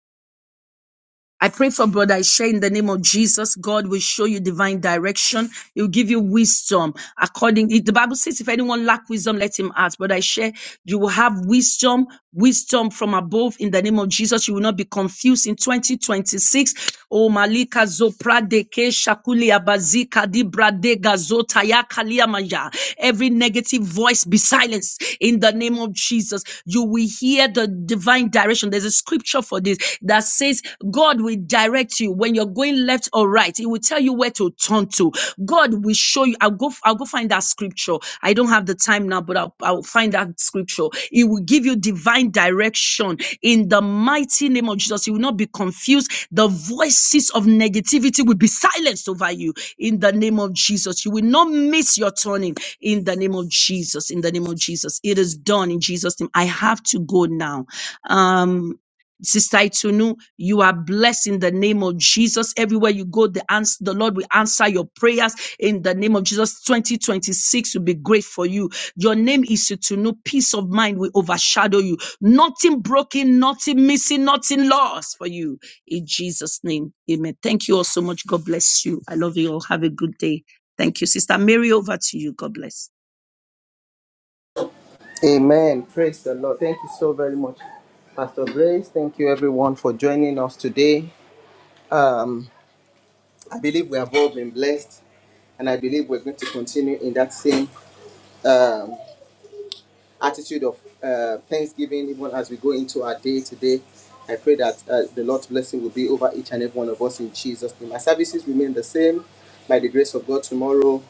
Speaker 6: I pray for brother Ishe in the name of Jesus. God will show you divine direction. He'll give you wisdom according. The Bible says, if anyone lack wisdom, let him ask. Brother Ishe, You will have wisdom, wisdom from above in the name of Jesus. You will not be confused in 2026. Oh, Malika Zopra Deke Shakuli Abazika Dibrade Gazota Yakaliamaya. Every negative voice be silenced in the name of Jesus. You will hear the divine direction. There's a scripture for this that says, God will direct you when you're going left or right. He will tell you where nowhere to turn to. God will show you. I'll go, I'll go find that scripture. I don't have the time now, but I'll, I'll find that scripture. It will give you divine direction in the mighty name of Jesus. You will not be confused. The voices of negativity will be silenced over you in the name of Jesus. You will not miss your turning in the name of Jesus. In the name of Jesus. It is done in Jesus' name. I have to go now. Um, Sister Itunu, you are blessed in the name of Jesus. Everywhere you go, the ans- the Lord will answer your prayers in the name of Jesus. 2026 will be great for you. Your name is Itunu. Peace of mind will overshadow you. Nothing broken, nothing missing, nothing lost for you. In Jesus' name, amen. Thank you all so much. God bless you. I love you all. Have a good day. Thank you, Sister Mary. Over to you. God bless.
Speaker 1: Amen. Praise the Lord. Thank you so very much, Pastor Grace. Thank you, everyone, for joining us today. Um, I believe we have all been blessed, and I believe we're going to continue in that same attitude of uh, thanksgiving even as we go into our day today. I pray that uh, the Lord's blessing will be over each and every one of us in Jesus' name. Our services remain the same by the grace of God tomorrow,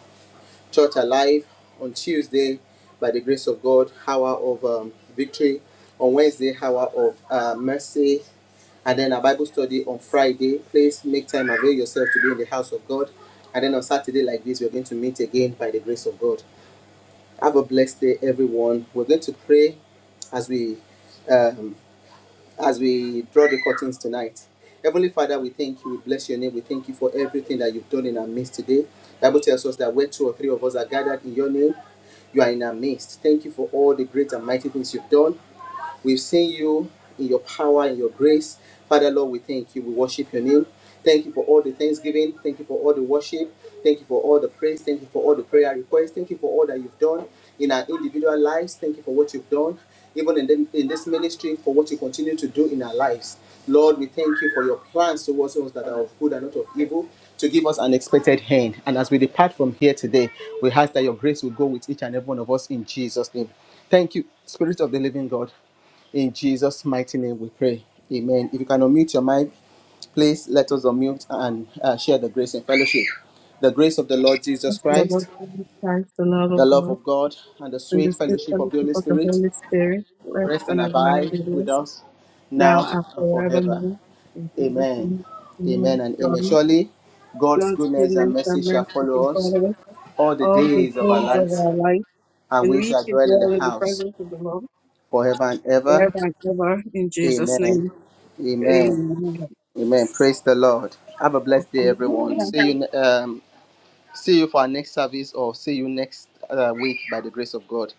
Speaker 1: church alive on Tuesday, by the grace of God, hour of um, victory on Wednesday, hour of uh, mercy and then a Bible study on Friday. Please make time avail yourself to be in the house of God. And then on Saturday, like this, we're going to meet again by the grace of God. Have a blessed day, everyone. We're going to pray as we um, as we draw the curtains tonight. Heavenly Father, we thank you. We bless your name. We thank you for everything that you've done in our midst today. The Bible tells us that where two or three of us are gathered in your name, you are in our midst. Thank you for all the great and mighty things you've done. We've seen you in your power and your grace. Father, Lord, we thank you. We worship your name. Thank you for all the thanksgiving. Thank you for all the worship. Thank you for all the praise. Thank you for all the prayer requests. Thank you for all that you've done in our individual lives. Thank you for what you've done, even in, the, in this ministry, for what you continue to do in our lives. Lord, we thank you for your plans towards us that are of good and not of evil, to give us an expected hand. And as we depart from here today, we ask that your grace will go with each and every one of us in Jesus' name. Thank you, Spirit of the Living God. In Jesus' mighty name we pray. Amen. If you can unmute your mic, please let us unmute and uh, share the grace and fellowship. The grace of the Lord Jesus
Speaker 3: Thank you, Lord God,
Speaker 1: Christ,
Speaker 3: for this Thanks to the love
Speaker 1: the
Speaker 3: of
Speaker 1: love
Speaker 3: God
Speaker 1: of God, and the
Speaker 3: and
Speaker 1: sweet
Speaker 3: the sweet
Speaker 1: fellowship of the
Speaker 3: fellowship
Speaker 1: Holy
Speaker 3: of the
Speaker 1: Spirit
Speaker 3: Holy Spirit rest
Speaker 1: rest
Speaker 3: and
Speaker 1: and
Speaker 3: abide
Speaker 1: abide
Speaker 3: with
Speaker 1: with
Speaker 3: us
Speaker 1: us
Speaker 3: now
Speaker 1: now
Speaker 3: and
Speaker 1: and forever.
Speaker 3: forevermore. In Jesus'
Speaker 1: Amen.
Speaker 3: name, amen.
Speaker 1: Amen and amen.
Speaker 3: Surely,
Speaker 1: Surely God's
Speaker 3: God's
Speaker 1: goodness and
Speaker 3: goodness
Speaker 1: mercy
Speaker 3: and
Speaker 1: shall
Speaker 3: mercy can
Speaker 1: follow us
Speaker 3: follow us
Speaker 1: all the
Speaker 3: all the
Speaker 1: days of our
Speaker 3: days of
Speaker 1: lives,
Speaker 3: our life,
Speaker 1: and
Speaker 3: and
Speaker 1: we
Speaker 3: we
Speaker 1: shall
Speaker 3: should
Speaker 1: dwell in
Speaker 3: dwell
Speaker 1: the
Speaker 3: in the
Speaker 1: house
Speaker 3: presence of the Lord
Speaker 1: forever and ever.
Speaker 3: forever and ever in Jesus'
Speaker 1: Amen.
Speaker 3: name.
Speaker 1: Amen.
Speaker 3: Amen.
Speaker 1: Amen. Praise the Lord. Have a blessed day, everyone. See you. Um, see you for our next service, or see you next uh, week by the grace of God.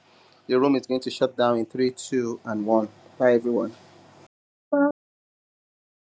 Speaker 1: The room is going to shut down in three, two, and one. Bye, everyone.